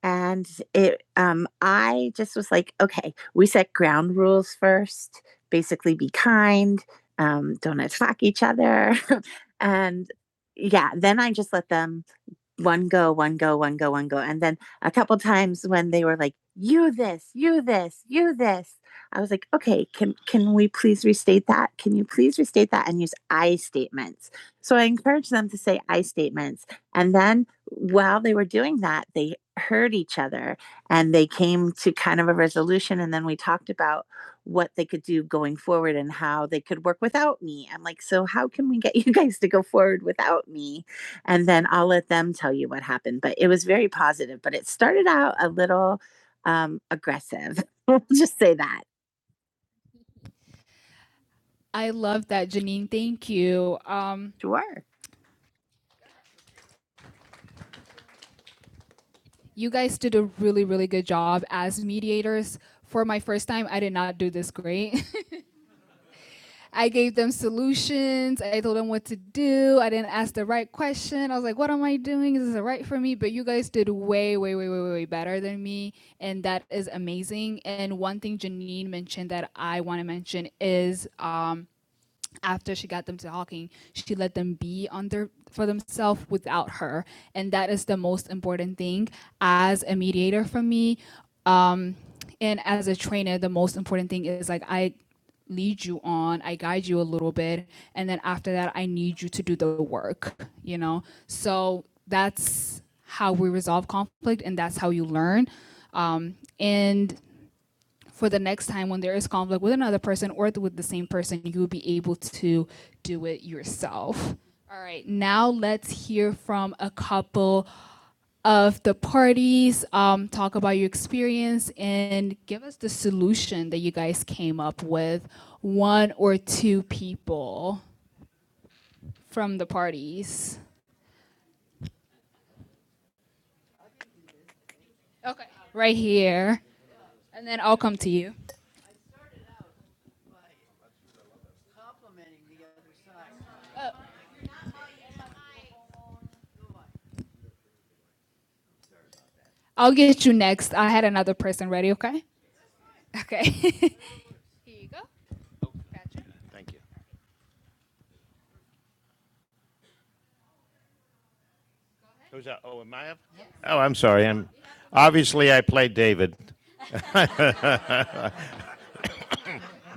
and it um i just was like okay we set ground rules first basically be kind um don't attack each other yeah then um one then i kind of like yes i was like can can can use i statements. so i encouraged them to say i statements and then while they were doing that they heard each other and they came to kind of, we talked about what they could do going forward and work without me and then i'll let them tell it, it was a little um, a group chat I love that, Janine. Thank you. Um, Sure. you guys did a really, really good job as mediators. For my first time, I did not do this great. I gave them solutions. I told them what to do. I didn't ask the right question. I was like, what am I doing? Is this right for me? But you guys did way, way, way, way, way better than me. And that is amazing. And one thing Janine mentioned that I want to mention is um, after she got them talking, she let them be on their for themselves without her, and that is the most important thing as a mediator for me, um, and as a trainer, the most important thing is like I lead you on, I guide you a little bit, and then after that, I need you to do the work, you know. So that's how we resolve conflict, and that's how you learn. Um, and for the next time when there is conflict with another person or with the same person, you'll be able to do it yourself. All right, now let's hear from a couple of the parties, um, talk about your experience, and give us the solution that you guys came up with. One or two people from the parties. Okay, right here. And then I'll come to you. I'll get you next. I had another person ready, okay? Okay. here you go. Who's that? Oh, am I up? Yes. Oh, I'm sorry. I'm obviously I played David.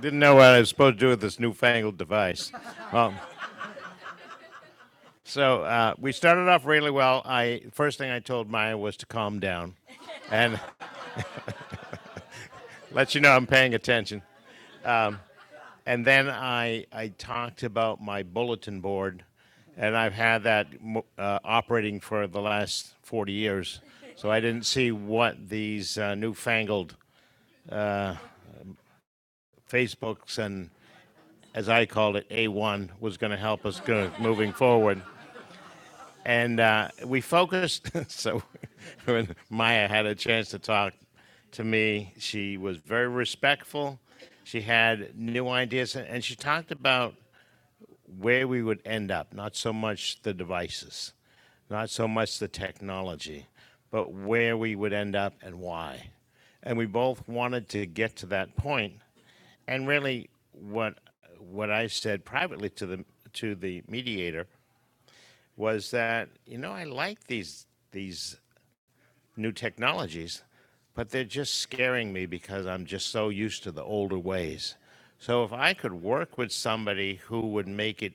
Didn't know what I was supposed to do with this newfangled device. So uh, we started off really well. I first thing I told Maya was to calm down. I'm paying attention. I I talked about my bulletin board, and I've had that uh, operating for the last 40 years. So I didn't see what these uh, newfangled Facebooks, as I called it, A1, would help us go moving. Uh, we focused, so when my she responded. new ideas, and- she talked about where we would end up, not so much the devices, not so much the technology, where we would end up and why. And we both wanted to that point. And really, what I said privately to the to the media was that you know I like these these technologies. They're just scaring me because I'm just so used to the older ways. So if I could work with somebody who would make it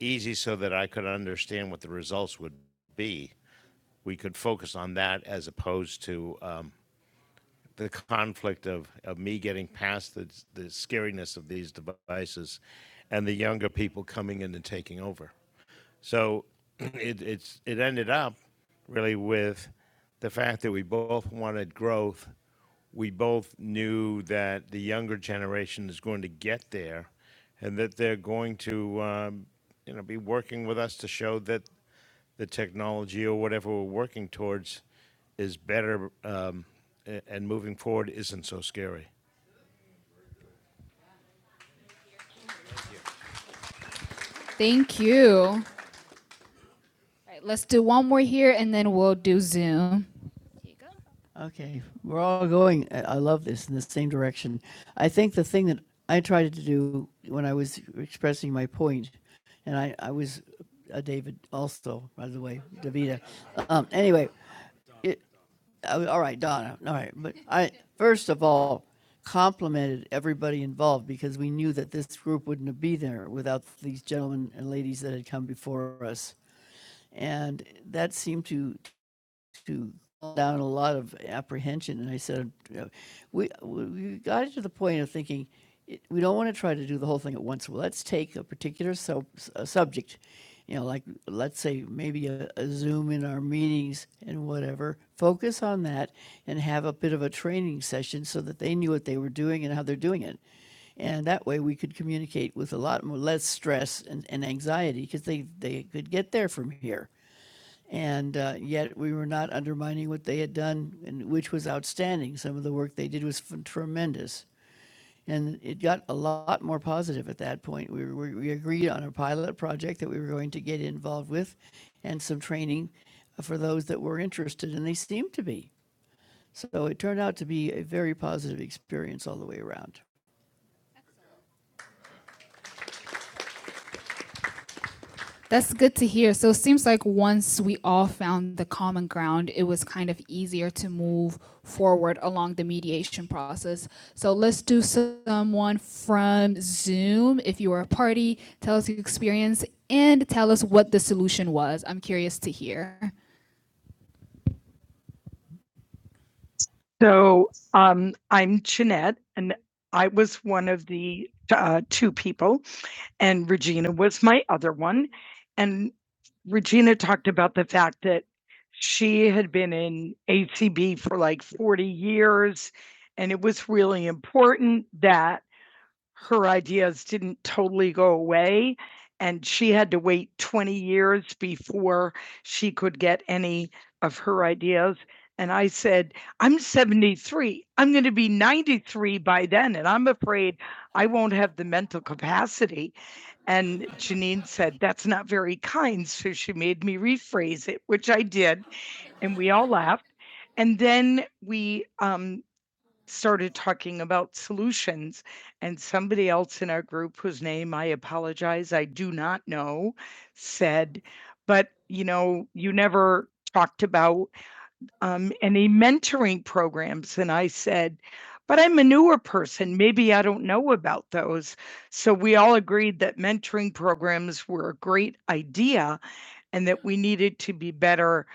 easy so that I could understand what the results would be, we could focus on that as opposed to conflict of, of the scariness of these devices and the young people coming in and So it, it's it ended up with the fact that we both wanted growth. We both knew that the younger generation is going to get there. And that they're going to, uh, you know, be working with us to show that the technology. is Working Thank you. Let's do one more here. We'll do Zoom. and I, I was a David also, by the way, Davida. Um, anyway, it, Oh, all right, Donna. All right, but I first of all complimented everybody involved because we knew that this group wouldn't be there without these gentlemen and ladies that had come before us, and that seemed to to calm down a lot of apprehension. And I said, you know, we we got to the point of thinking we don't want to try to do the whole thing at once. Well, let's take a particular sub, a subject, you know, like let's say maybe a, a Zoom in our meetings and whatever. Focus on that and have a bit of a training session so that they knew what they were doing and how they're doing it. And that way we could communicate with a lot more less stress and, and anxiety because they, they could get there from here. And uh, yet we were not undermining what they had done, and, which was outstanding. Some of the work they did was f- tremendous. And it got a lot more positive at that point. We, were, we agreed on a pilot project that we were going to get involved with and some training for those that were interested, and they seemed to be. So it turned out to be a very positive experience all the way around. That's good to hear. So it seems like once we all found the common ground, it was kind of easier to move forward along the mediation process. So let's do someone from Zoom. If you were a party, tell us your experience and tell us what the solution was. I'm curious to hear. So, um, I'm Jeanette, and I was one of the uh, two people, and Regina was my other one. And Regina talked about the fact that she had been in ACB for like 40 years, and it was really important that her ideas didn't totally go away. And she had to wait 20 years before she could get any of her ideas. And I said, I'm 73. I'm going to be 93 by then. And I'm afraid I won't have mental capacity. And Janine said, That's not very kind. So she made me rephrase it, which I did. And we all laughed. And then we um, starting about solutions. And somebody else in our group, whose name I apologize, I do not know, said, But, you know, you never talked about um, any mentoring programs. And I said, but I'm a newer person. Maybe I don't know about those. So we all agreed that mentoring programs were a great idea and that we needed to be better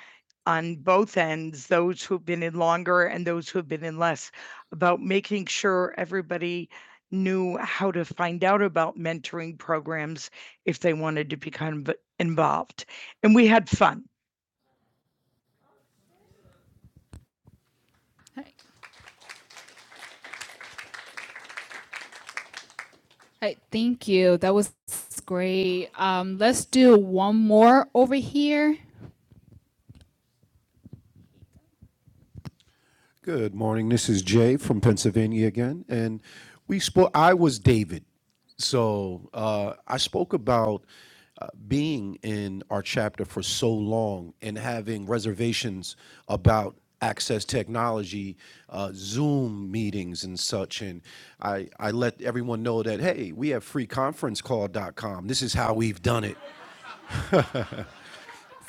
on both ends, those who've been in longer and those who've been in less, about making sure everybody knew how to find out about mentoring programs if they wanted to become involved. And we had fun. Hey, thank you. That was great. Um, let's do one more over here. uh, in our chapter for so long and having about actually, uh, Zoom and such, and I, I let everyone know that hey, we have freeconferencecall.com. This is how we've done it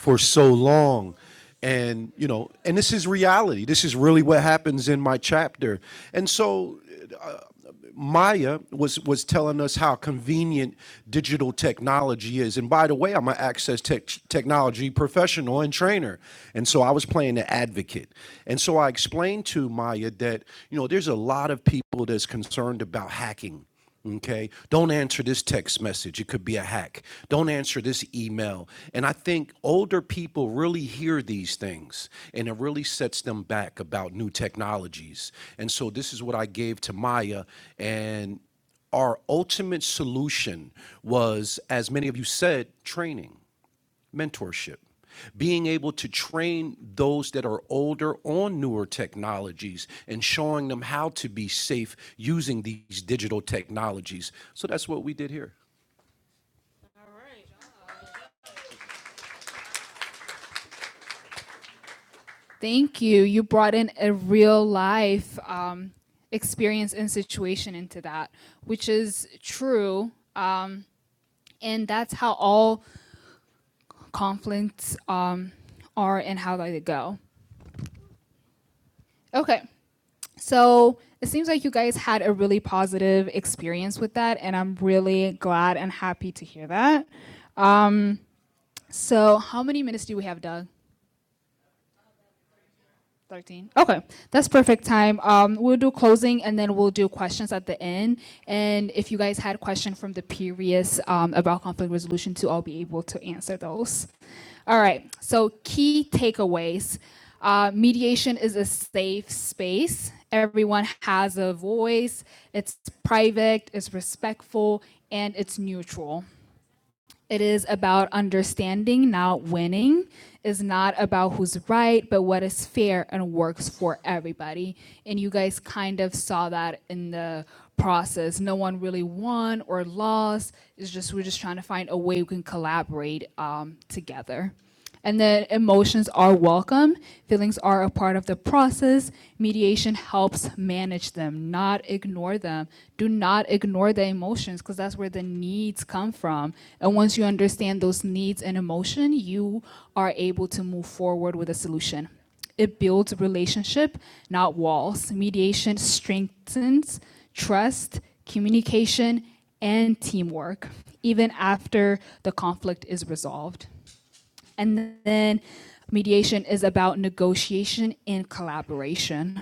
for so long, and you know, and this is reality. This is really what happens in my chapter, and so Aya was was telling us how convenient digital technology is. And by the way, I'm an access tech, technology professional and trainer. And so I was playing advocate. And so I explained to Maya that, you know, there's a lot of people that's concerned about hacking. Okay. Don't answer this text message. It could be a hack. Don't answer this email. And I think older people really hear these things and it really sets them back about new technologies. And so this is what I gave to Maya. And our ultimate solution was, as many of you said, training, mentorship, being able to train those that are older, technology, safe digital. Thank you. You brought in a real life um, experience and situation into that, which is true. Um, and that's how all conflicts um, are and how they go. Okay. So it seems like you guys had a really positive experience with that, and I'm really glad and happy to hear that. So, how many minutes do we have, Doug? 13. Okay, that's perfect time. Um, we'll do closing and then we'll do questions at the end. And if you guys had questions from the previous um, about conflict resolution too, I'll be able to answer those. All right, so key takeaways. Uh, mediation is a safe space. Everyone has a voice. It's private, it's respectful, and it's neutral. It is about understanding, not winning. It's not about who's right, but what is fair and works for everybody. And you guys kind of saw that in the process. No one really won or lost. It's just we're just trying to find a way we can collaborate um, together. And that emotions are welcome, feelings are a part of the process. Mediation helps manage them, not ignore them. Do not ignore the emotions because that's where the needs come from. And once you understand those needs and emotion, you are able to move forward with a solution. It builds relationship, not walls. Mediation strengthens trust, communication, and teamwork, even after the conflict is resolved. And then mediation is about negotiation and collaboration.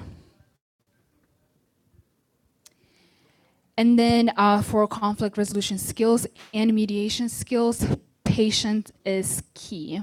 And then uh, for conflict resolution skills and mediation skills, patience is key.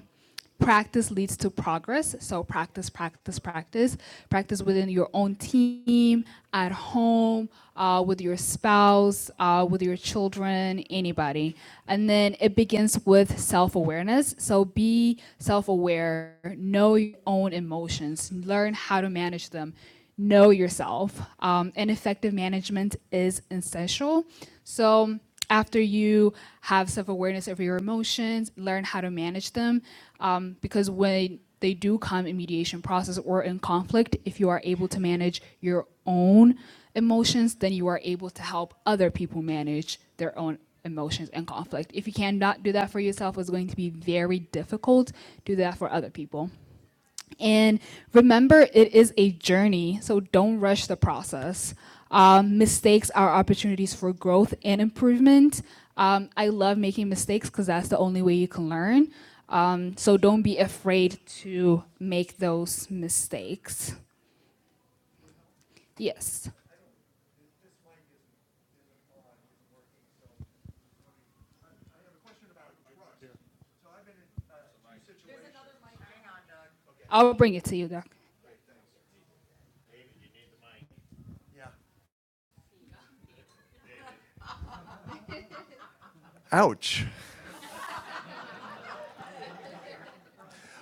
Practice leads to progress. So practice, practice, practice. Practice within your own team, at home, uh, with your spouse, uh, with your children, anybody. And then it begins with self awareness. So be self aware, know your own emotions, learn how to manage them know yourself. Um, and effective management is essential. So after you have self-awareness of your emotions, learn how to manage them, um, because when they do come in mediation process or in conflict, if you are able to manage your own emotions, then you are able to help other people manage their own emotions and conflict. If you cannot do that for yourself, it's going to be very difficult. to Do that for other people. And remember, it is a journey, so don't rush the process. Um, mistakes are opportunities for growth and improvement. Um, I love making mistakes because that's the only way you can learn. Um, so don't be afraid to make those mistakes. Yes. I'll bring it to you, Doc. Yeah. Ouch.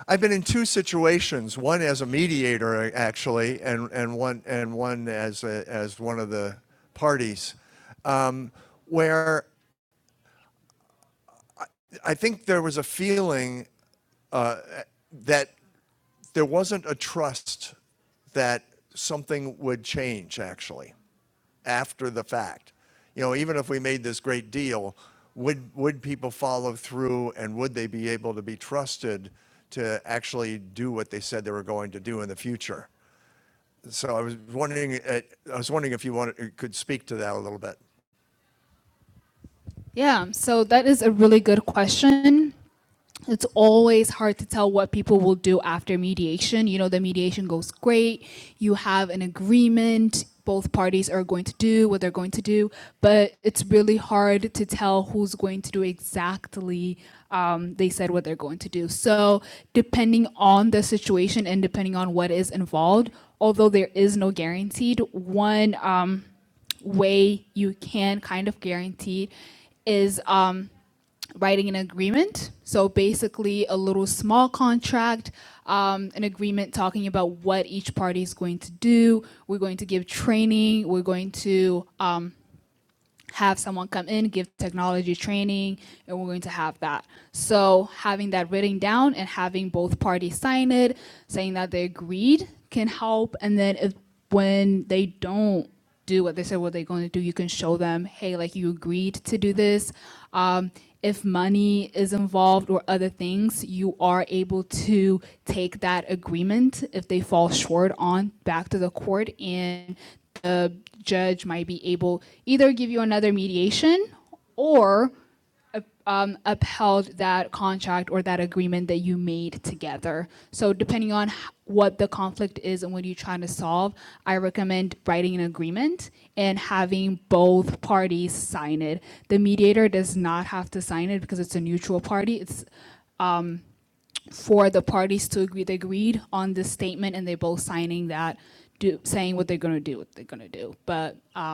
I've been in two situations, one as a mediator actually, and, and one and one as a, as one of the parties, um, where I think there was a feeling that there wasn't a trust that something would change actually. after the fact. You know, even if we made this great deal, would, would people follow through and would they be able to be trusted to actually do what they said they were going to do in the future? So I was wondering, uh, I was wondering if you wanted, could speak to that a little bit. Yeah, so that is a really good question. it's always hard to tell what people will do after mediation. You know, the mediation goes great, you have an agreement, both parties are going to do what they're going to do, but it's really hard to tell who's going to do exactly um, they said what they're going to do. So, depending on the situation and depending on what is involved, although there is no guaranteed, one um, way you can kind of guarantee is um, writing an agreement. So basically, a little small contract, um, an agreement talking about what each party is going to do. We're going to give training. We're going to have someone come in, give technology training, and we're going to have that. So having that written down and having both parties sign it, saying that they agreed can help. And then if when they don't do what they said what they're going to do, you can show them, hey, like you agreed to do this. Um, if money is involved or other things, you are able to take that agreement if they fall short on back to the court and the judge might be able either give you another mediation or um, upheld that contract or that agreement that you made together. So depending on what the conflict is and what you're trying to solve, I recommend writing an agreement and having both parties sign it. The mediator does not have to sign it because it's a neutral party. It's for the parties to agree. They agreed on this statement and they are both signing that, do, saying what they're going to do, what they're going to do. But um,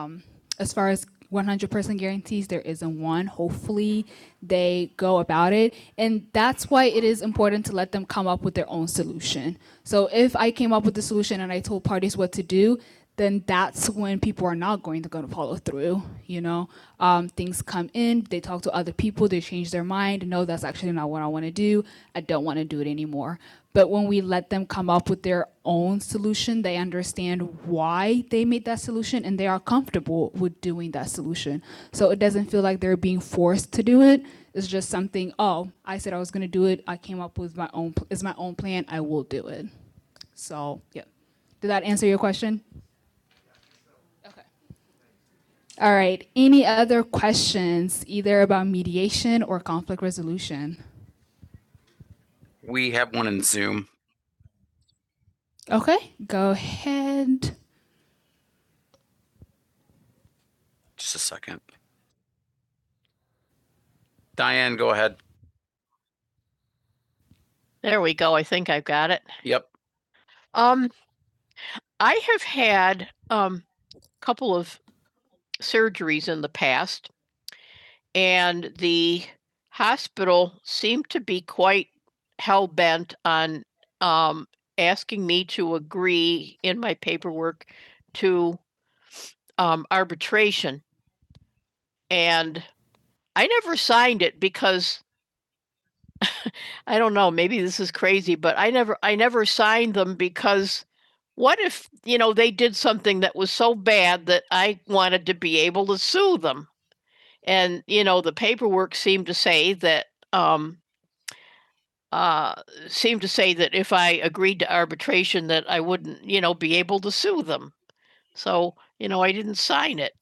as far as 100% guarantees, there isn't one. Hopefully, they go about it. And that's why it is important to let them come up with their own solution. So, if I came up with the solution and I told parties what to do, then that's when people are not going to go to follow through. You know, um, things come in, they talk to other people, they change their mind. No, that's actually not what I want to do. I don't want to do it anymore. But when we let them come up with their own solution, they understand why they made that solution and they are comfortable with doing that solution. So it doesn't feel like they're being forced to do it. It's just something, oh, I said I was going to do it. I came up with my own, it's my own plan. I will do it. So, yeah. Did that answer your question? Okay. All right. Any other questions, either about mediation or conflict resolution? We have one in Zoom. Okay, go ahead. Just a second. Diane, go ahead. There we go. I think I've got it. Yep. Um, I have had um a couple of surgeries in the past, and the hospital seemed to be quite hell bent on um asking me to agree in my paperwork to um arbitration. And I never signed it because I don't know, maybe this is crazy, but I never I never signed them because what if, you know, they did something that was so bad that I wanted to be able to sue them? And, you know, the paperwork seemed to say that um uh seemed to say that if I agreed to arbitration that I wouldn't, you know, be able to sue them. So, you know, I didn't sign it.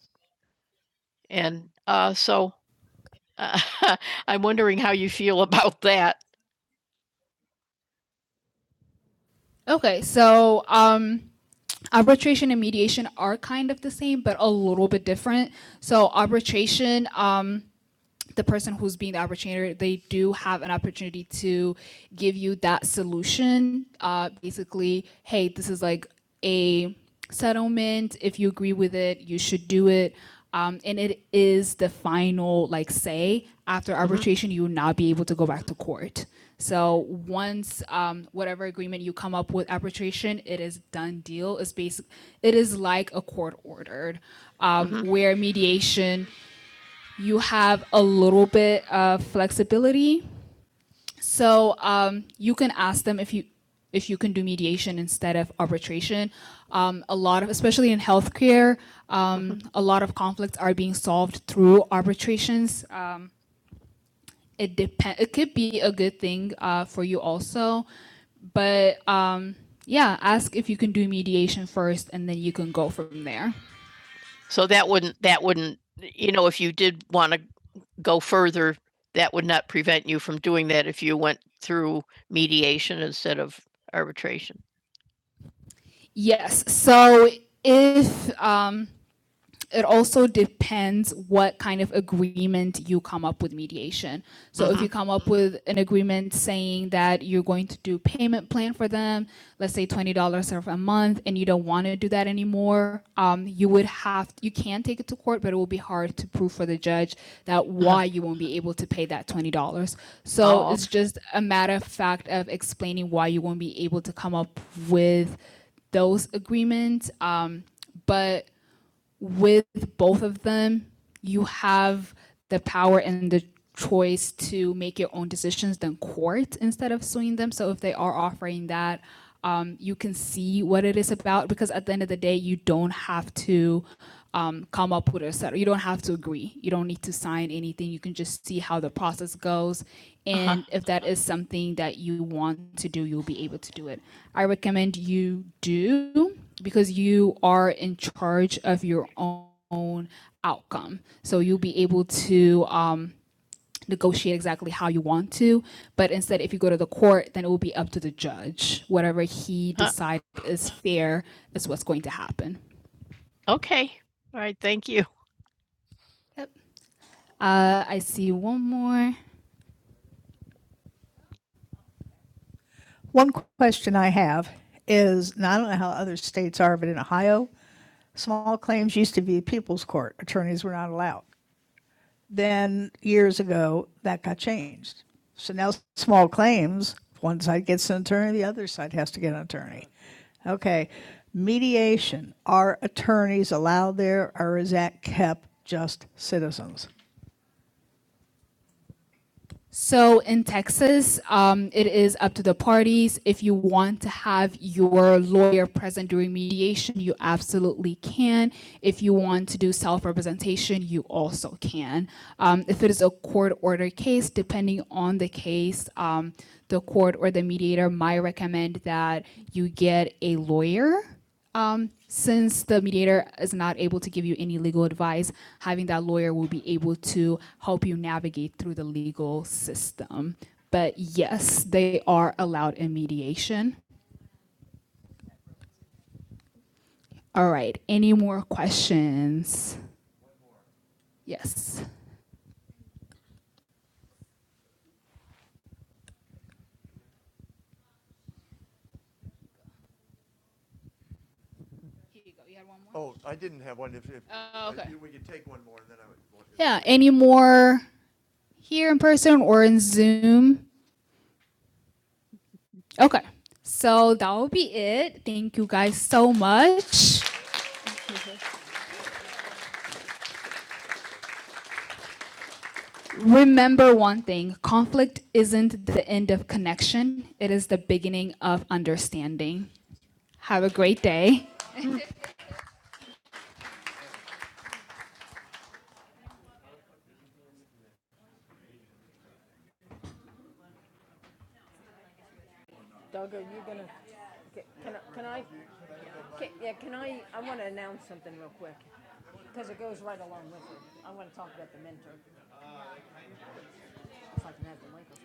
And uh so uh, I'm wondering how you feel about that. Okay, so um, arbitration and mediation are kind of the same, but a little bit different. So arbitration, um, the person who's being the opportunity, they do have an opportunity to give you that solution. Uh, basically, hey, this is like a settlement. If you agree with it, you should do it. Um, and it is the final like say. After arbitration, mm-hmm. you will not be able to go back to court. So once um, whatever agreement you come up with arbitration, it is done deal. It's basic. It is like a court ordered, um, mm-hmm. where mediation you have a little bit of flexibility. So um, you can ask them if you if you can do mediation instead of arbitration. Um, a lot of, especially in healthcare, um, a lot of conflicts are being solved through arbitrations. Um, it depend. It could be a good thing uh, for you also, but um, yeah, ask if you can do mediation first, and then you can go from there. So that wouldn't, that wouldn't, you know, if you did want to go further, that would not prevent you from doing that if you went through mediation instead of arbitration. Yes. So if um, it also depends what kind of agreement you come up with mediation. So uh-huh. if you come up with an agreement saying that you're going to do payment plan for them, let's say twenty dollars a month, and you don't want to do that anymore, um, you would have you can take it to court, but it will be hard to prove for the judge that why you won't be able to pay that twenty dollars. So Oh. it's just a matter of fact of explaining why you won't be able to come up with those agreements. Um, but with both of them, you have the power and the choice to make your own decisions than court instead of suing them. So if they are offering that, um, you can see what it is about because at the end of the day, you don't have to um, come up with a set. You don't have to agree. You don't need to sign anything. You can just see how the process goes, and uh-huh. if that is something that you want to do, you'll be able to do it. I recommend you do because you are in charge of your own outcome. So you'll be able to um, negotiate exactly how you want to. But instead, if you go to the court, then it will be up to the judge. Whatever he Huh. decides uh, is fair is what's going to happen. Okay. All right. Thank you. Yep. Uh, I see one more. One question I have is, and I don't know how other states are, but in Ohio, small claims used to be people's court. Attorneys were not allowed. Then years ago, that got changed. So now small claims, one side gets an attorney, the other side has to get an attorney. Okay, mediation, are attorneys allowed there or is that kept just citizens? So in Texas, um, it is up to the parties. If you want to have your lawyer present during mediation, you absolutely can. If you want to do self-representation, you also can. Um, if it is a court order case, depending on the case, um, the court or the mediator might recommend that you get a lawyer um, since the mediator is not able to give you any legal advice, having that lawyer will be able to help you navigate through the legal system. But yes, they are allowed in mediation. All right. Any more questions? Yes. Oh, I didn't have one. If, if Oh, okay. I knew we could take one more, and then I would. Yeah, any more here in person or in Zoom? Okay, so that will be it. Thank you guys so much. remember one thing conflict isn't the end of connection, it is the beginning of understanding. Have a great day. Doggo, you're gonna, okay, can I, can I, can, yeah, can I, I wanna announce something real quick, because it goes right along with it. I wanna talk about the mentor, if I can have the microphone.